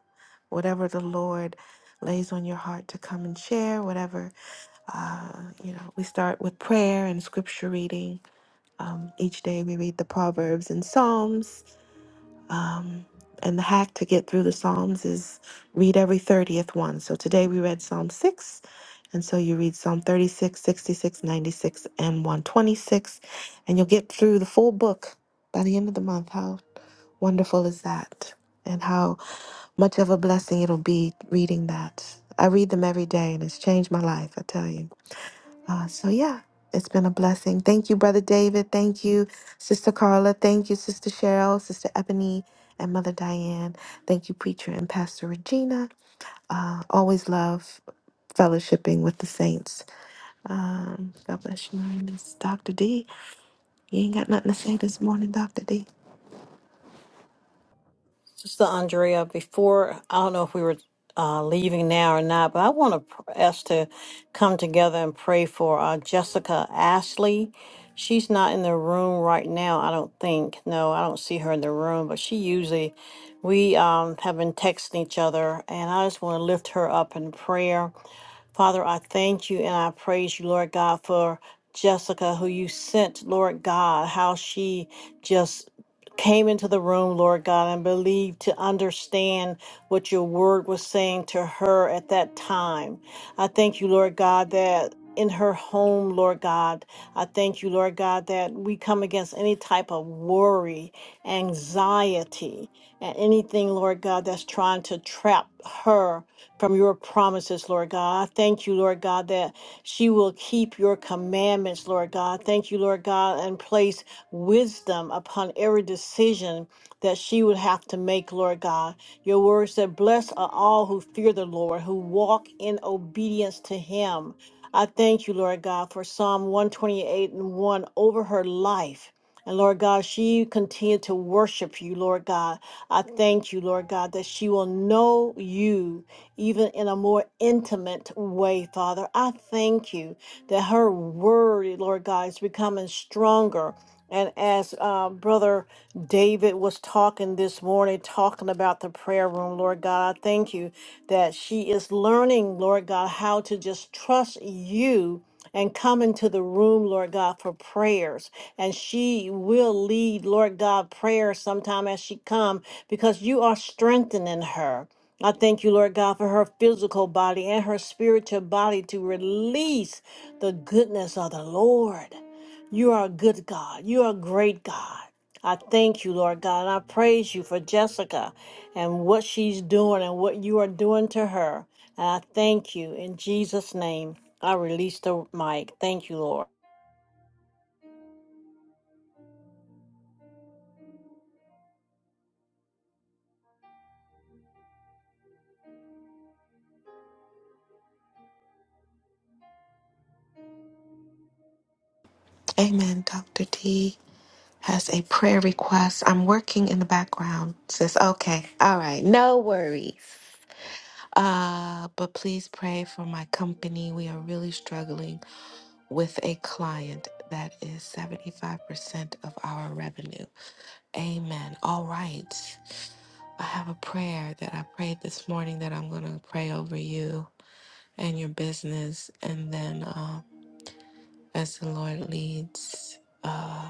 S1: whatever the Lord lays on your heart to come and share, whatever, uh, you know, we start with prayer and scripture reading um, each day we read the Proverbs and Psalms. Um, and the hack to get through the Psalms is read every 30th one. So today we read Psalm 6. And so you read Psalm 36, 66, 96, and 126. And you'll get through the full book by the end of the month. How wonderful is that? And how much of a blessing it'll be reading that. I read them every day and it's changed my life, I tell you. Uh, so, yeah, it's been a blessing. Thank you, Brother David. Thank you, Sister Carla. Thank you, Sister Cheryl, Sister Ebony, and Mother Diane. Thank you, Preacher and Pastor Regina. Uh, always love fellowshipping with the saints. Um, God bless you, Miss Dr. D. You ain't got nothing to say this morning, Dr. D.
S3: Sister Andrea, before, I don't know if we were uh, leaving now or not, but I want to pr- us to come together and pray for uh, Jessica Ashley. She's not in the room right now, I don't think. No, I don't see her in the room, but she usually, we um, have been texting each other, and I just want to lift her up in prayer. Father, I thank you and I praise you, Lord God, for Jessica, who you sent, Lord God, how she just came into the room, Lord God, and believed to understand what your word was saying to her at that time. I thank you, Lord God, that in her home, Lord God, I thank you, Lord God, that we come against any type of worry, anxiety, and anything, Lord God, that's trying to trap her from your promises, Lord God. I Thank you, Lord God, that she will keep your commandments, Lord God. Thank you, Lord God, and place wisdom upon every decision that she would have to make, Lord God. Your word said, Blessed are all who fear the Lord, who walk in obedience to him. I thank you, Lord God, for Psalm 128 and 1 over her life. And Lord God, she continued to worship you, Lord God. I thank you, Lord God, that she will know you even in a more intimate way, Father. I thank you that her word, Lord God, is becoming stronger. And as uh, Brother David was talking this morning, talking about the prayer room, Lord God, I thank you that she is learning, Lord God, how to just trust you and come into the room, Lord God, for prayers. And she will lead, Lord God, prayers sometime as she come because you are strengthening her. I thank you, Lord God, for her physical body and her spiritual body to release the goodness of the Lord. You are a good God. You are a great God. I thank you, Lord God, and I praise you for Jessica and what she's doing and what you are doing to her. And I thank you in Jesus' name. I release the mic. Thank you, Lord.
S1: Amen. Dr. D has a prayer request. I'm working in the background, sis. Okay. All right. No worries. Uh, but please pray for my company. We are really struggling with a client that is 75% of our revenue. Amen. All right. I have a prayer that I prayed this morning that I'm going to pray over you and your business. And then, uh, as the Lord leads uh,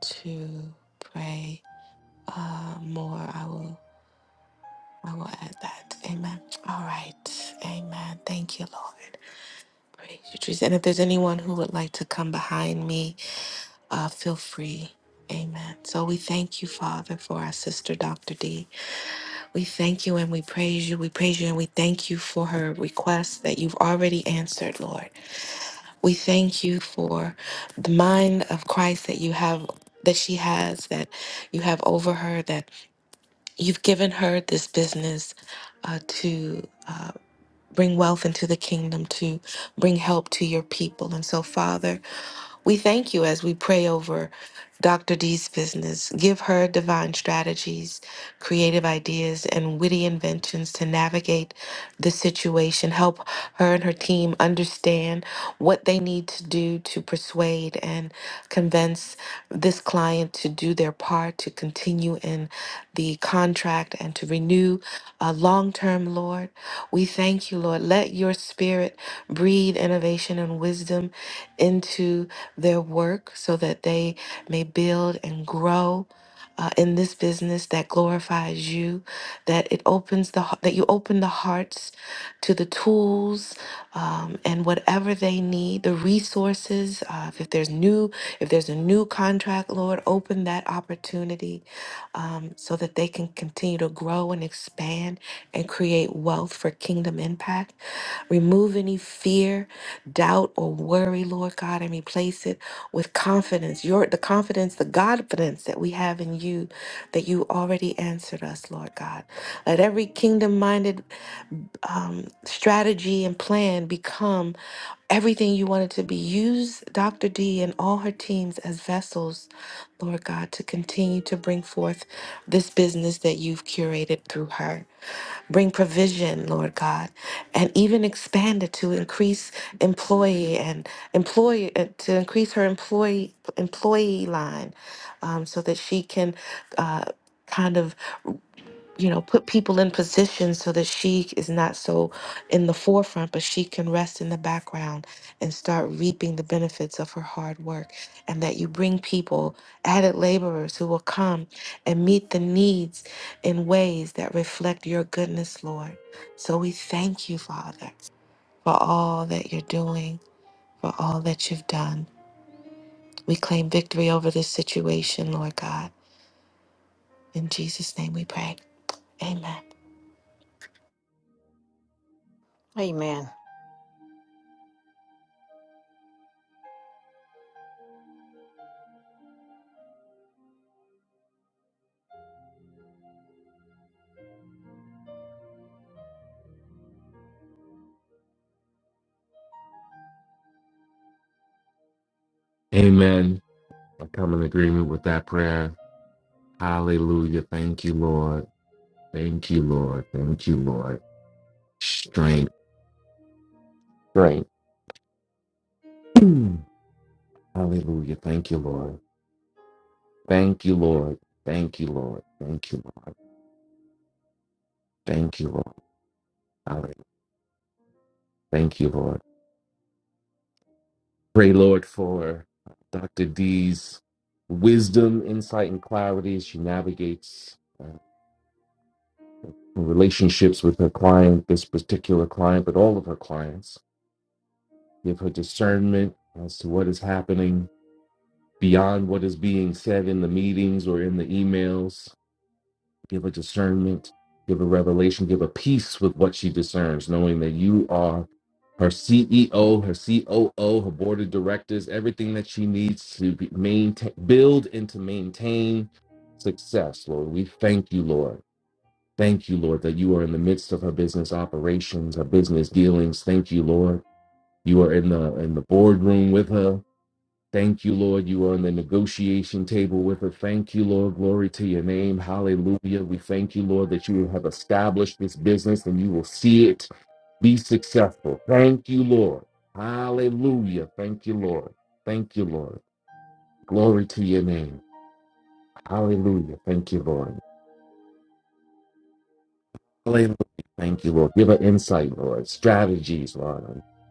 S1: to pray uh, more, I will. I will add that. Amen. All right. Amen. Thank you, Lord. Praise you, Jesus. And if there's anyone who would like to come behind me, uh, feel free. Amen. So we thank you, Father, for our sister, Dr. D. We thank you and we praise you. We praise you and we thank you for her request that you've already answered, Lord. We thank you for the mind of Christ that you have, that she has, that you have over her, that you've given her this business uh, to uh, bring wealth into the kingdom, to bring help to your people. And so, Father, We thank you as we pray over Dr. D's business. Give her divine strategies, creative ideas, and witty inventions to navigate the situation. Help her and her team understand what they need to do to persuade and convince this client to do their part to continue in the contract and to renew uh, long term, Lord. We thank you, Lord. Let your spirit breathe innovation and wisdom into their work so that they may build and grow uh, in this business that glorifies you that it opens the that you open the hearts to the tools um, and whatever they need the resources uh, if there's new if there's a new contract lord open that opportunity um, so that they can continue to grow and expand and create wealth for kingdom impact. Remove any fear, doubt, or worry, Lord God, and replace it with confidence. Your the confidence, the confidence that we have in you, that you already answered us, Lord God. Let every kingdom-minded um, strategy and plan become everything you wanted to be. Use Dr. D and all her teams as vessels, Lord God, to continue to bring forth this business that you've curated through her. Bring provision, Lord God, and even expand it to increase employee and employee uh, to increase her employee employee line, um, so that she can. Uh, kind of you know, put people in positions so that she is not so in the forefront, but she can rest in the background and start reaping the benefits of her hard work. And that you bring people, added laborers, who will come and meet the needs in ways that reflect your goodness, Lord. So we thank you, Father, for all that you're doing, for all that you've done. We claim victory over this situation, Lord God. In Jesus' name we pray. Amen.
S3: Amen.
S7: Amen. I come in agreement with that prayer. Hallelujah. Thank you, Lord. Thank you, Lord. Thank you, Lord. Strength. Strength. Hallelujah. Thank you, Lord. Thank you, Lord. Thank you, Lord. Thank you, Lord. Thank you, Lord. Hallelujah. Thank you, Lord. Pray, Lord, for Dr. D's wisdom, insight, and clarity as she navigates uh, relationships with her client, this particular client, but all of her clients. Give her discernment as to what is happening beyond what is being said in the meetings or in the emails Give her discernment, give her revelation, give her peace with what she discerns, knowing that you are her CEO, her COO, her board of directors, everything that she needs to be maintain, build and to maintain success, Lord. We thank you, Lord. Thank you, Lord, that you are in the midst of her business operations, her business dealings. Thank you, Lord. You are in the in the boardroom with her. Thank you, Lord. You are on the negotiation table with us. Thank you, Lord. Glory to your name. Hallelujah. We thank you, Lord, that you have established this business and you will see it be successful. Thank you, Lord. Hallelujah. Thank you, Lord. Thank you, Lord. Glory to your name. Hallelujah. Thank you, Lord. Hallelujah. Thank you, Lord. Give us insight, Lord, strategies, Lord,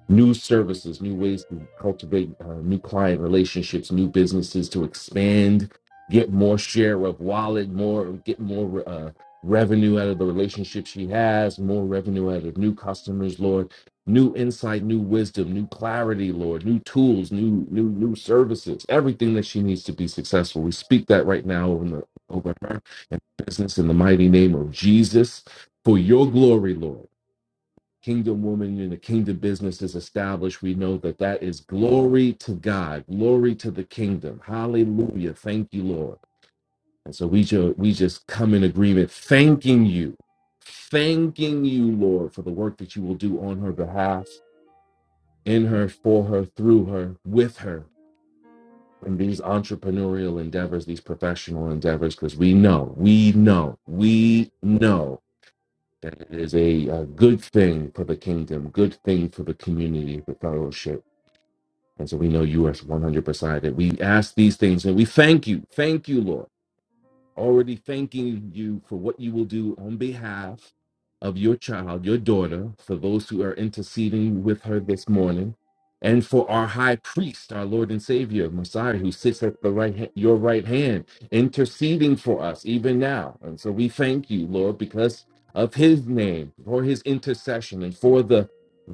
S7: new services, new ways to cultivate uh, new client relationships, new businesses to expand, get more share of wallet, more get more uh, revenue out of the relationships she has, more revenue out of new customers, Lord. New insight, new wisdom, new clarity, Lord. New tools, new new new services. Everything that she needs to be successful. We speak that right now over, the, over her and business in the mighty name of Jesus for your glory, Lord. Kingdom woman and the kingdom business is established. We know that that is glory to God, glory to the kingdom. Hallelujah. Thank you, Lord. And so we, ju- we just come in agreement, thanking you, thanking you, Lord, for the work that you will do on her behalf, in her, for her, through her, with her, in these entrepreneurial endeavors, these professional endeavors, because we know, we know, we know that it is a, uh good thing for the kingdom, good thing for the community, for fellowship. And so we know you are 100% We ask these things and we thank you. Thank you, Lord already thanking you for what you will do on behalf of your child, your daughter, for those who are interceding with her this morning, and for our high priest, our Lord and Savior, Messiah, who sits at the right ha- your right hand, interceding for us even now. And so we thank you, Lord, because of his name, for his intercession, and for the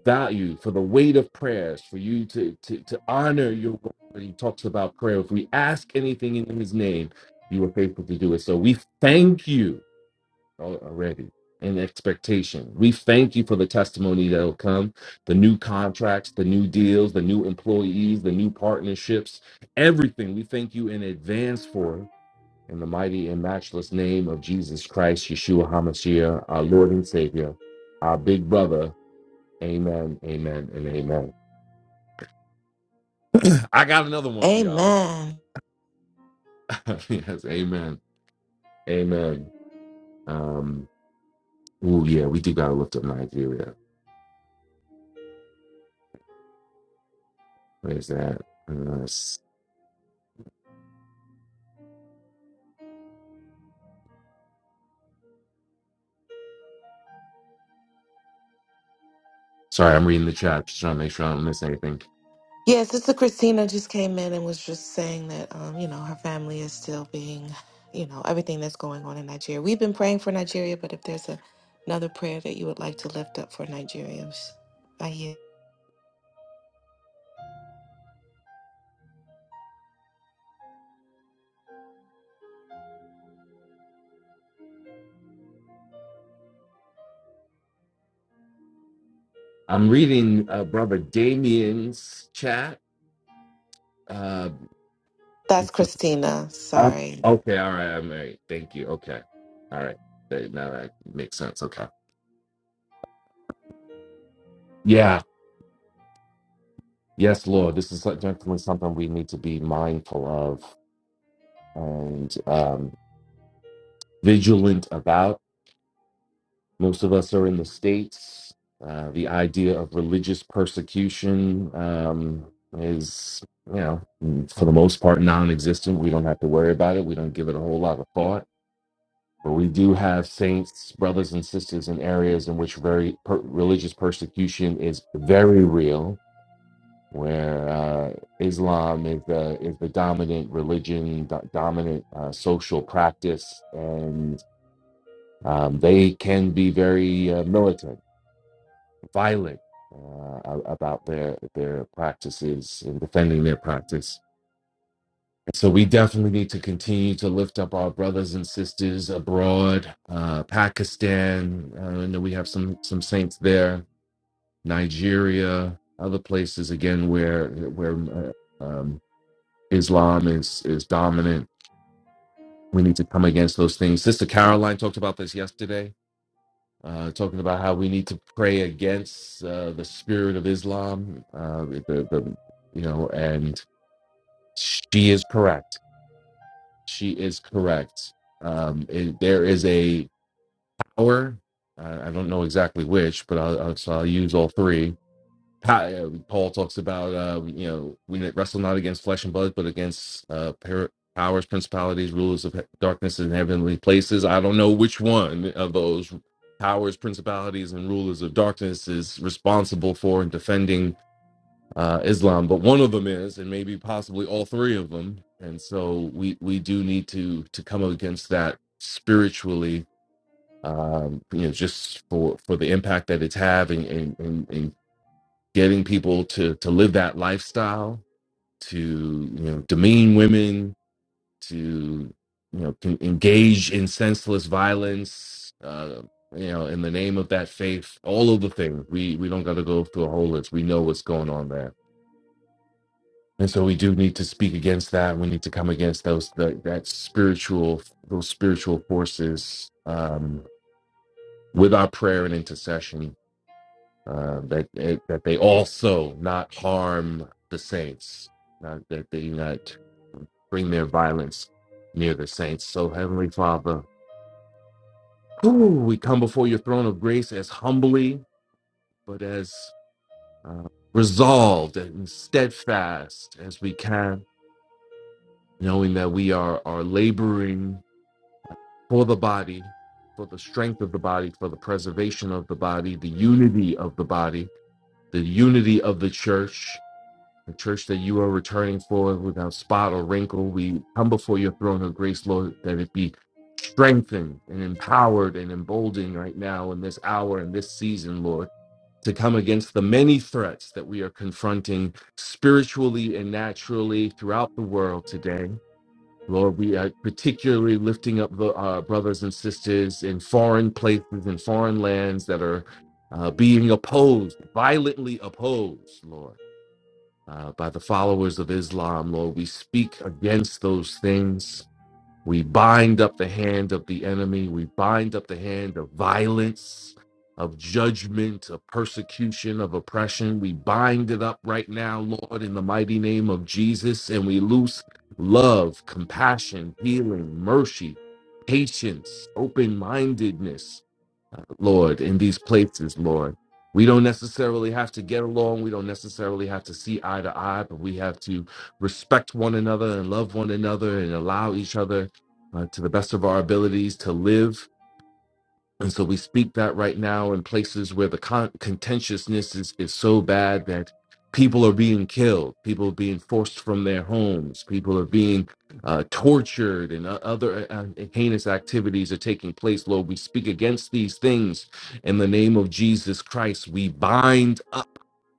S7: value, for the weight of prayers, for you to to, to honor your word. He talks about prayer. If we ask anything in his name, you were faithful to do it. So we thank you al- already in expectation. We thank you for the testimony that'll come, the new contracts, the new deals, the new employees, the new partnerships, everything. We thank you in advance for it. In the mighty and matchless name of Jesus Christ, Yeshua HaMashiach, our Lord and Savior, our big brother. Amen, amen, and amen. I got another one for y'all.
S1: Amen.
S7: yes, amen, amen. Um, Oh yeah, we do gotta lift up Nigeria. Where's that? Uh, s- sorry, I'm reading the chat. Just trying to make sure I don't miss anything.
S1: Yeah, Sister Christina just came in and was just saying that, um, you know, her family is still being, you know, everything that's going on in Nigeria. We've been praying for Nigeria, but if there's a, another prayer that you would like to lift up for Nigerians, I yield.
S7: I'm reading uh, brother Damien's chat. Uh,
S1: That's Christina.
S7: uh,
S1: Sorry.
S7: okay, all right, I'm all right. Thank you. Okay, all right. That- Now that makes sense. Okay. Yeah. Yes, Lord. This is like definitely something we need to be mindful of and um, vigilant about Most of us are in the States. Uh, the idea of religious persecution um, is, you know, for the most part, non existent. We don't have to worry about it. We don't give it a whole lot of thought. But we do have saints, brothers, and sisters in areas in which very per- religious persecution is very real, where uh, Islam is the, is the dominant religion, do- dominant uh, social practice, and um, they can be very uh, militant violent uh, about their their practices and defending their practice. So we definitely need to continue to lift up our brothers and sisters abroad, uh, Pakistan. Uh, I know we have some some saints there, Nigeria, other places again where where uh, um, Islam is is dominant. We need to come against those things. Sister Caroline talked about this yesterday uh, talking about how we need to pray against uh, the spirit of Islam. Uh, the, the, you know, and she is correct. She is correct. Um, it, there is a power. Uh, I don't know exactly which, but I'll, I'll, so I'll use all three Pa- uh, Paul talks about, um, you know, we wrestle not against flesh and blood, but against uh, par- powers, principalities, rulers of he- darkness in heavenly places. I don't know which one of those powers, principalities, and rulers of darkness is responsible for and defending uh, Islam, but one of them is, and maybe possibly all three of them. And so we we do need to to come up against that spiritually um, you know, just for for the impact that it's having and, and, and getting people to to live that lifestyle, to you know demean women, to you know con- engage in senseless violence, uh, you know, in the name of that faith, all of the things. We we don't got to go through a whole list. We know what's going on there, and so we do need to speak against that. We need to come against those the, that spiritual those spiritual forces um, with our prayer and intercession uh, that eh, that they also not harm the saints, not, that they not bring their violence near the saints. So, Heavenly Father, whew, we come before your throne of grace as humbly, but as uh, resolved and steadfast as we can, knowing that we are are laboring for the body, for the strength of the body, for the preservation of the body, the unity of the body, the unity of the church the church that you are returning for without spot or wrinkle. We come before your throne of grace, Lord, that it be strengthened and empowered and emboldened right now in this hour and this season, Lord, to come against the many threats that we are confronting spiritually and naturally throughout the world today. Lord, we are particularly lifting up the uh, brothers and sisters in foreign places and foreign lands that are uh, being opposed, violently opposed, Lord uh, by the followers of Islam, Lord. We speak against those things. We bind up the hand of the enemy. We bind up the hand of violence, of judgment, of persecution, of oppression. We bind it up right now, Lord, in the mighty name of Jesus. And we loose love, compassion, healing, mercy, patience, open mindedness Lord, in these places, Lord. We don't necessarily have to get along. We don't necessarily have to see eye to eye, but we have to respect one another and love one another and allow each other uh, to the best of our abilities to live and so we speak that right now in places where the con- contentiousness is, is so bad that people are being killed, people are being forced from their homes, people are being uh, tortured, and o- other uh, uh, heinous activities are taking place. Lord, we speak against these things in the name of Jesus Christ. We bind up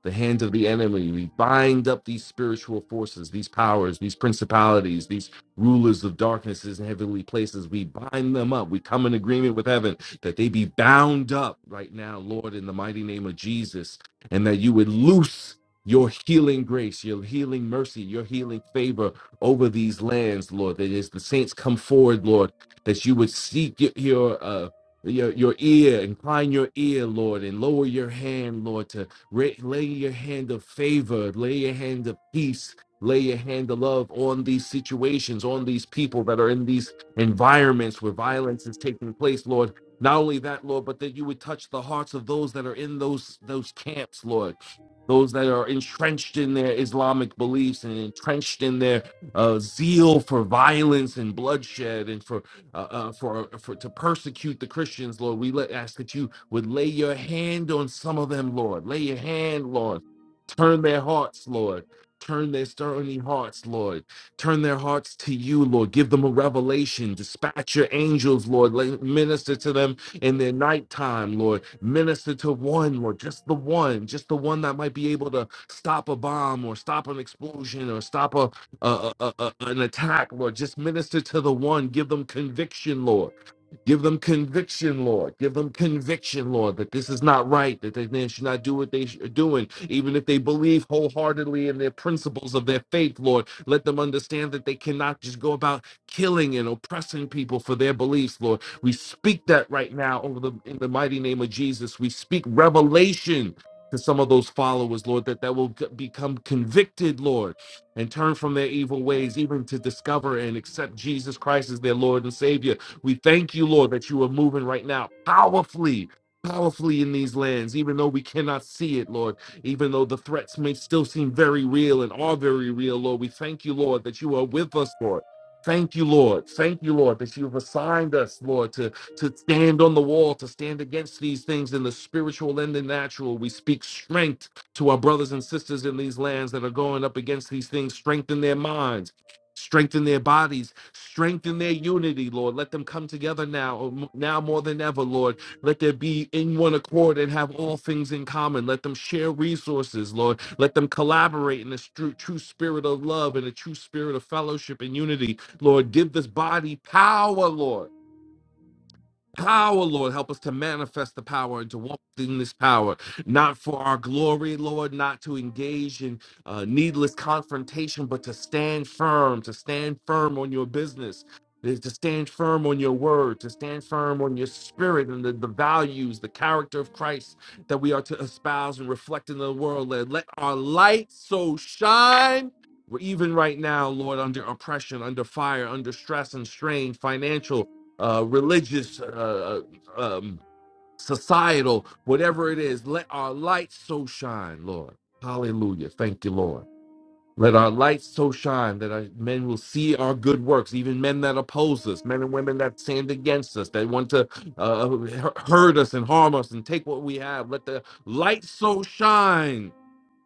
S7: the hands of the enemy. We bind up these spiritual forces, these powers, these principalities, these rulers of darknesses in heavenly places. We bind them up. We come in agreement with heaven that they be bound up right now, Lord, in the mighty name of Jesus, and that you would loose. Your healing grace, your healing mercy, your healing favor over these lands, Lord. That as the saints come forward, Lord, that you would seek your, your uh, your, your ear, incline your ear, Lord, and lower your hand, Lord, to Re- lay your hand of favor, lay your hand of peace, lay your hand of love on these situations, on these people that are in these environments where violence is taking place, Lord. Not only that, Lord, but that you would touch the hearts of those that are in those those camps, Lord. Those that are entrenched in their Islamic beliefs and entrenched in their uh, zeal for violence and bloodshed and for uh, uh, for for to persecute the Christians, Lord. We let, ask that you would lay your hand on some of them, Lord. Lay your hand, Lord. Turn their hearts, Lord. Turn their stony hearts, Lord. Turn their hearts to you, Lord. Give them a revelation. Dispatch your angels, Lord. Lay, minister to them in their nighttime, Lord. Minister to one, Lord. Just the one, just the one that might be able to stop a bomb or stop an explosion or stop a, uh, uh, uh, uh, an attack, Lord. Just minister to the one. Give them conviction, Lord. Give them conviction, Lord. Give them conviction, Lord, that this is not right, that they, they should not do what they sh- are doing, even if they believe wholeheartedly in their principles of their faith, Lord. Let them understand that they cannot just go about killing and oppressing people for their beliefs, Lord. We speak that right now over the in the mighty name of Jesus. We speak revelation to some of those followers, Lord, that that will c- become convicted, Lord and turn from their evil ways, even to discover and accept Jesus Christ as their Lord and Savior. We thank you, Lord, that you are moving right now powerfully. Powerfully in these lands, even though we cannot see it, Lord, even though the threats may still seem very real and are very real, Lord, we thank you, Lord, that you are with us, Lord. Thank you, Lord. Thank you, Lord, that you have assigned us, Lord, to, to stand on the wall, to stand against these things in the spiritual and the natural. We speak strength to our brothers and sisters in these lands that are going up against these things. Strengthen their minds, strengthen their bodies, strengthen their unity, Lord. Let them come together now, um, now more than ever, Lord. Let there be in one accord and have all things in common. Let them share resources, Lord. Let them collaborate in a true, true spirit of love and a true spirit of fellowship and unity, Lord. Give this body power, Lord Power, Lord, help us to manifest the power and to walk in this power, not for our glory, Lord, not to engage in uh, needless confrontation, but to stand firm, to stand firm on your business, is to stand firm on your word, to stand firm on your spirit and the, the values, the character of Christ that we are to espouse and reflect in the world. Let, let our light so shine. We're Even right now, Lord, under oppression, under fire, under stress and strain, financial, uh, religious, uh, uh, um, societal, whatever it is. Let our light so shine, Lord. Hallelujah. Thank you, Lord. Let our light so shine that our men will see our good works, even men that oppose us, men and women that stand against us, that want to uh, hurt us and harm us and take what we have. Let the light so shine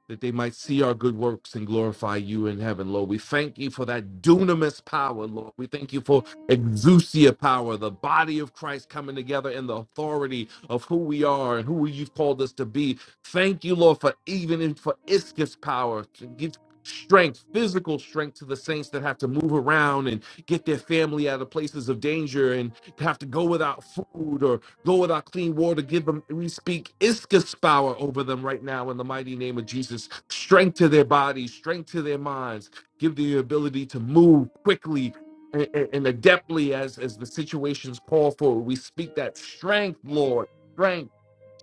S7: that they might see our good works and glorify you in heaven, Lord. We thank you for that dunamis power, Lord. We thank you for exousia power, the body of Christ coming together in the authority of who we are and who you've called us to be. Thank you, Lord, for even in, for ischus power to give strength, physical strength to the saints that have to move around and get their family out of places of danger and have to go without food or. Lord, our clean water, give them, we speak Iskus power over them right now in the mighty name of Jesus. Strength to their bodies, strength to their minds. Give them the ability to move quickly and, and, and adeptly as, as the situations call for. We speak that strength, Lord, strength.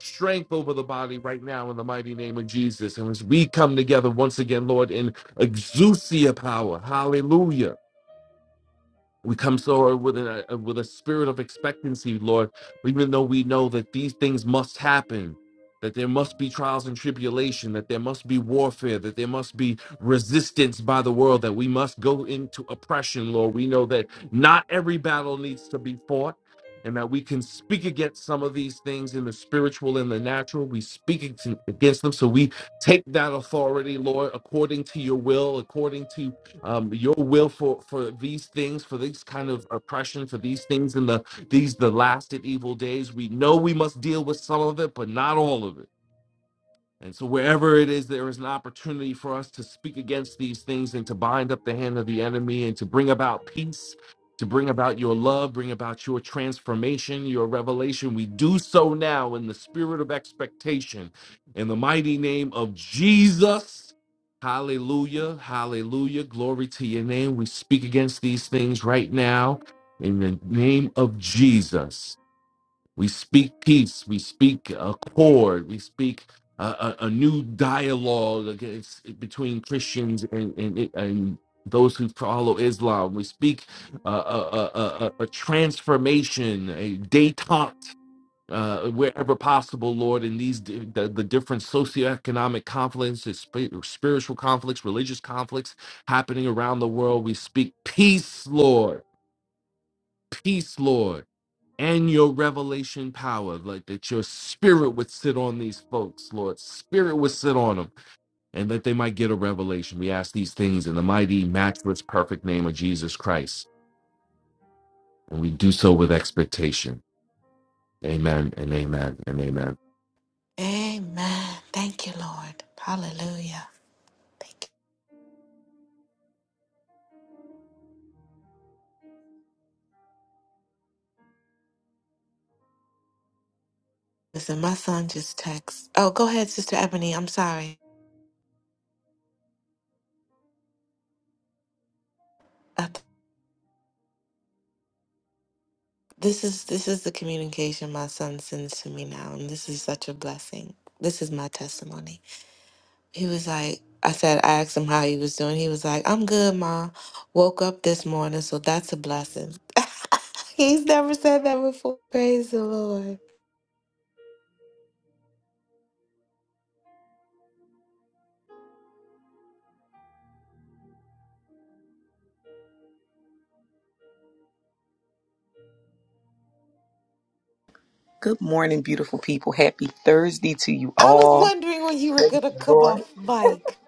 S7: Strength over the body right now in the mighty name of Jesus. And as we come together once again, Lord, in exousia power, hallelujah we come so uh, with a uh, with a spirit of expectancy, Lord, even though we know that these things must happen, that there must be trials and tribulation, that there must be warfare, that there must be resistance by the world, that we must go into oppression, Lord. We know that not every battle needs to be fought. And that we can speak against some of these things in the spiritual and the natural. We speak ag- against them. So we take that authority, Lord, according to your will, according to um, your will for for these things, for this kind of oppression, for these things in the these the last and evil days. We know we must deal with some of it, but not all of it. And so, wherever it is, there is an opportunity for us to speak against these things and to bind up the hand of the enemy and to bring about peace, to bring about your love, bring about your transformation, your revelation. We do so now in the spirit of expectation. In the mighty name of Jesus. Hallelujah. Hallelujah. Glory to your name. We speak against these things right now in the name of Jesus. We speak peace. We speak accord. We speak a, a, a new dialogue against, between Christians and, and, and those who follow Islam. We speak uh, a, a, a, a transformation, a détente. Uh, wherever possible, Lord, in these di- the, the different socioeconomic conflicts, the sp- spiritual conflicts, religious conflicts happening around the world, we speak peace, Lord peace, Lord, and your revelation power, like that your spirit would sit on these folks, Lord. Spirit would sit on them and that they might get a revelation. We ask these things in the mighty, matchless, perfect name of Jesus Christ. And we do so with expectation. Amen and amen and amen.
S1: Amen. Thank you, Lord. Hallelujah. Thank you. Listen, my son just texts. Oh, go ahead, Sister Ebony. I'm sorry. I th- this is this is the communication my son sends to me now, and this is such a blessing. This is my testimony. He was like, I said, I asked him how he was doing. He was like, I'm good, Ma. Woke up this morning, so that's a blessing. He's never said that before. Praise the Lord.
S8: Good morning, beautiful people. Happy Thursday to you
S1: I was
S8: all.
S1: wondering when you were
S8: Praise
S1: going to
S8: the
S1: come
S8: Lord.
S1: off mic.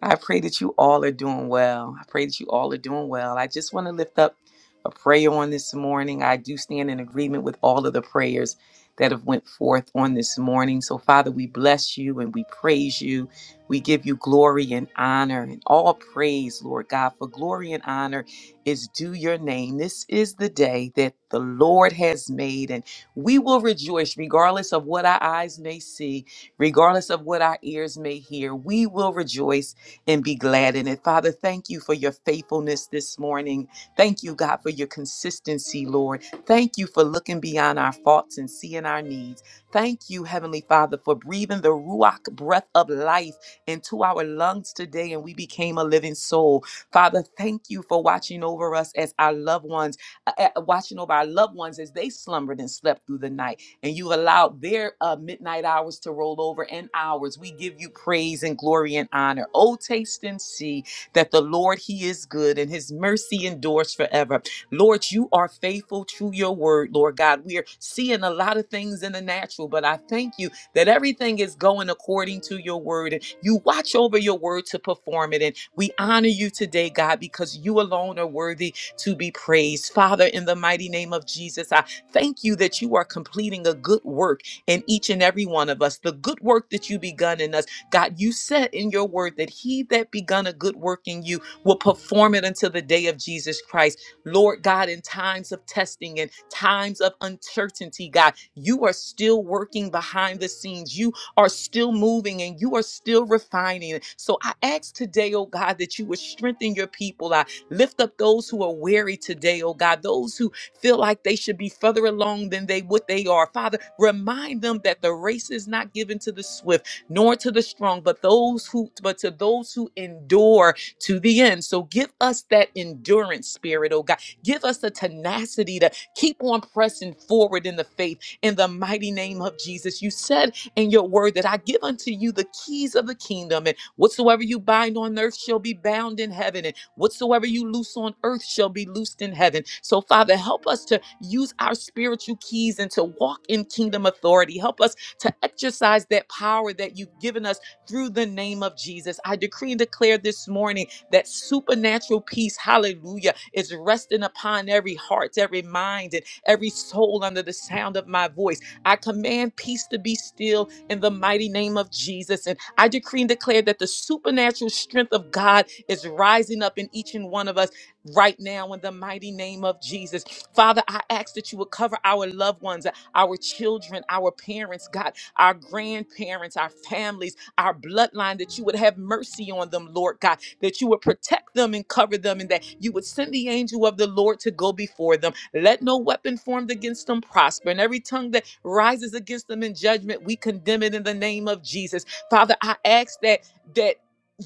S8: I pray that you all are doing well. I pray that you all are doing well. I just want to lift up a prayer on this morning. I do stand in agreement with all of the prayers that have went forth on this morning. So Father, we bless you and we praise you. We give you glory and honor and all praise, Lord God, for glory and honor is due your name. This is the day that the Lord has made and we will rejoice regardless of what our eyes may see, regardless of what our ears may hear. We will rejoice and be glad in it. Father, thank you for your faithfulness this morning. Thank you, God, for your consistency, Lord. Thank you for looking beyond our faults and seeing our needs. Thank you, Heavenly Father, for breathing the Ruach breath of life into our lungs today and we became a living soul. Father, thank you for watching over us as our loved ones, uh, uh, watching over our loved ones as they slumbered and slept through the night and you allowed their uh, midnight hours to roll over and ours. We give you praise and glory and honor. Oh, taste and see that the Lord, He is good and His mercy endures forever. Lord, you are faithful to your word, Lord God. We are seeing a lot of things in the natural, but I thank you that everything is going according to your word. And you watch over your word to perform it. And we honor you today, God, because you alone are worthy to be praised. Father, in the mighty name of Jesus, I Thank you that you are completing a good work in each and every one of us. The good work that you begun in us, God, you said in your word that he that begun a good work in you will perform it until the day of Jesus Christ. Lord God, in times of testing and times of uncertainty, God, you are still working behind the scenes. You are still moving and you are still refining. So I ask today, oh God, that you would strengthen your people. I lift up those who are weary today, oh God, those who feel like they should be further along than they what they are. Father, remind them that the race is not given to the swift nor to the strong, but those who but to those who endure to the end. So give us that endurance spirit, oh God. Give us the tenacity to keep on pressing forward in the faith in the mighty name of Jesus. You said in your word that I give unto you the keys of the kingdom, and whatsoever you bind on earth shall be bound in heaven, Whatsoever you loose on earth shall be loosed in heaven. So, Father, help us to use our spiritual keys and to walk in kingdom authority. Help us to exercise that power that you've given us through the name of Jesus. I decree and declare this morning that supernatural peace, hallelujah, is resting upon every heart, every mind, and every soul under the sound of my voice. I command peace to be still in the mighty name of Jesus. And I decree and declare that the supernatural strength of God is rising up in each and one of us right now in the mighty name of Jesus. Father, I ask that you would cover our loved ones, our children, our parents, God, our grandparents, our families, our bloodline, that you would have mercy on them, Lord God that you would protect them and cover them, and that you would send the angel of the Lord to go before them. Let no weapon formed against them prosper, and every tongue that rises against them in judgment, we condemn it in the name of Jesus. Father, I ask that that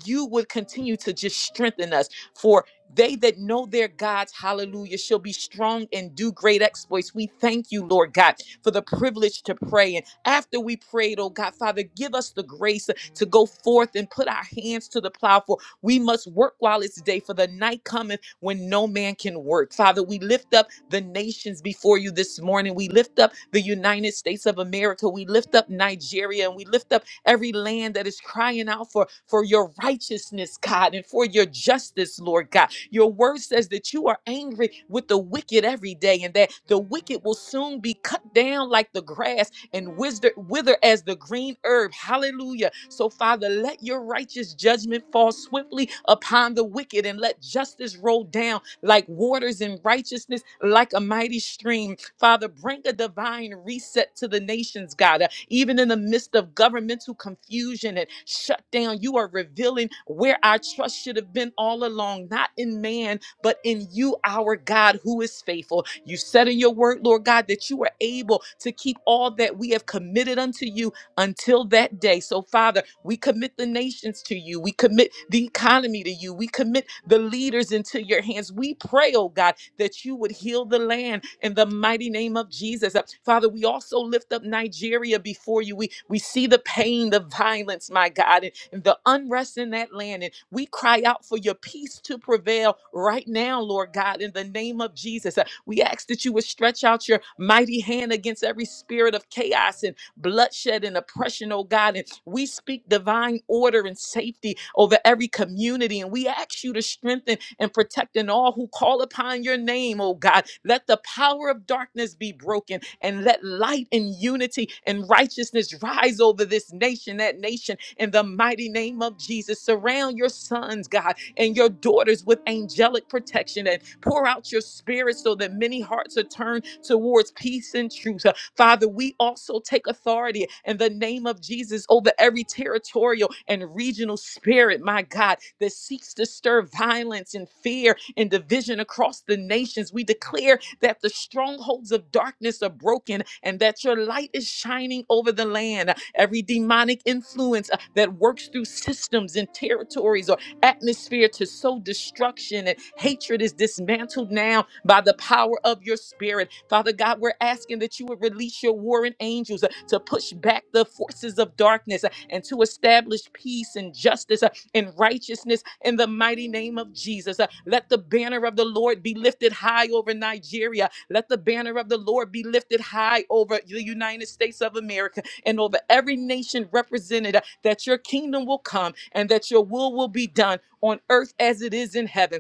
S8: you would continue to just strengthen us for they that know their gods, hallelujah, shall be strong and do great exploits. We thank you, Lord God, for the privilege to pray. And after we prayed, oh God, Father, give us the grace to go forth and put our hands to the plow. for. We must work while it's day, for the night cometh when no man can work. Father, we lift up the nations before you this morning. We lift up the United States of America. We lift up Nigeria and we lift up every land that is crying out for, for your righteousness, God, and for your justice, Lord God. Your word says that you are angry with the wicked every day and that the wicked will soon be cut down like the grass and wither, wither as the green herb. Hallelujah. So, Father, let your righteous judgment fall swiftly upon the wicked and let justice roll down like waters and righteousness like a mighty stream. Father, bring a divine reset to the nations, God. Uh, even in the midst of governmental confusion and shutdown, you are revealing where our trust should have been all along, not in man, but in you, our God, who is faithful. You said in your word, Lord God, that you are able to keep all that we have committed unto you until that day. So, Father, we commit the nations to you. We commit the economy to you. We commit the leaders into your hands. We pray, oh God, that you would heal the land in the mighty name of Jesus. Uh, Father, we also lift up Nigeria before you. We, we see the pain, the violence, my God, and, and the unrest in that land. And we cry out for your peace to prevail right now, Lord God, in the name of Jesus. Uh, we ask that you would stretch out your mighty hand against every spirit of chaos and bloodshed and oppression, oh God. And we speak divine order and safety over every community. And we ask you to strengthen and protect in all who call upon your name, oh God. Let the power of darkness be broken and let light and unity and righteousness rise over this nation, that nation, in the mighty name of Jesus. Surround your sons, God, and your daughters with angelic protection and pour out your spirit so that many hearts are turned towards peace and truth. Father, we also take authority in the name of Jesus over every territorial and regional spirit, my God, that seeks to stir violence and fear and division across the nations. We declare that the strongholds of darkness are broken and that your light is shining over the land. Every demonic influence uh, that works through systems and territories atmosphere to sow destruction and hatred is dismantled now by the power of your spirit. Father God, we're asking that you would release your warring angels uh, to push back the forces of darkness uh, and to establish peace and justice uh, and righteousness in the mighty name of Jesus. Uh, Let the banner of the Lord be lifted high over Nigeria. Let the banner of the Lord be lifted high over the United States of America and over every nation represented, uh, that your kingdom will come and that your will will be done on earth as it is in heaven.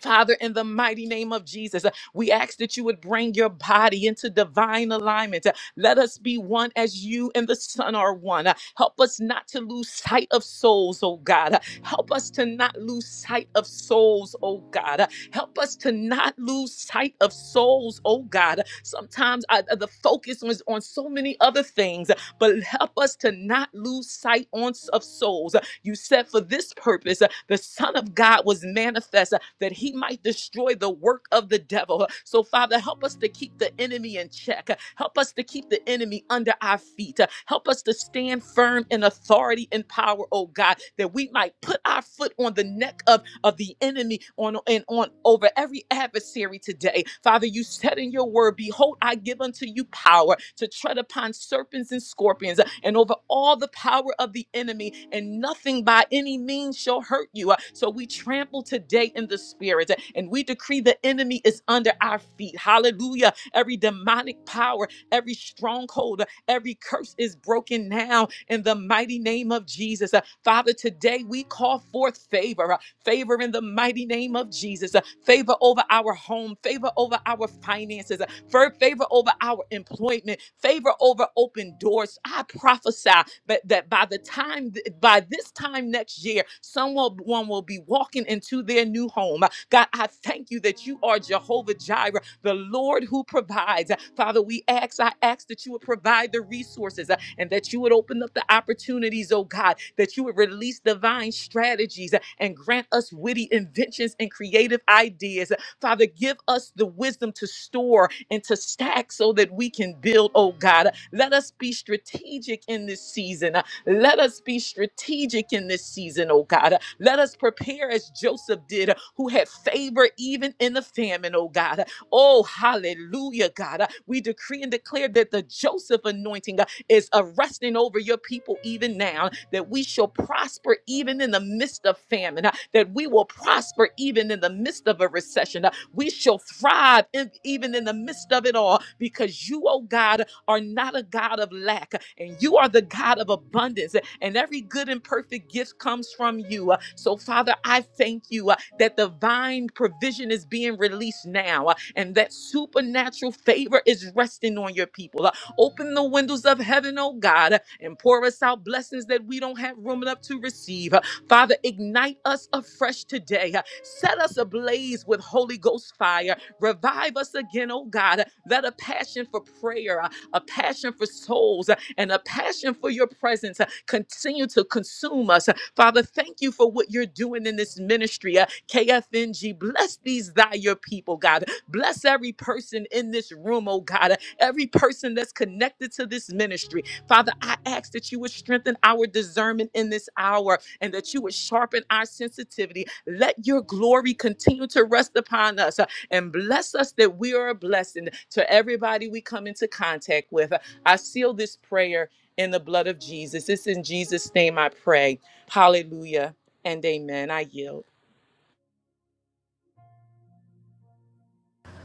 S8: Father, in the mighty name of Jesus, uh, we ask that you would bring your body into divine alignment. Uh, Let us be one as you and the Son are one. Uh, Help us not to lose sight of souls, oh God. Uh, Help us to not lose sight of souls, oh God. Uh, Help us to not lose sight of souls, oh God. Uh, Sometimes uh, the focus was on so many other things, uh, but help us to not lose sight on, of souls. You said, For this purpose, uh, the Son of God was manifest uh, that he might destroy the work of the devil. So, Father, help us to keep the enemy in check. Help us to keep the enemy under our feet. Help us to stand firm in authority and power, oh God, that we might put our foot on the neck of of the enemy on and on over every adversary today. Father, you said in your word, Behold, I give unto you power to tread upon serpents and scorpions uh, and over all the power of the enemy, and nothing by any means shall hurt you. Uh, So we trample today in the spirit uh, and we decree the enemy is under our feet. Hallelujah. Every demonic power, every stronghold, Every curse is broken now in the mighty name of Jesus. Uh, Father, today we call forth favor, uh, favor in the mighty name of Jesus, uh, favor over our home, favor over our finances, uh, fir- favor over our employment, favor over open doors. I prophesy that, that by the time, th- by this time next year, someone one will be walking into their new home. Uh, God, I thank you that you are Jehovah Jireh the Lord who provides. Father, we ask, I ask that you would provide the resources uh, and that you would open up the opportunities, oh God, that you would release divine strategies uh, and grant us witty inventions and creative ideas. Father, give us the wisdom to store and to stack so that we can build, oh God. Let us be strategic in this season. Let us be strategic in this season, oh God. Let us prepare as Joseph did, who had favor even in the famine, oh God. Oh, hallelujah, God. Uh, We decree and declare that the Joseph anointing uh, is arresting over your people even now, that we shall prosper even in the midst of famine, uh, that we will prosper even in the midst of a recession. uh, We shall thrive in- even in the midst of it all because you, oh God, are not a God of lack, and you are the God of abundance, and every good and perfect gift comes from you. Uh, So, Father, I thank you uh, that divine provision is being released now, uh, and that supernatural favor is resting on your people. Uh, Open the windows of heaven, oh God, uh, and pour us out blessings that we don't have room enough to receive. Uh, Father, ignite us afresh today. Uh, Set us ablaze with Holy Ghost fire. Revive us again, oh God. Let a passion for prayer a passion for souls, uh, and a passion for your presence. uh, Continue to consume us. Uh, Father, thank you for what you're doing in this ministry. uh, KFNG, bless these thy your people, God. Bless every person in this room, oh God. uh, Every person that's connected to this ministry. Father, I ask that you would strengthen our discernment in this hour and that you would sharpen our sensitivity. Let your glory continue to rest upon us and bless us that we are a blessing to everybody we come into contact with. I seal this prayer in the blood of Jesus. It's in Jesus' name I pray. Hallelujah and amen. I yield.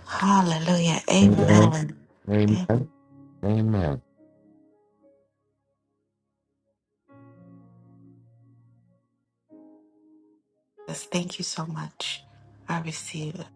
S1: Hallelujah.
S7: Amen.
S1: Amen.
S7: Amen.
S1: Amen.
S7: Amen.
S1: Yes, Thank you so much. I receive it.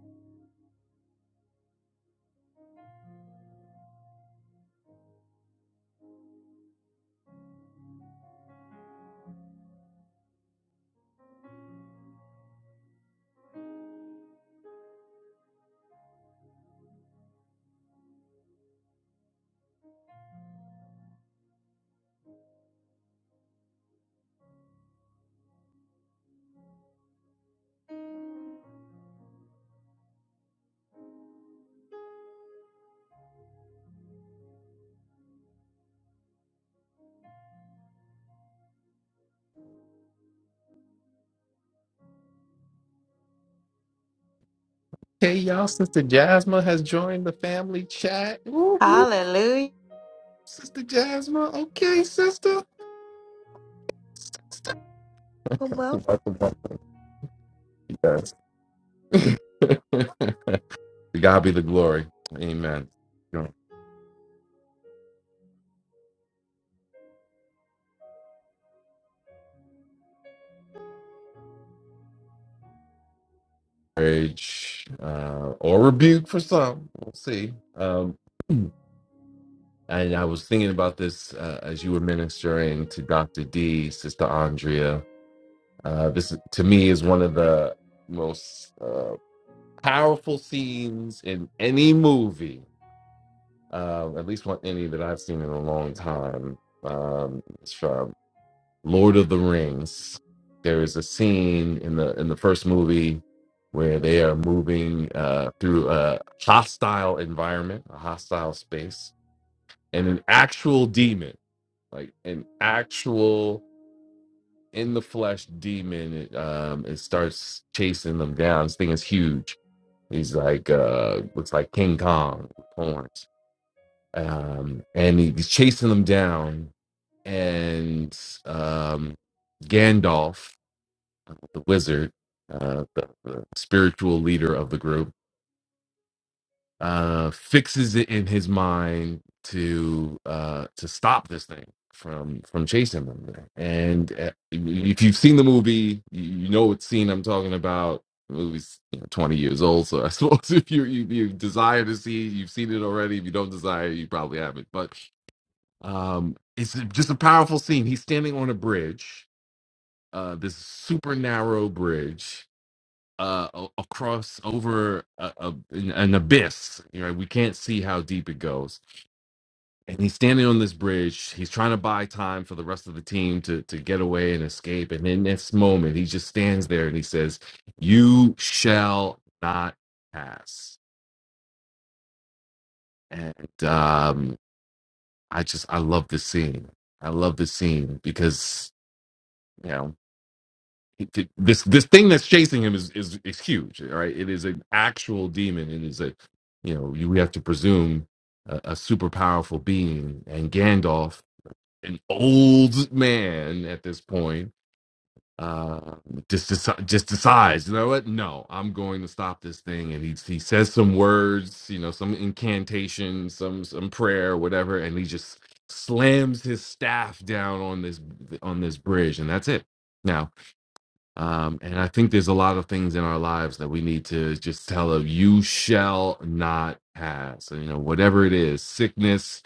S7: Hey, y'all, Sister Jasmine has joined the family chat. Woo, woo.
S1: Hallelujah.
S7: Sister Jasmine. Okay, sister.
S1: Well,
S7: Welcome, welcome, you guys. To God be the glory. Amen. You Rage uh, or rebuke for some. We'll see. Um, and I was thinking about this uh, as you were ministering to Dr. D, Sister Andrea. Uh, this, to me, is one of the most uh, powerful scenes in any movie, uh, at least one any that I've seen in a long time. Um, Lord of the Rings. There is a scene in the in the first movie where they are moving uh, through a hostile environment, a hostile space, and an actual demon, like an actual in the flesh demon, it, um, it starts chasing them down. This thing is huge. He's like uh, looks like King Kong with horns, um, and he's chasing them down. And um, Gandalf the wizard, uh, the, the spiritual leader of the group, uh, fixes it in his mind to uh, to stop this thing from from chasing them. And uh, if you've seen the movie, you you know what scene I'm talking about. The movie's you know, 20 years old, so I suppose if you, you you desire to see, you've seen it already. If you don't desire, you probably haven't. But um, it's just a powerful scene. He's standing on a bridge, uh, this super narrow bridge, uh, a- across over a, a, an, an abyss. You know, we can't see how deep it goes. And he's standing on this bridge. He's trying to buy time for the rest of the team to to get away and escape. And in this moment, he just stands there and he says, "You shall not pass." And um, I just I love this scene. I love this scene because. it- this this thing that's chasing him is is is huge all right it is an actual demon it is a you know you we have to presume a, a super powerful being and gandalf an old man at this point uh just deci- just decides you know what no i'm going to stop this thing and he he says some words you know some incantation some some prayer whatever and he just slams his staff down on this on this bridge and that's it now um, and I think there's a lot of things in our lives that we need to just tell of you shall not pass. So, you know, whatever it is, sickness,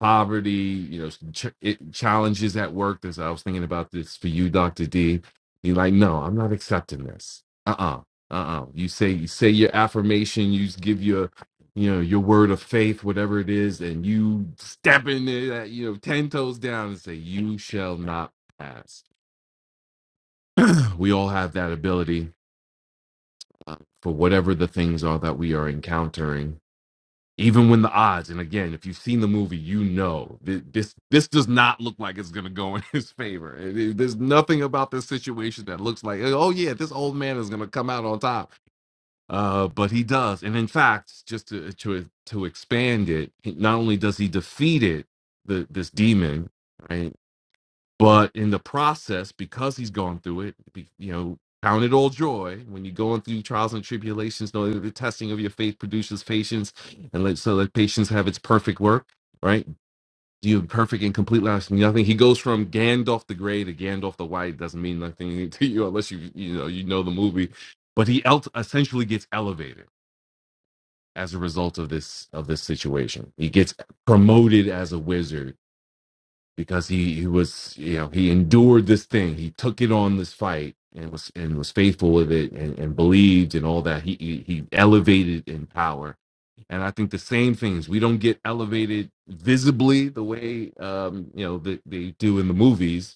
S7: poverty, you know, ch- it, challenges at work. This I was thinking about this for you, Doctor D. You're like, no, I'm not accepting this. Uh-uh, uh-uh. You say you say your affirmation. You give your you know your word of faith, whatever it is, and you step in there, you know, ten toes down and say, you shall not pass. we all have that ability um, for whatever the things are that we are encountering even when the odds and again if you've seen the movie you know th- this this does not look like it's going to go in his favor It- it- there's nothing about this situation that looks like oh yeah this old man is going to come out on top uh, but he does and in fact just to to to expand it he- not only does he defeat it the this demon right? But in the process, because he's gone through it, be- you know, count it all joy when you're going through trials and tribulations, knowing that the testing of your faith produces patience, and let, so let patience have its perfect work, right? You have perfect and complete last nothing. He goes from Gandalf the Grey to Gandalf the White. Doesn't mean nothing to you unless you you know you know the movie. But he el- essentially gets elevated as a result of this of this situation. He gets promoted as a wizard because he, he was you know he endured this thing he took it on this fight and was and was faithful with it and, and believed and all that he, he he elevated in power and i think the same things we don't get elevated visibly the way um you know that they do in the movies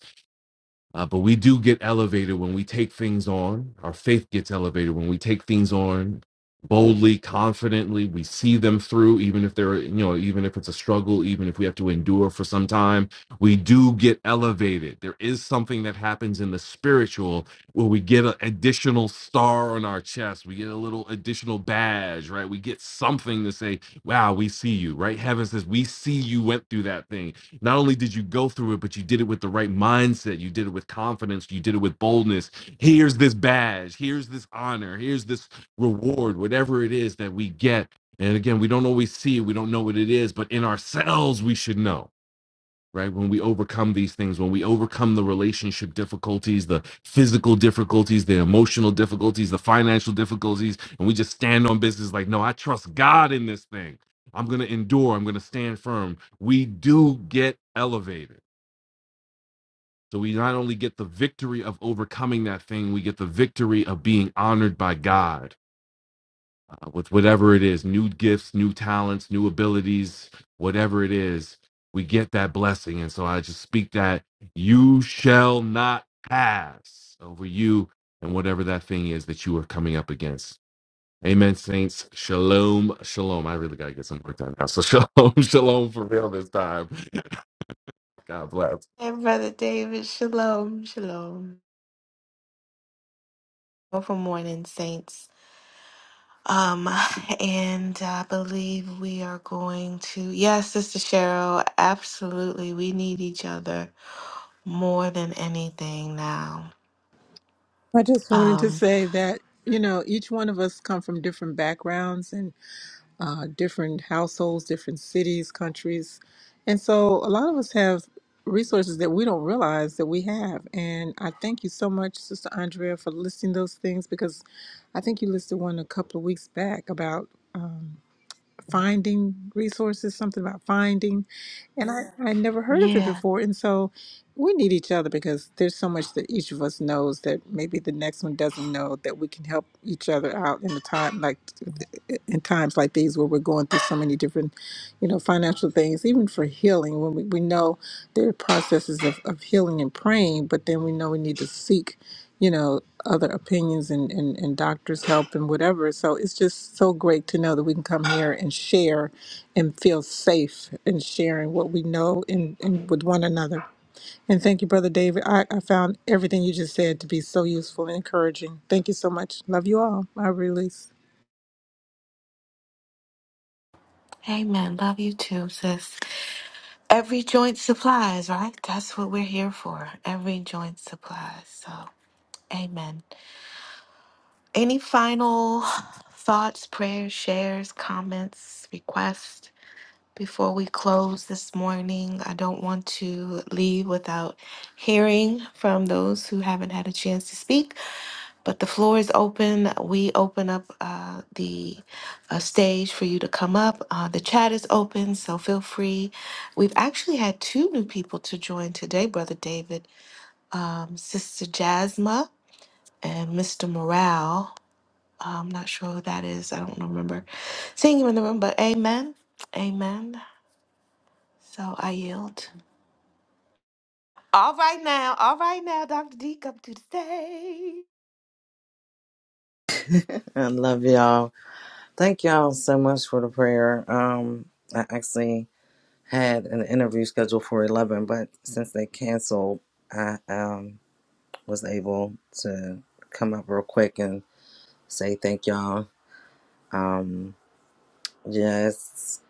S7: uh, but we do get elevated when we take things on. Our faith gets elevated when we take things on boldly, confidently. We see them through, even if they're, you know, even if it's a struggle, even if we have to endure for some time. We do get elevated. There is something that happens in the spiritual where we get an additional star on our chest. We get a little additional badge, right? We get something to say, wow, we see you, right? Heaven says, we see you went through that thing not only did you go through it, but you did it with the right mindset. You did it with confidence. You did it with boldness. Here's this badge. Here's this honor. Here's this reward, whatever it is that we get. And again, we don't always see it. We don't know what it is, but in ourselves, we should know right? When we overcome these things, when we overcome the relationship difficulties, the physical difficulties, the emotional difficulties, the financial difficulties, and we just stand on business like, no, I trust God in this thing. I'm going to endure. I'm going to stand firm. We do get elevated. So we not only get the victory of overcoming that thing, we get the victory of being honored by God uh, with whatever it is new gifts, new talents, new abilities, whatever it is, we get that blessing. And so I just speak that you shall not pass over you and whatever that thing is that you are coming up against. Amen, saints. Shalom, shalom. I really got to get some work done now. So, shalom, shalom for real this time. God bless.
S1: and Brother David, shalom, shalom. Wonderful morning, saints. Um, and I believe we are going to, yes, Sister Cheryl, absolutely. We need each other more than anything now.
S6: I just wanted to
S1: Um,
S6: say that, you know, each one of us come from different backgrounds and. uh, different households, different cities, countries. And so a lot of us have resources that we don't realize that we have. And I thank you so much, Sister Andrea, for listing those things because I think you listed one a couple of weeks back about. Um, finding resources, something about finding, and I I never heard of it
S1: yeah,
S6: before. And so we need each other because there's so much that each of us knows that maybe the next one doesn't know that we can help each other out in a time like in times like these where we're going through so many different you know, financial things, even for healing, when we, we know there are processes of, of healing and praying, but then we know we need to seek, you know, other opinions and, and, and doctors' help and whatever. So it's just so great to know that we can come here and share and feel safe in sharing what we know and, and with one another. And thank you, Brother David. I, I found everything you just said to be so useful and encouraging. Thank you so much. Love you all. I release.
S1: amen. Love you too, sis. Every joint supplies, right? That's what we're here for. Every joint supplies. So, amen. Any final thoughts, prayers, shares, comments, requests? Before we close this morning, I don't want to leave without hearing from those who haven't had a chance to speak. But the floor is open. We open up uh, the uh, stage for you to come up. Uh, the chat is open, so feel free. We've actually had two new people to join today, Brother David, um, Sister Jasma, and Mr. Morale. Uh, I'm not sure who that is. I don't remember seeing you in the room, but amen. Amen. So I yield. All right now. All right now, Dr. D, come to the stage.
S9: I love y'all. Thank y'all so much for the prayer. Um, I actually had an interview scheduled for eleven, but since they canceled, I um was able to come up real quick and say thank y'all. Um, yes,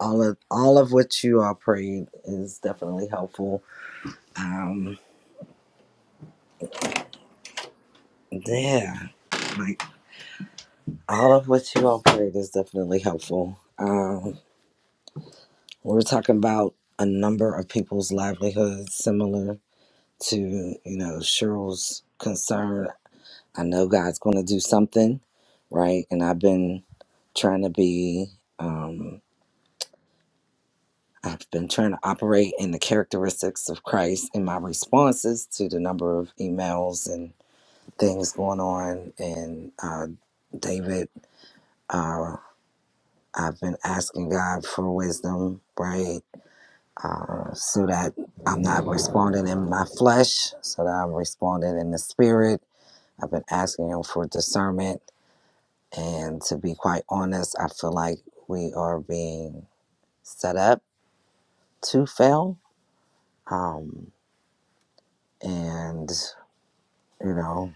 S9: all of all of what you all prayed is definitely helpful. Um, yeah, like all of what you all prayed is definitely helpful. Um, we we're talking about a number of people's livelihoods similar to you know Cheryl's concern. I know God's going to do something, right? And I've been trying to be, um, I've been trying to operate in the characteristics of Christ in my responses to the number of emails and things going on. And uh, David, uh, I've been asking God for wisdom, right? Uh, so that I'm not responding in my flesh, so that I'm responding in the spirit I've been asking him for discernment. And to be quite honest, I feel like we are being set up to fail. Um, and, you know,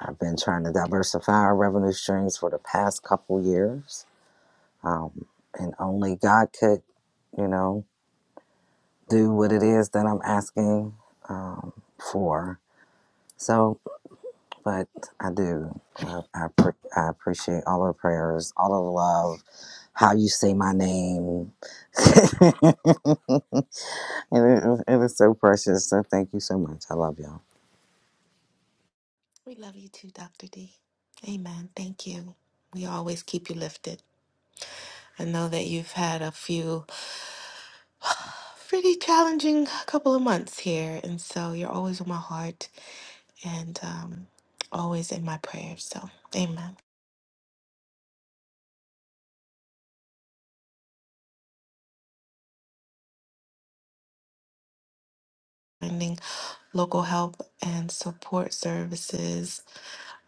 S9: I've been trying to diversify our revenue streams for the past couple years. Um, and only God could, you know, do what it is that I'm asking um, for. So, but I do. I, I, pre- I appreciate all of the prayers, all of the love how you say my name. and it, is, it is so precious. So thank you so much. I love y'all.
S1: We love you too, Dr. D. Amen. Thank you. We always keep you lifted. I know that you've had a few pretty challenging couple of months here. And so you're always in my heart and um, always in my prayers. So, amen. Finding local help and support services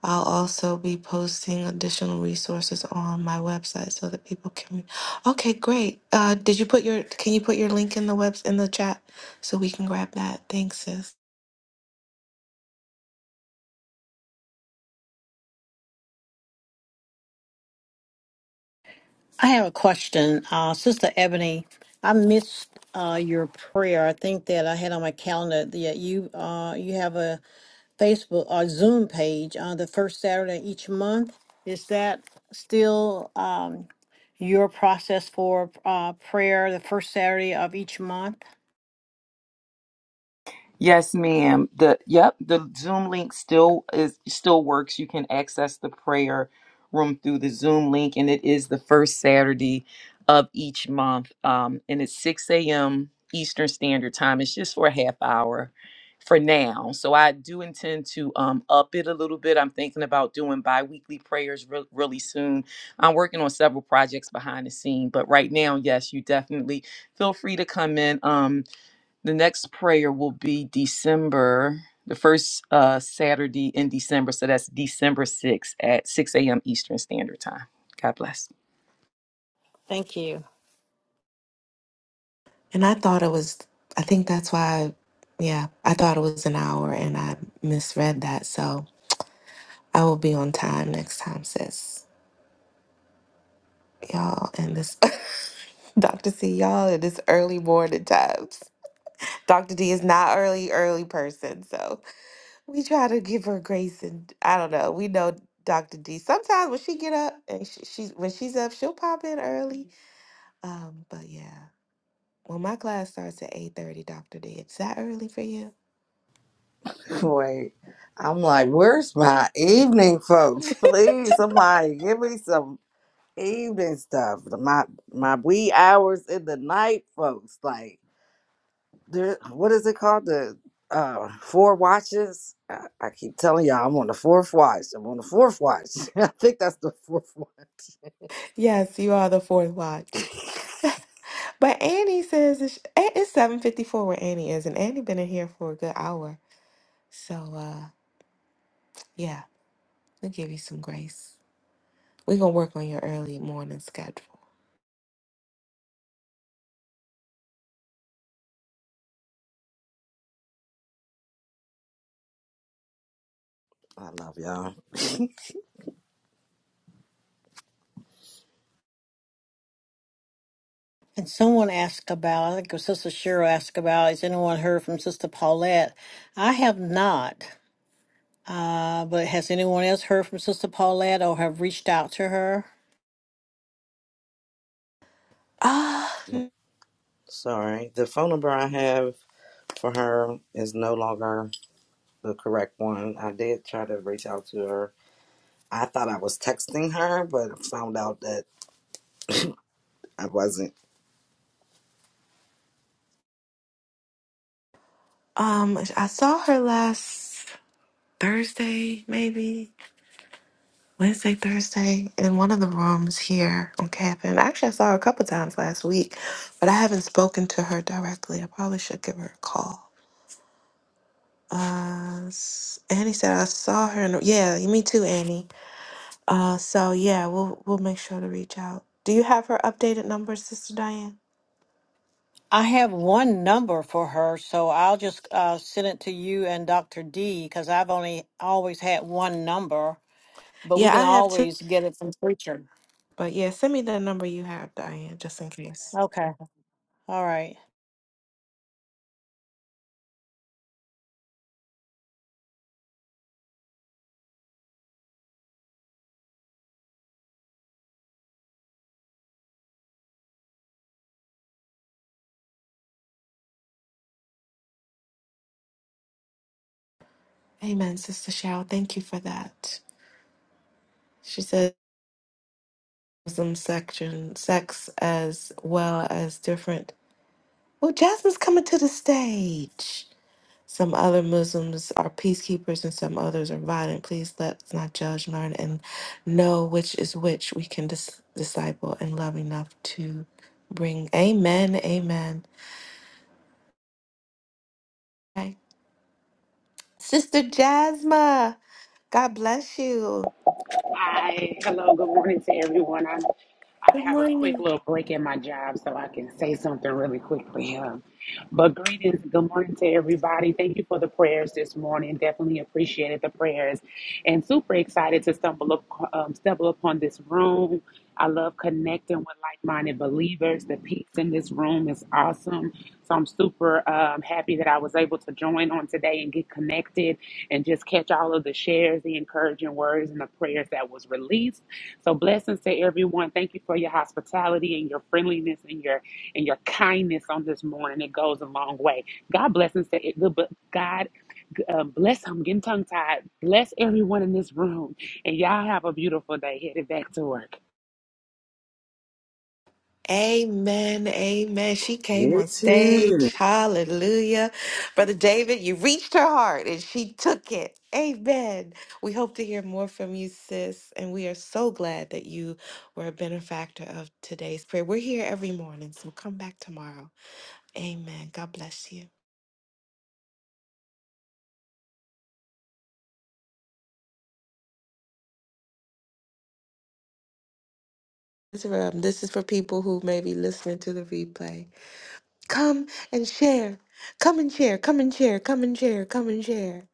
S1: I'll also be posting additional resources on my website so that people can. Okay, great. Uh, did you put your? Can you put your link in the webs in the chat so we can grab that? Thanks, sis.
S3: I have a question. Uh, Sister Ebony, I missed uh, your prayer. I think that I had on my calendar that you uh, you have a Facebook or Zoom page on the first Saturday each month. Is that still um, your process for uh, prayer the first Saturday of each month?
S8: Yes, ma'am. The yep, the Zoom link still is still works. You can access the prayer room through the Zoom link, and it is the first Saturday of each month. Um, and it's six a.m. Eastern Standard Time. It's just for a half hour for now. So I do intend to um up it a little bit. I'm thinking about doing bi-weekly prayers re- really soon. I'm working on several projects behind the scene, but right now, yes, you definitely feel free to come in. Um, the next prayer will be December, the first uh, Saturday in December. So that's December 6th at 6 a.m. Eastern Standard Time. God bless.
S3: Thank you.
S1: And I thought it was. I think that's why. Yeah, I thought it was an hour, and I misread that. So I will be on time next time, sis. Y'all and this Dr. C, y'all, it is early morning times. Dr. D is not early, early person, so. We try to give her grace, and I don't know. We know Dr. D. Sometimes when she get up, and she, she's when she's up, she'll pop in early. Um, but yeah, when my class starts at eight thirty, Dr. D, is that early for you?
S9: Wait, I'm like, where's my evening, folks? Please, somebody give me some evening stuff. My my wee hours in the night, folks. Like, there, what is it called? The uh, four watches. I, I keep telling y'all, I'm on the fourth watch. I'm on the fourth watch. I think that's the fourth watch.
S1: Yes, you are the fourth watch. But Annie says it's, eh, it's seven fifty four where Annie is, and Annie been in here for a good hour. So uh, yeah, we'll give you some grace. We're gonna work on your early morning schedule.
S9: I love y'all.
S3: And someone asked about, I think it was Sister Cheryl asked about, has anyone heard from Sister Paulette? I have not. Uh, but has anyone else heard from Sister Paulette or have reached out to her?
S1: Uh,
S9: Sorry, the phone number I have for her is no longer the correct one. I did try to reach out to her. I thought I was texting her, but found out that I wasn't.
S1: um, I saw her last. Thursday, maybe Wednesday, Thursday, in one of the rooms here on Cabin. Actually, I saw her a couple times last week, but I haven't spoken to her directly. I probably should give her a call. Uh, s- Annie said I saw her. In the, yeah, me too, Annie. Uh, so yeah, we'll we'll make sure to reach out. Do you have her updated number, Sister Diane?
S3: I have one number for her, so I'll just uh, send it to you and Dr. D because I've only always had one number, but we
S1: Yeah,
S3: can
S1: I have too.
S3: always get it from preacher.
S1: But yeah, send me the number you have, Diane, just in case.
S3: Okay. All right.
S1: Amen, Sister Cheryl. Thank you for that. She said. some section sex as well as different well jasmine's coming to the stage some other muslims are peacekeepers and some others are violent please let's not judge learn and know which is which we can dis- disciple and love enough to bring amen amen okay. sister jasma god bless you
S10: Hi, hello, good morning to everyone. I'm, I
S1: good
S10: have a quick
S1: morning
S10: little break in my job so I can say something really quickly. Um, but greetings, good morning to everybody. Thank you for the prayers this morning. Definitely appreciated the prayers and super excited to stumble up, um, stumble upon this room. I love connecting with like minded believers. The peace in this room is awesome. So I'm super um, happy that I was able to join on today and get connected and just catch all of the shares, the encouraging words, and the prayers that was released. So blessings to everyone. Thank you for your hospitality and your friendliness and your and your kindness on this morning. It goes a long way. God blessings to good God. Uh, bless. I'm getting tongue tied. Bless everyone in this room, and y'all have a beautiful day. Headed back to work.
S1: Amen. Amen. She came
S9: You
S1: on
S9: too.
S1: stage. Hallelujah. Brother David, you reached her heart and she took it. Amen. We hope to hear more from you, sis. And we are so glad that you were a benefactor of today's prayer. We're here every morning, so come back tomorrow. Amen. God bless you. This is for um, this is for people who may be listening to the replay. Come and share. Come and share. Come and share. Come and share. Come and share.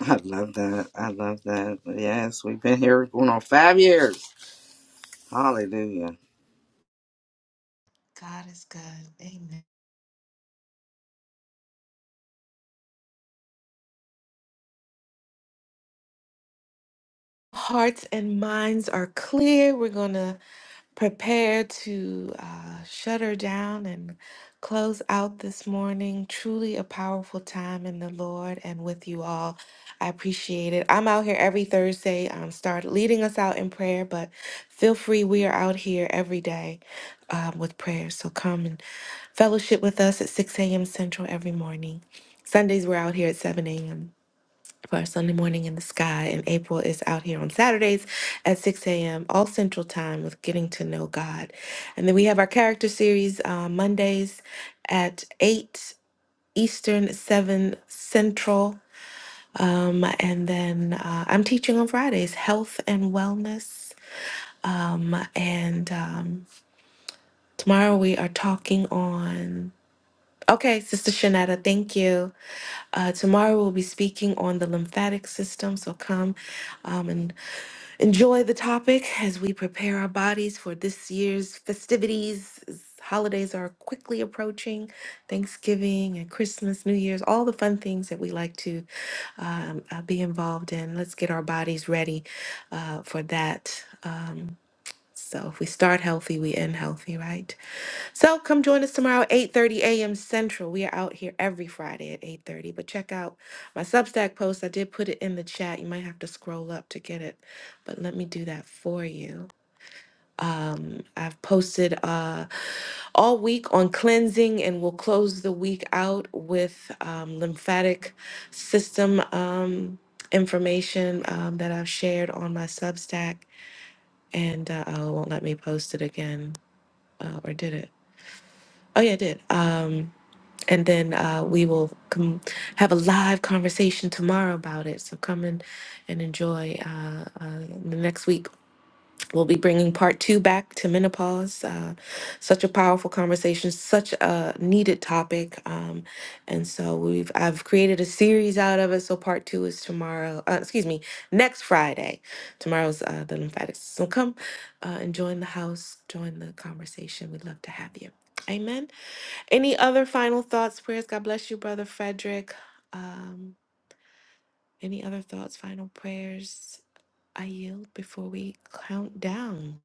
S9: I love that. I love that. Yes, we've been here going on five years. Hallelujah.
S1: God is good. Amen. Hearts and minds are clear. We're going to prepare to uh, shutter down and close out this morning. Truly a powerful time in the Lord and with you all. I appreciate it. I'm out here every Thursday. Um, start leading us out in prayer, but feel free. We are out here every day um, with prayer. So come and fellowship with us at 6 a.m. Central every morning. Sundays we're out here at 7 a.m for our Sunday morning in the sky. And April is out here on Saturdays at 6 a.m., all central time, with getting to know God. And then we have our character series uh, Mondays at 8 Eastern, 7 Central. Um, and then uh, I'm teaching on Fridays health and wellness. Um, and um, tomorrow we are talking on. Okay, Sister Shanetta, thank you. Uh, tomorrow we'll be speaking on the lymphatic system, so come um, and Enjoy the topic as we prepare our bodies for this year's festivities. as Holidays are quickly approaching Thanksgiving and Christmas, New Year's, all the fun things that we like to um, uh, be involved in. Let's get our bodies ready uh, for that. Um, so, if we start healthy, we end healthy, right? So come join us tomorrow, 8.30 a.m. Central. We are out here every Friday at 8.30. But check out my Substack post. I did put it in the chat. You might have to scroll up to get it. But let me do that for you. Um, I've posted uh, all week on cleansing, and we'll close the week out with um, lymphatic system um, information um, that I've shared on my Substack. And uh, oh, it won't let me post it again. Uh, or did it? Oh, yeah, I did. Um, and then uh, we will come have a live conversation tomorrow about it. So come in and enjoy. Uh, uh, the next week we'll be bringing part two back to menopause. Uh, such a powerful conversation, such a needed topic, um, and so we've I've created a series out of it. So part two is tomorrow. Uh, excuse me, next Friday. Tomorrow's uh, the lymphatics. So come uh, and join the house, join the conversation. We'd love to have you. Amen. Any other final thoughts, prayers? God bless you, Brother Frederick. Um, any other thoughts, final prayers? I yield before we count down.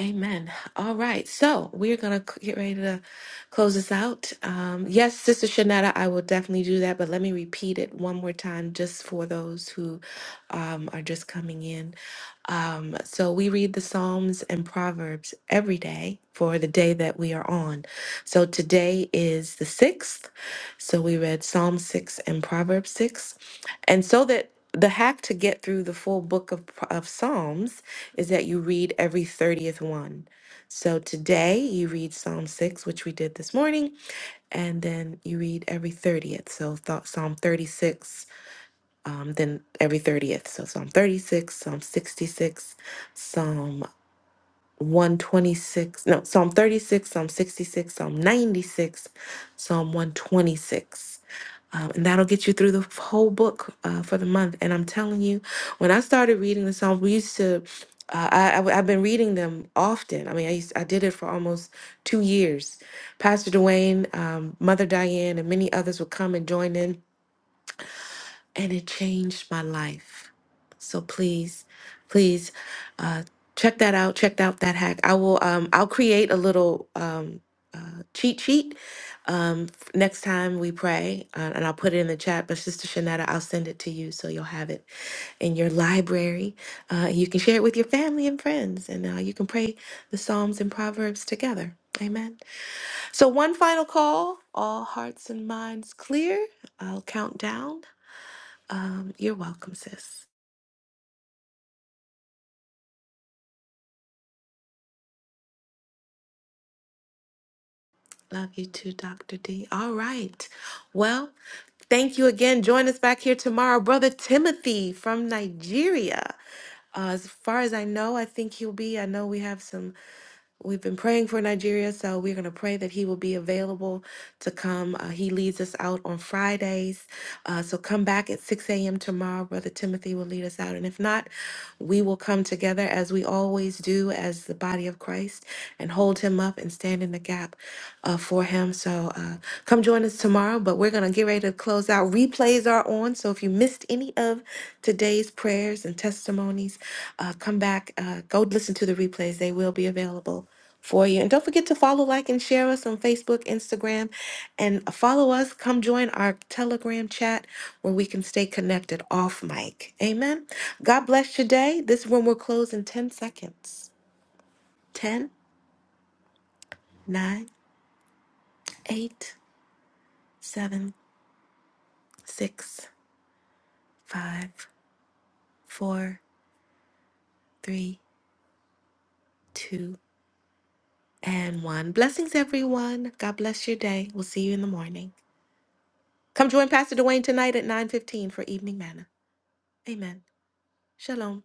S1: Amen. All right. So we're going to get ready to close this out. Um, yes, Sister Shanetta, I will definitely do that, but let me repeat it one more time just for those who um, are just coming in. Um, so we read the Psalms and Proverbs every day for the day that we are on. So today is the sixth. So we read Psalm 6 and Proverbs 6. And so that the hack to get through the full book of, of Psalms is that you read every 30th one. So today you read Psalm 6, which we did this morning, and then you read every 30th. So th- Psalm 36, um, then every 30th. So Psalm 36, Psalm 66, Psalm 126, no, Psalm 36, Psalm 66, Psalm 96, Psalm 126. Um, and that'll get you through the whole book uh, for the month. And I'm telling you, when I started reading the Psalms, we used to, uh, I, I, have been reading them often. I mean, I, used, I did it for almost two years. Pastor Dwayne, um, Mother Diane, and many others would come and join in and it changed my life. So please, please, uh, check that out. Check out that hack. I will. Um, I'll create a little um, uh, cheat sheet um, f- next time we pray, uh, and I'll put it in the chat. But Sister Shanetta, I'll send it to you so you'll have it in your library. Uh, you can share it with your family and friends, and uh, you can pray the Psalms and Proverbs together. Amen. So one final call. All hearts and minds clear. I'll count down. Um, you're welcome, sis. Love you too, Dr. D. All right. Well, thank you again. Join us back here tomorrow, Brother Timothy from Nigeria. Uh, as far as I know, I think he'll be. I know we have some. We've been praying for Nigeria, so we're going to pray that he will be available to come. Uh, he leads us out on Fridays. Uh, so come back at 6 a.m. tomorrow. Brother Timothy will lead us out. And if not, we will come together as we always do as the body of Christ and hold him up and stand in the gap uh, for him. So uh, come join us tomorrow. But we're going to get ready to close out. Replays are on, so if you missed any of today's prayers and testimonies, uh, come back, uh, go listen to the replays. They will be available for you. And don't forget to follow, like, and share us on Facebook, Instagram, and follow us. Come join our Telegram chat where we can stay connected off mic. Amen. God bless your day. This room will close in 10 seconds. Ten, nine, eight, seven, six, five, four, three, two. and one. Blessings, everyone. God bless your day. We'll see you in the morning. Come join Pastor Dwayne tonight at 9.15 for Evening Manna. Amen. Shalom.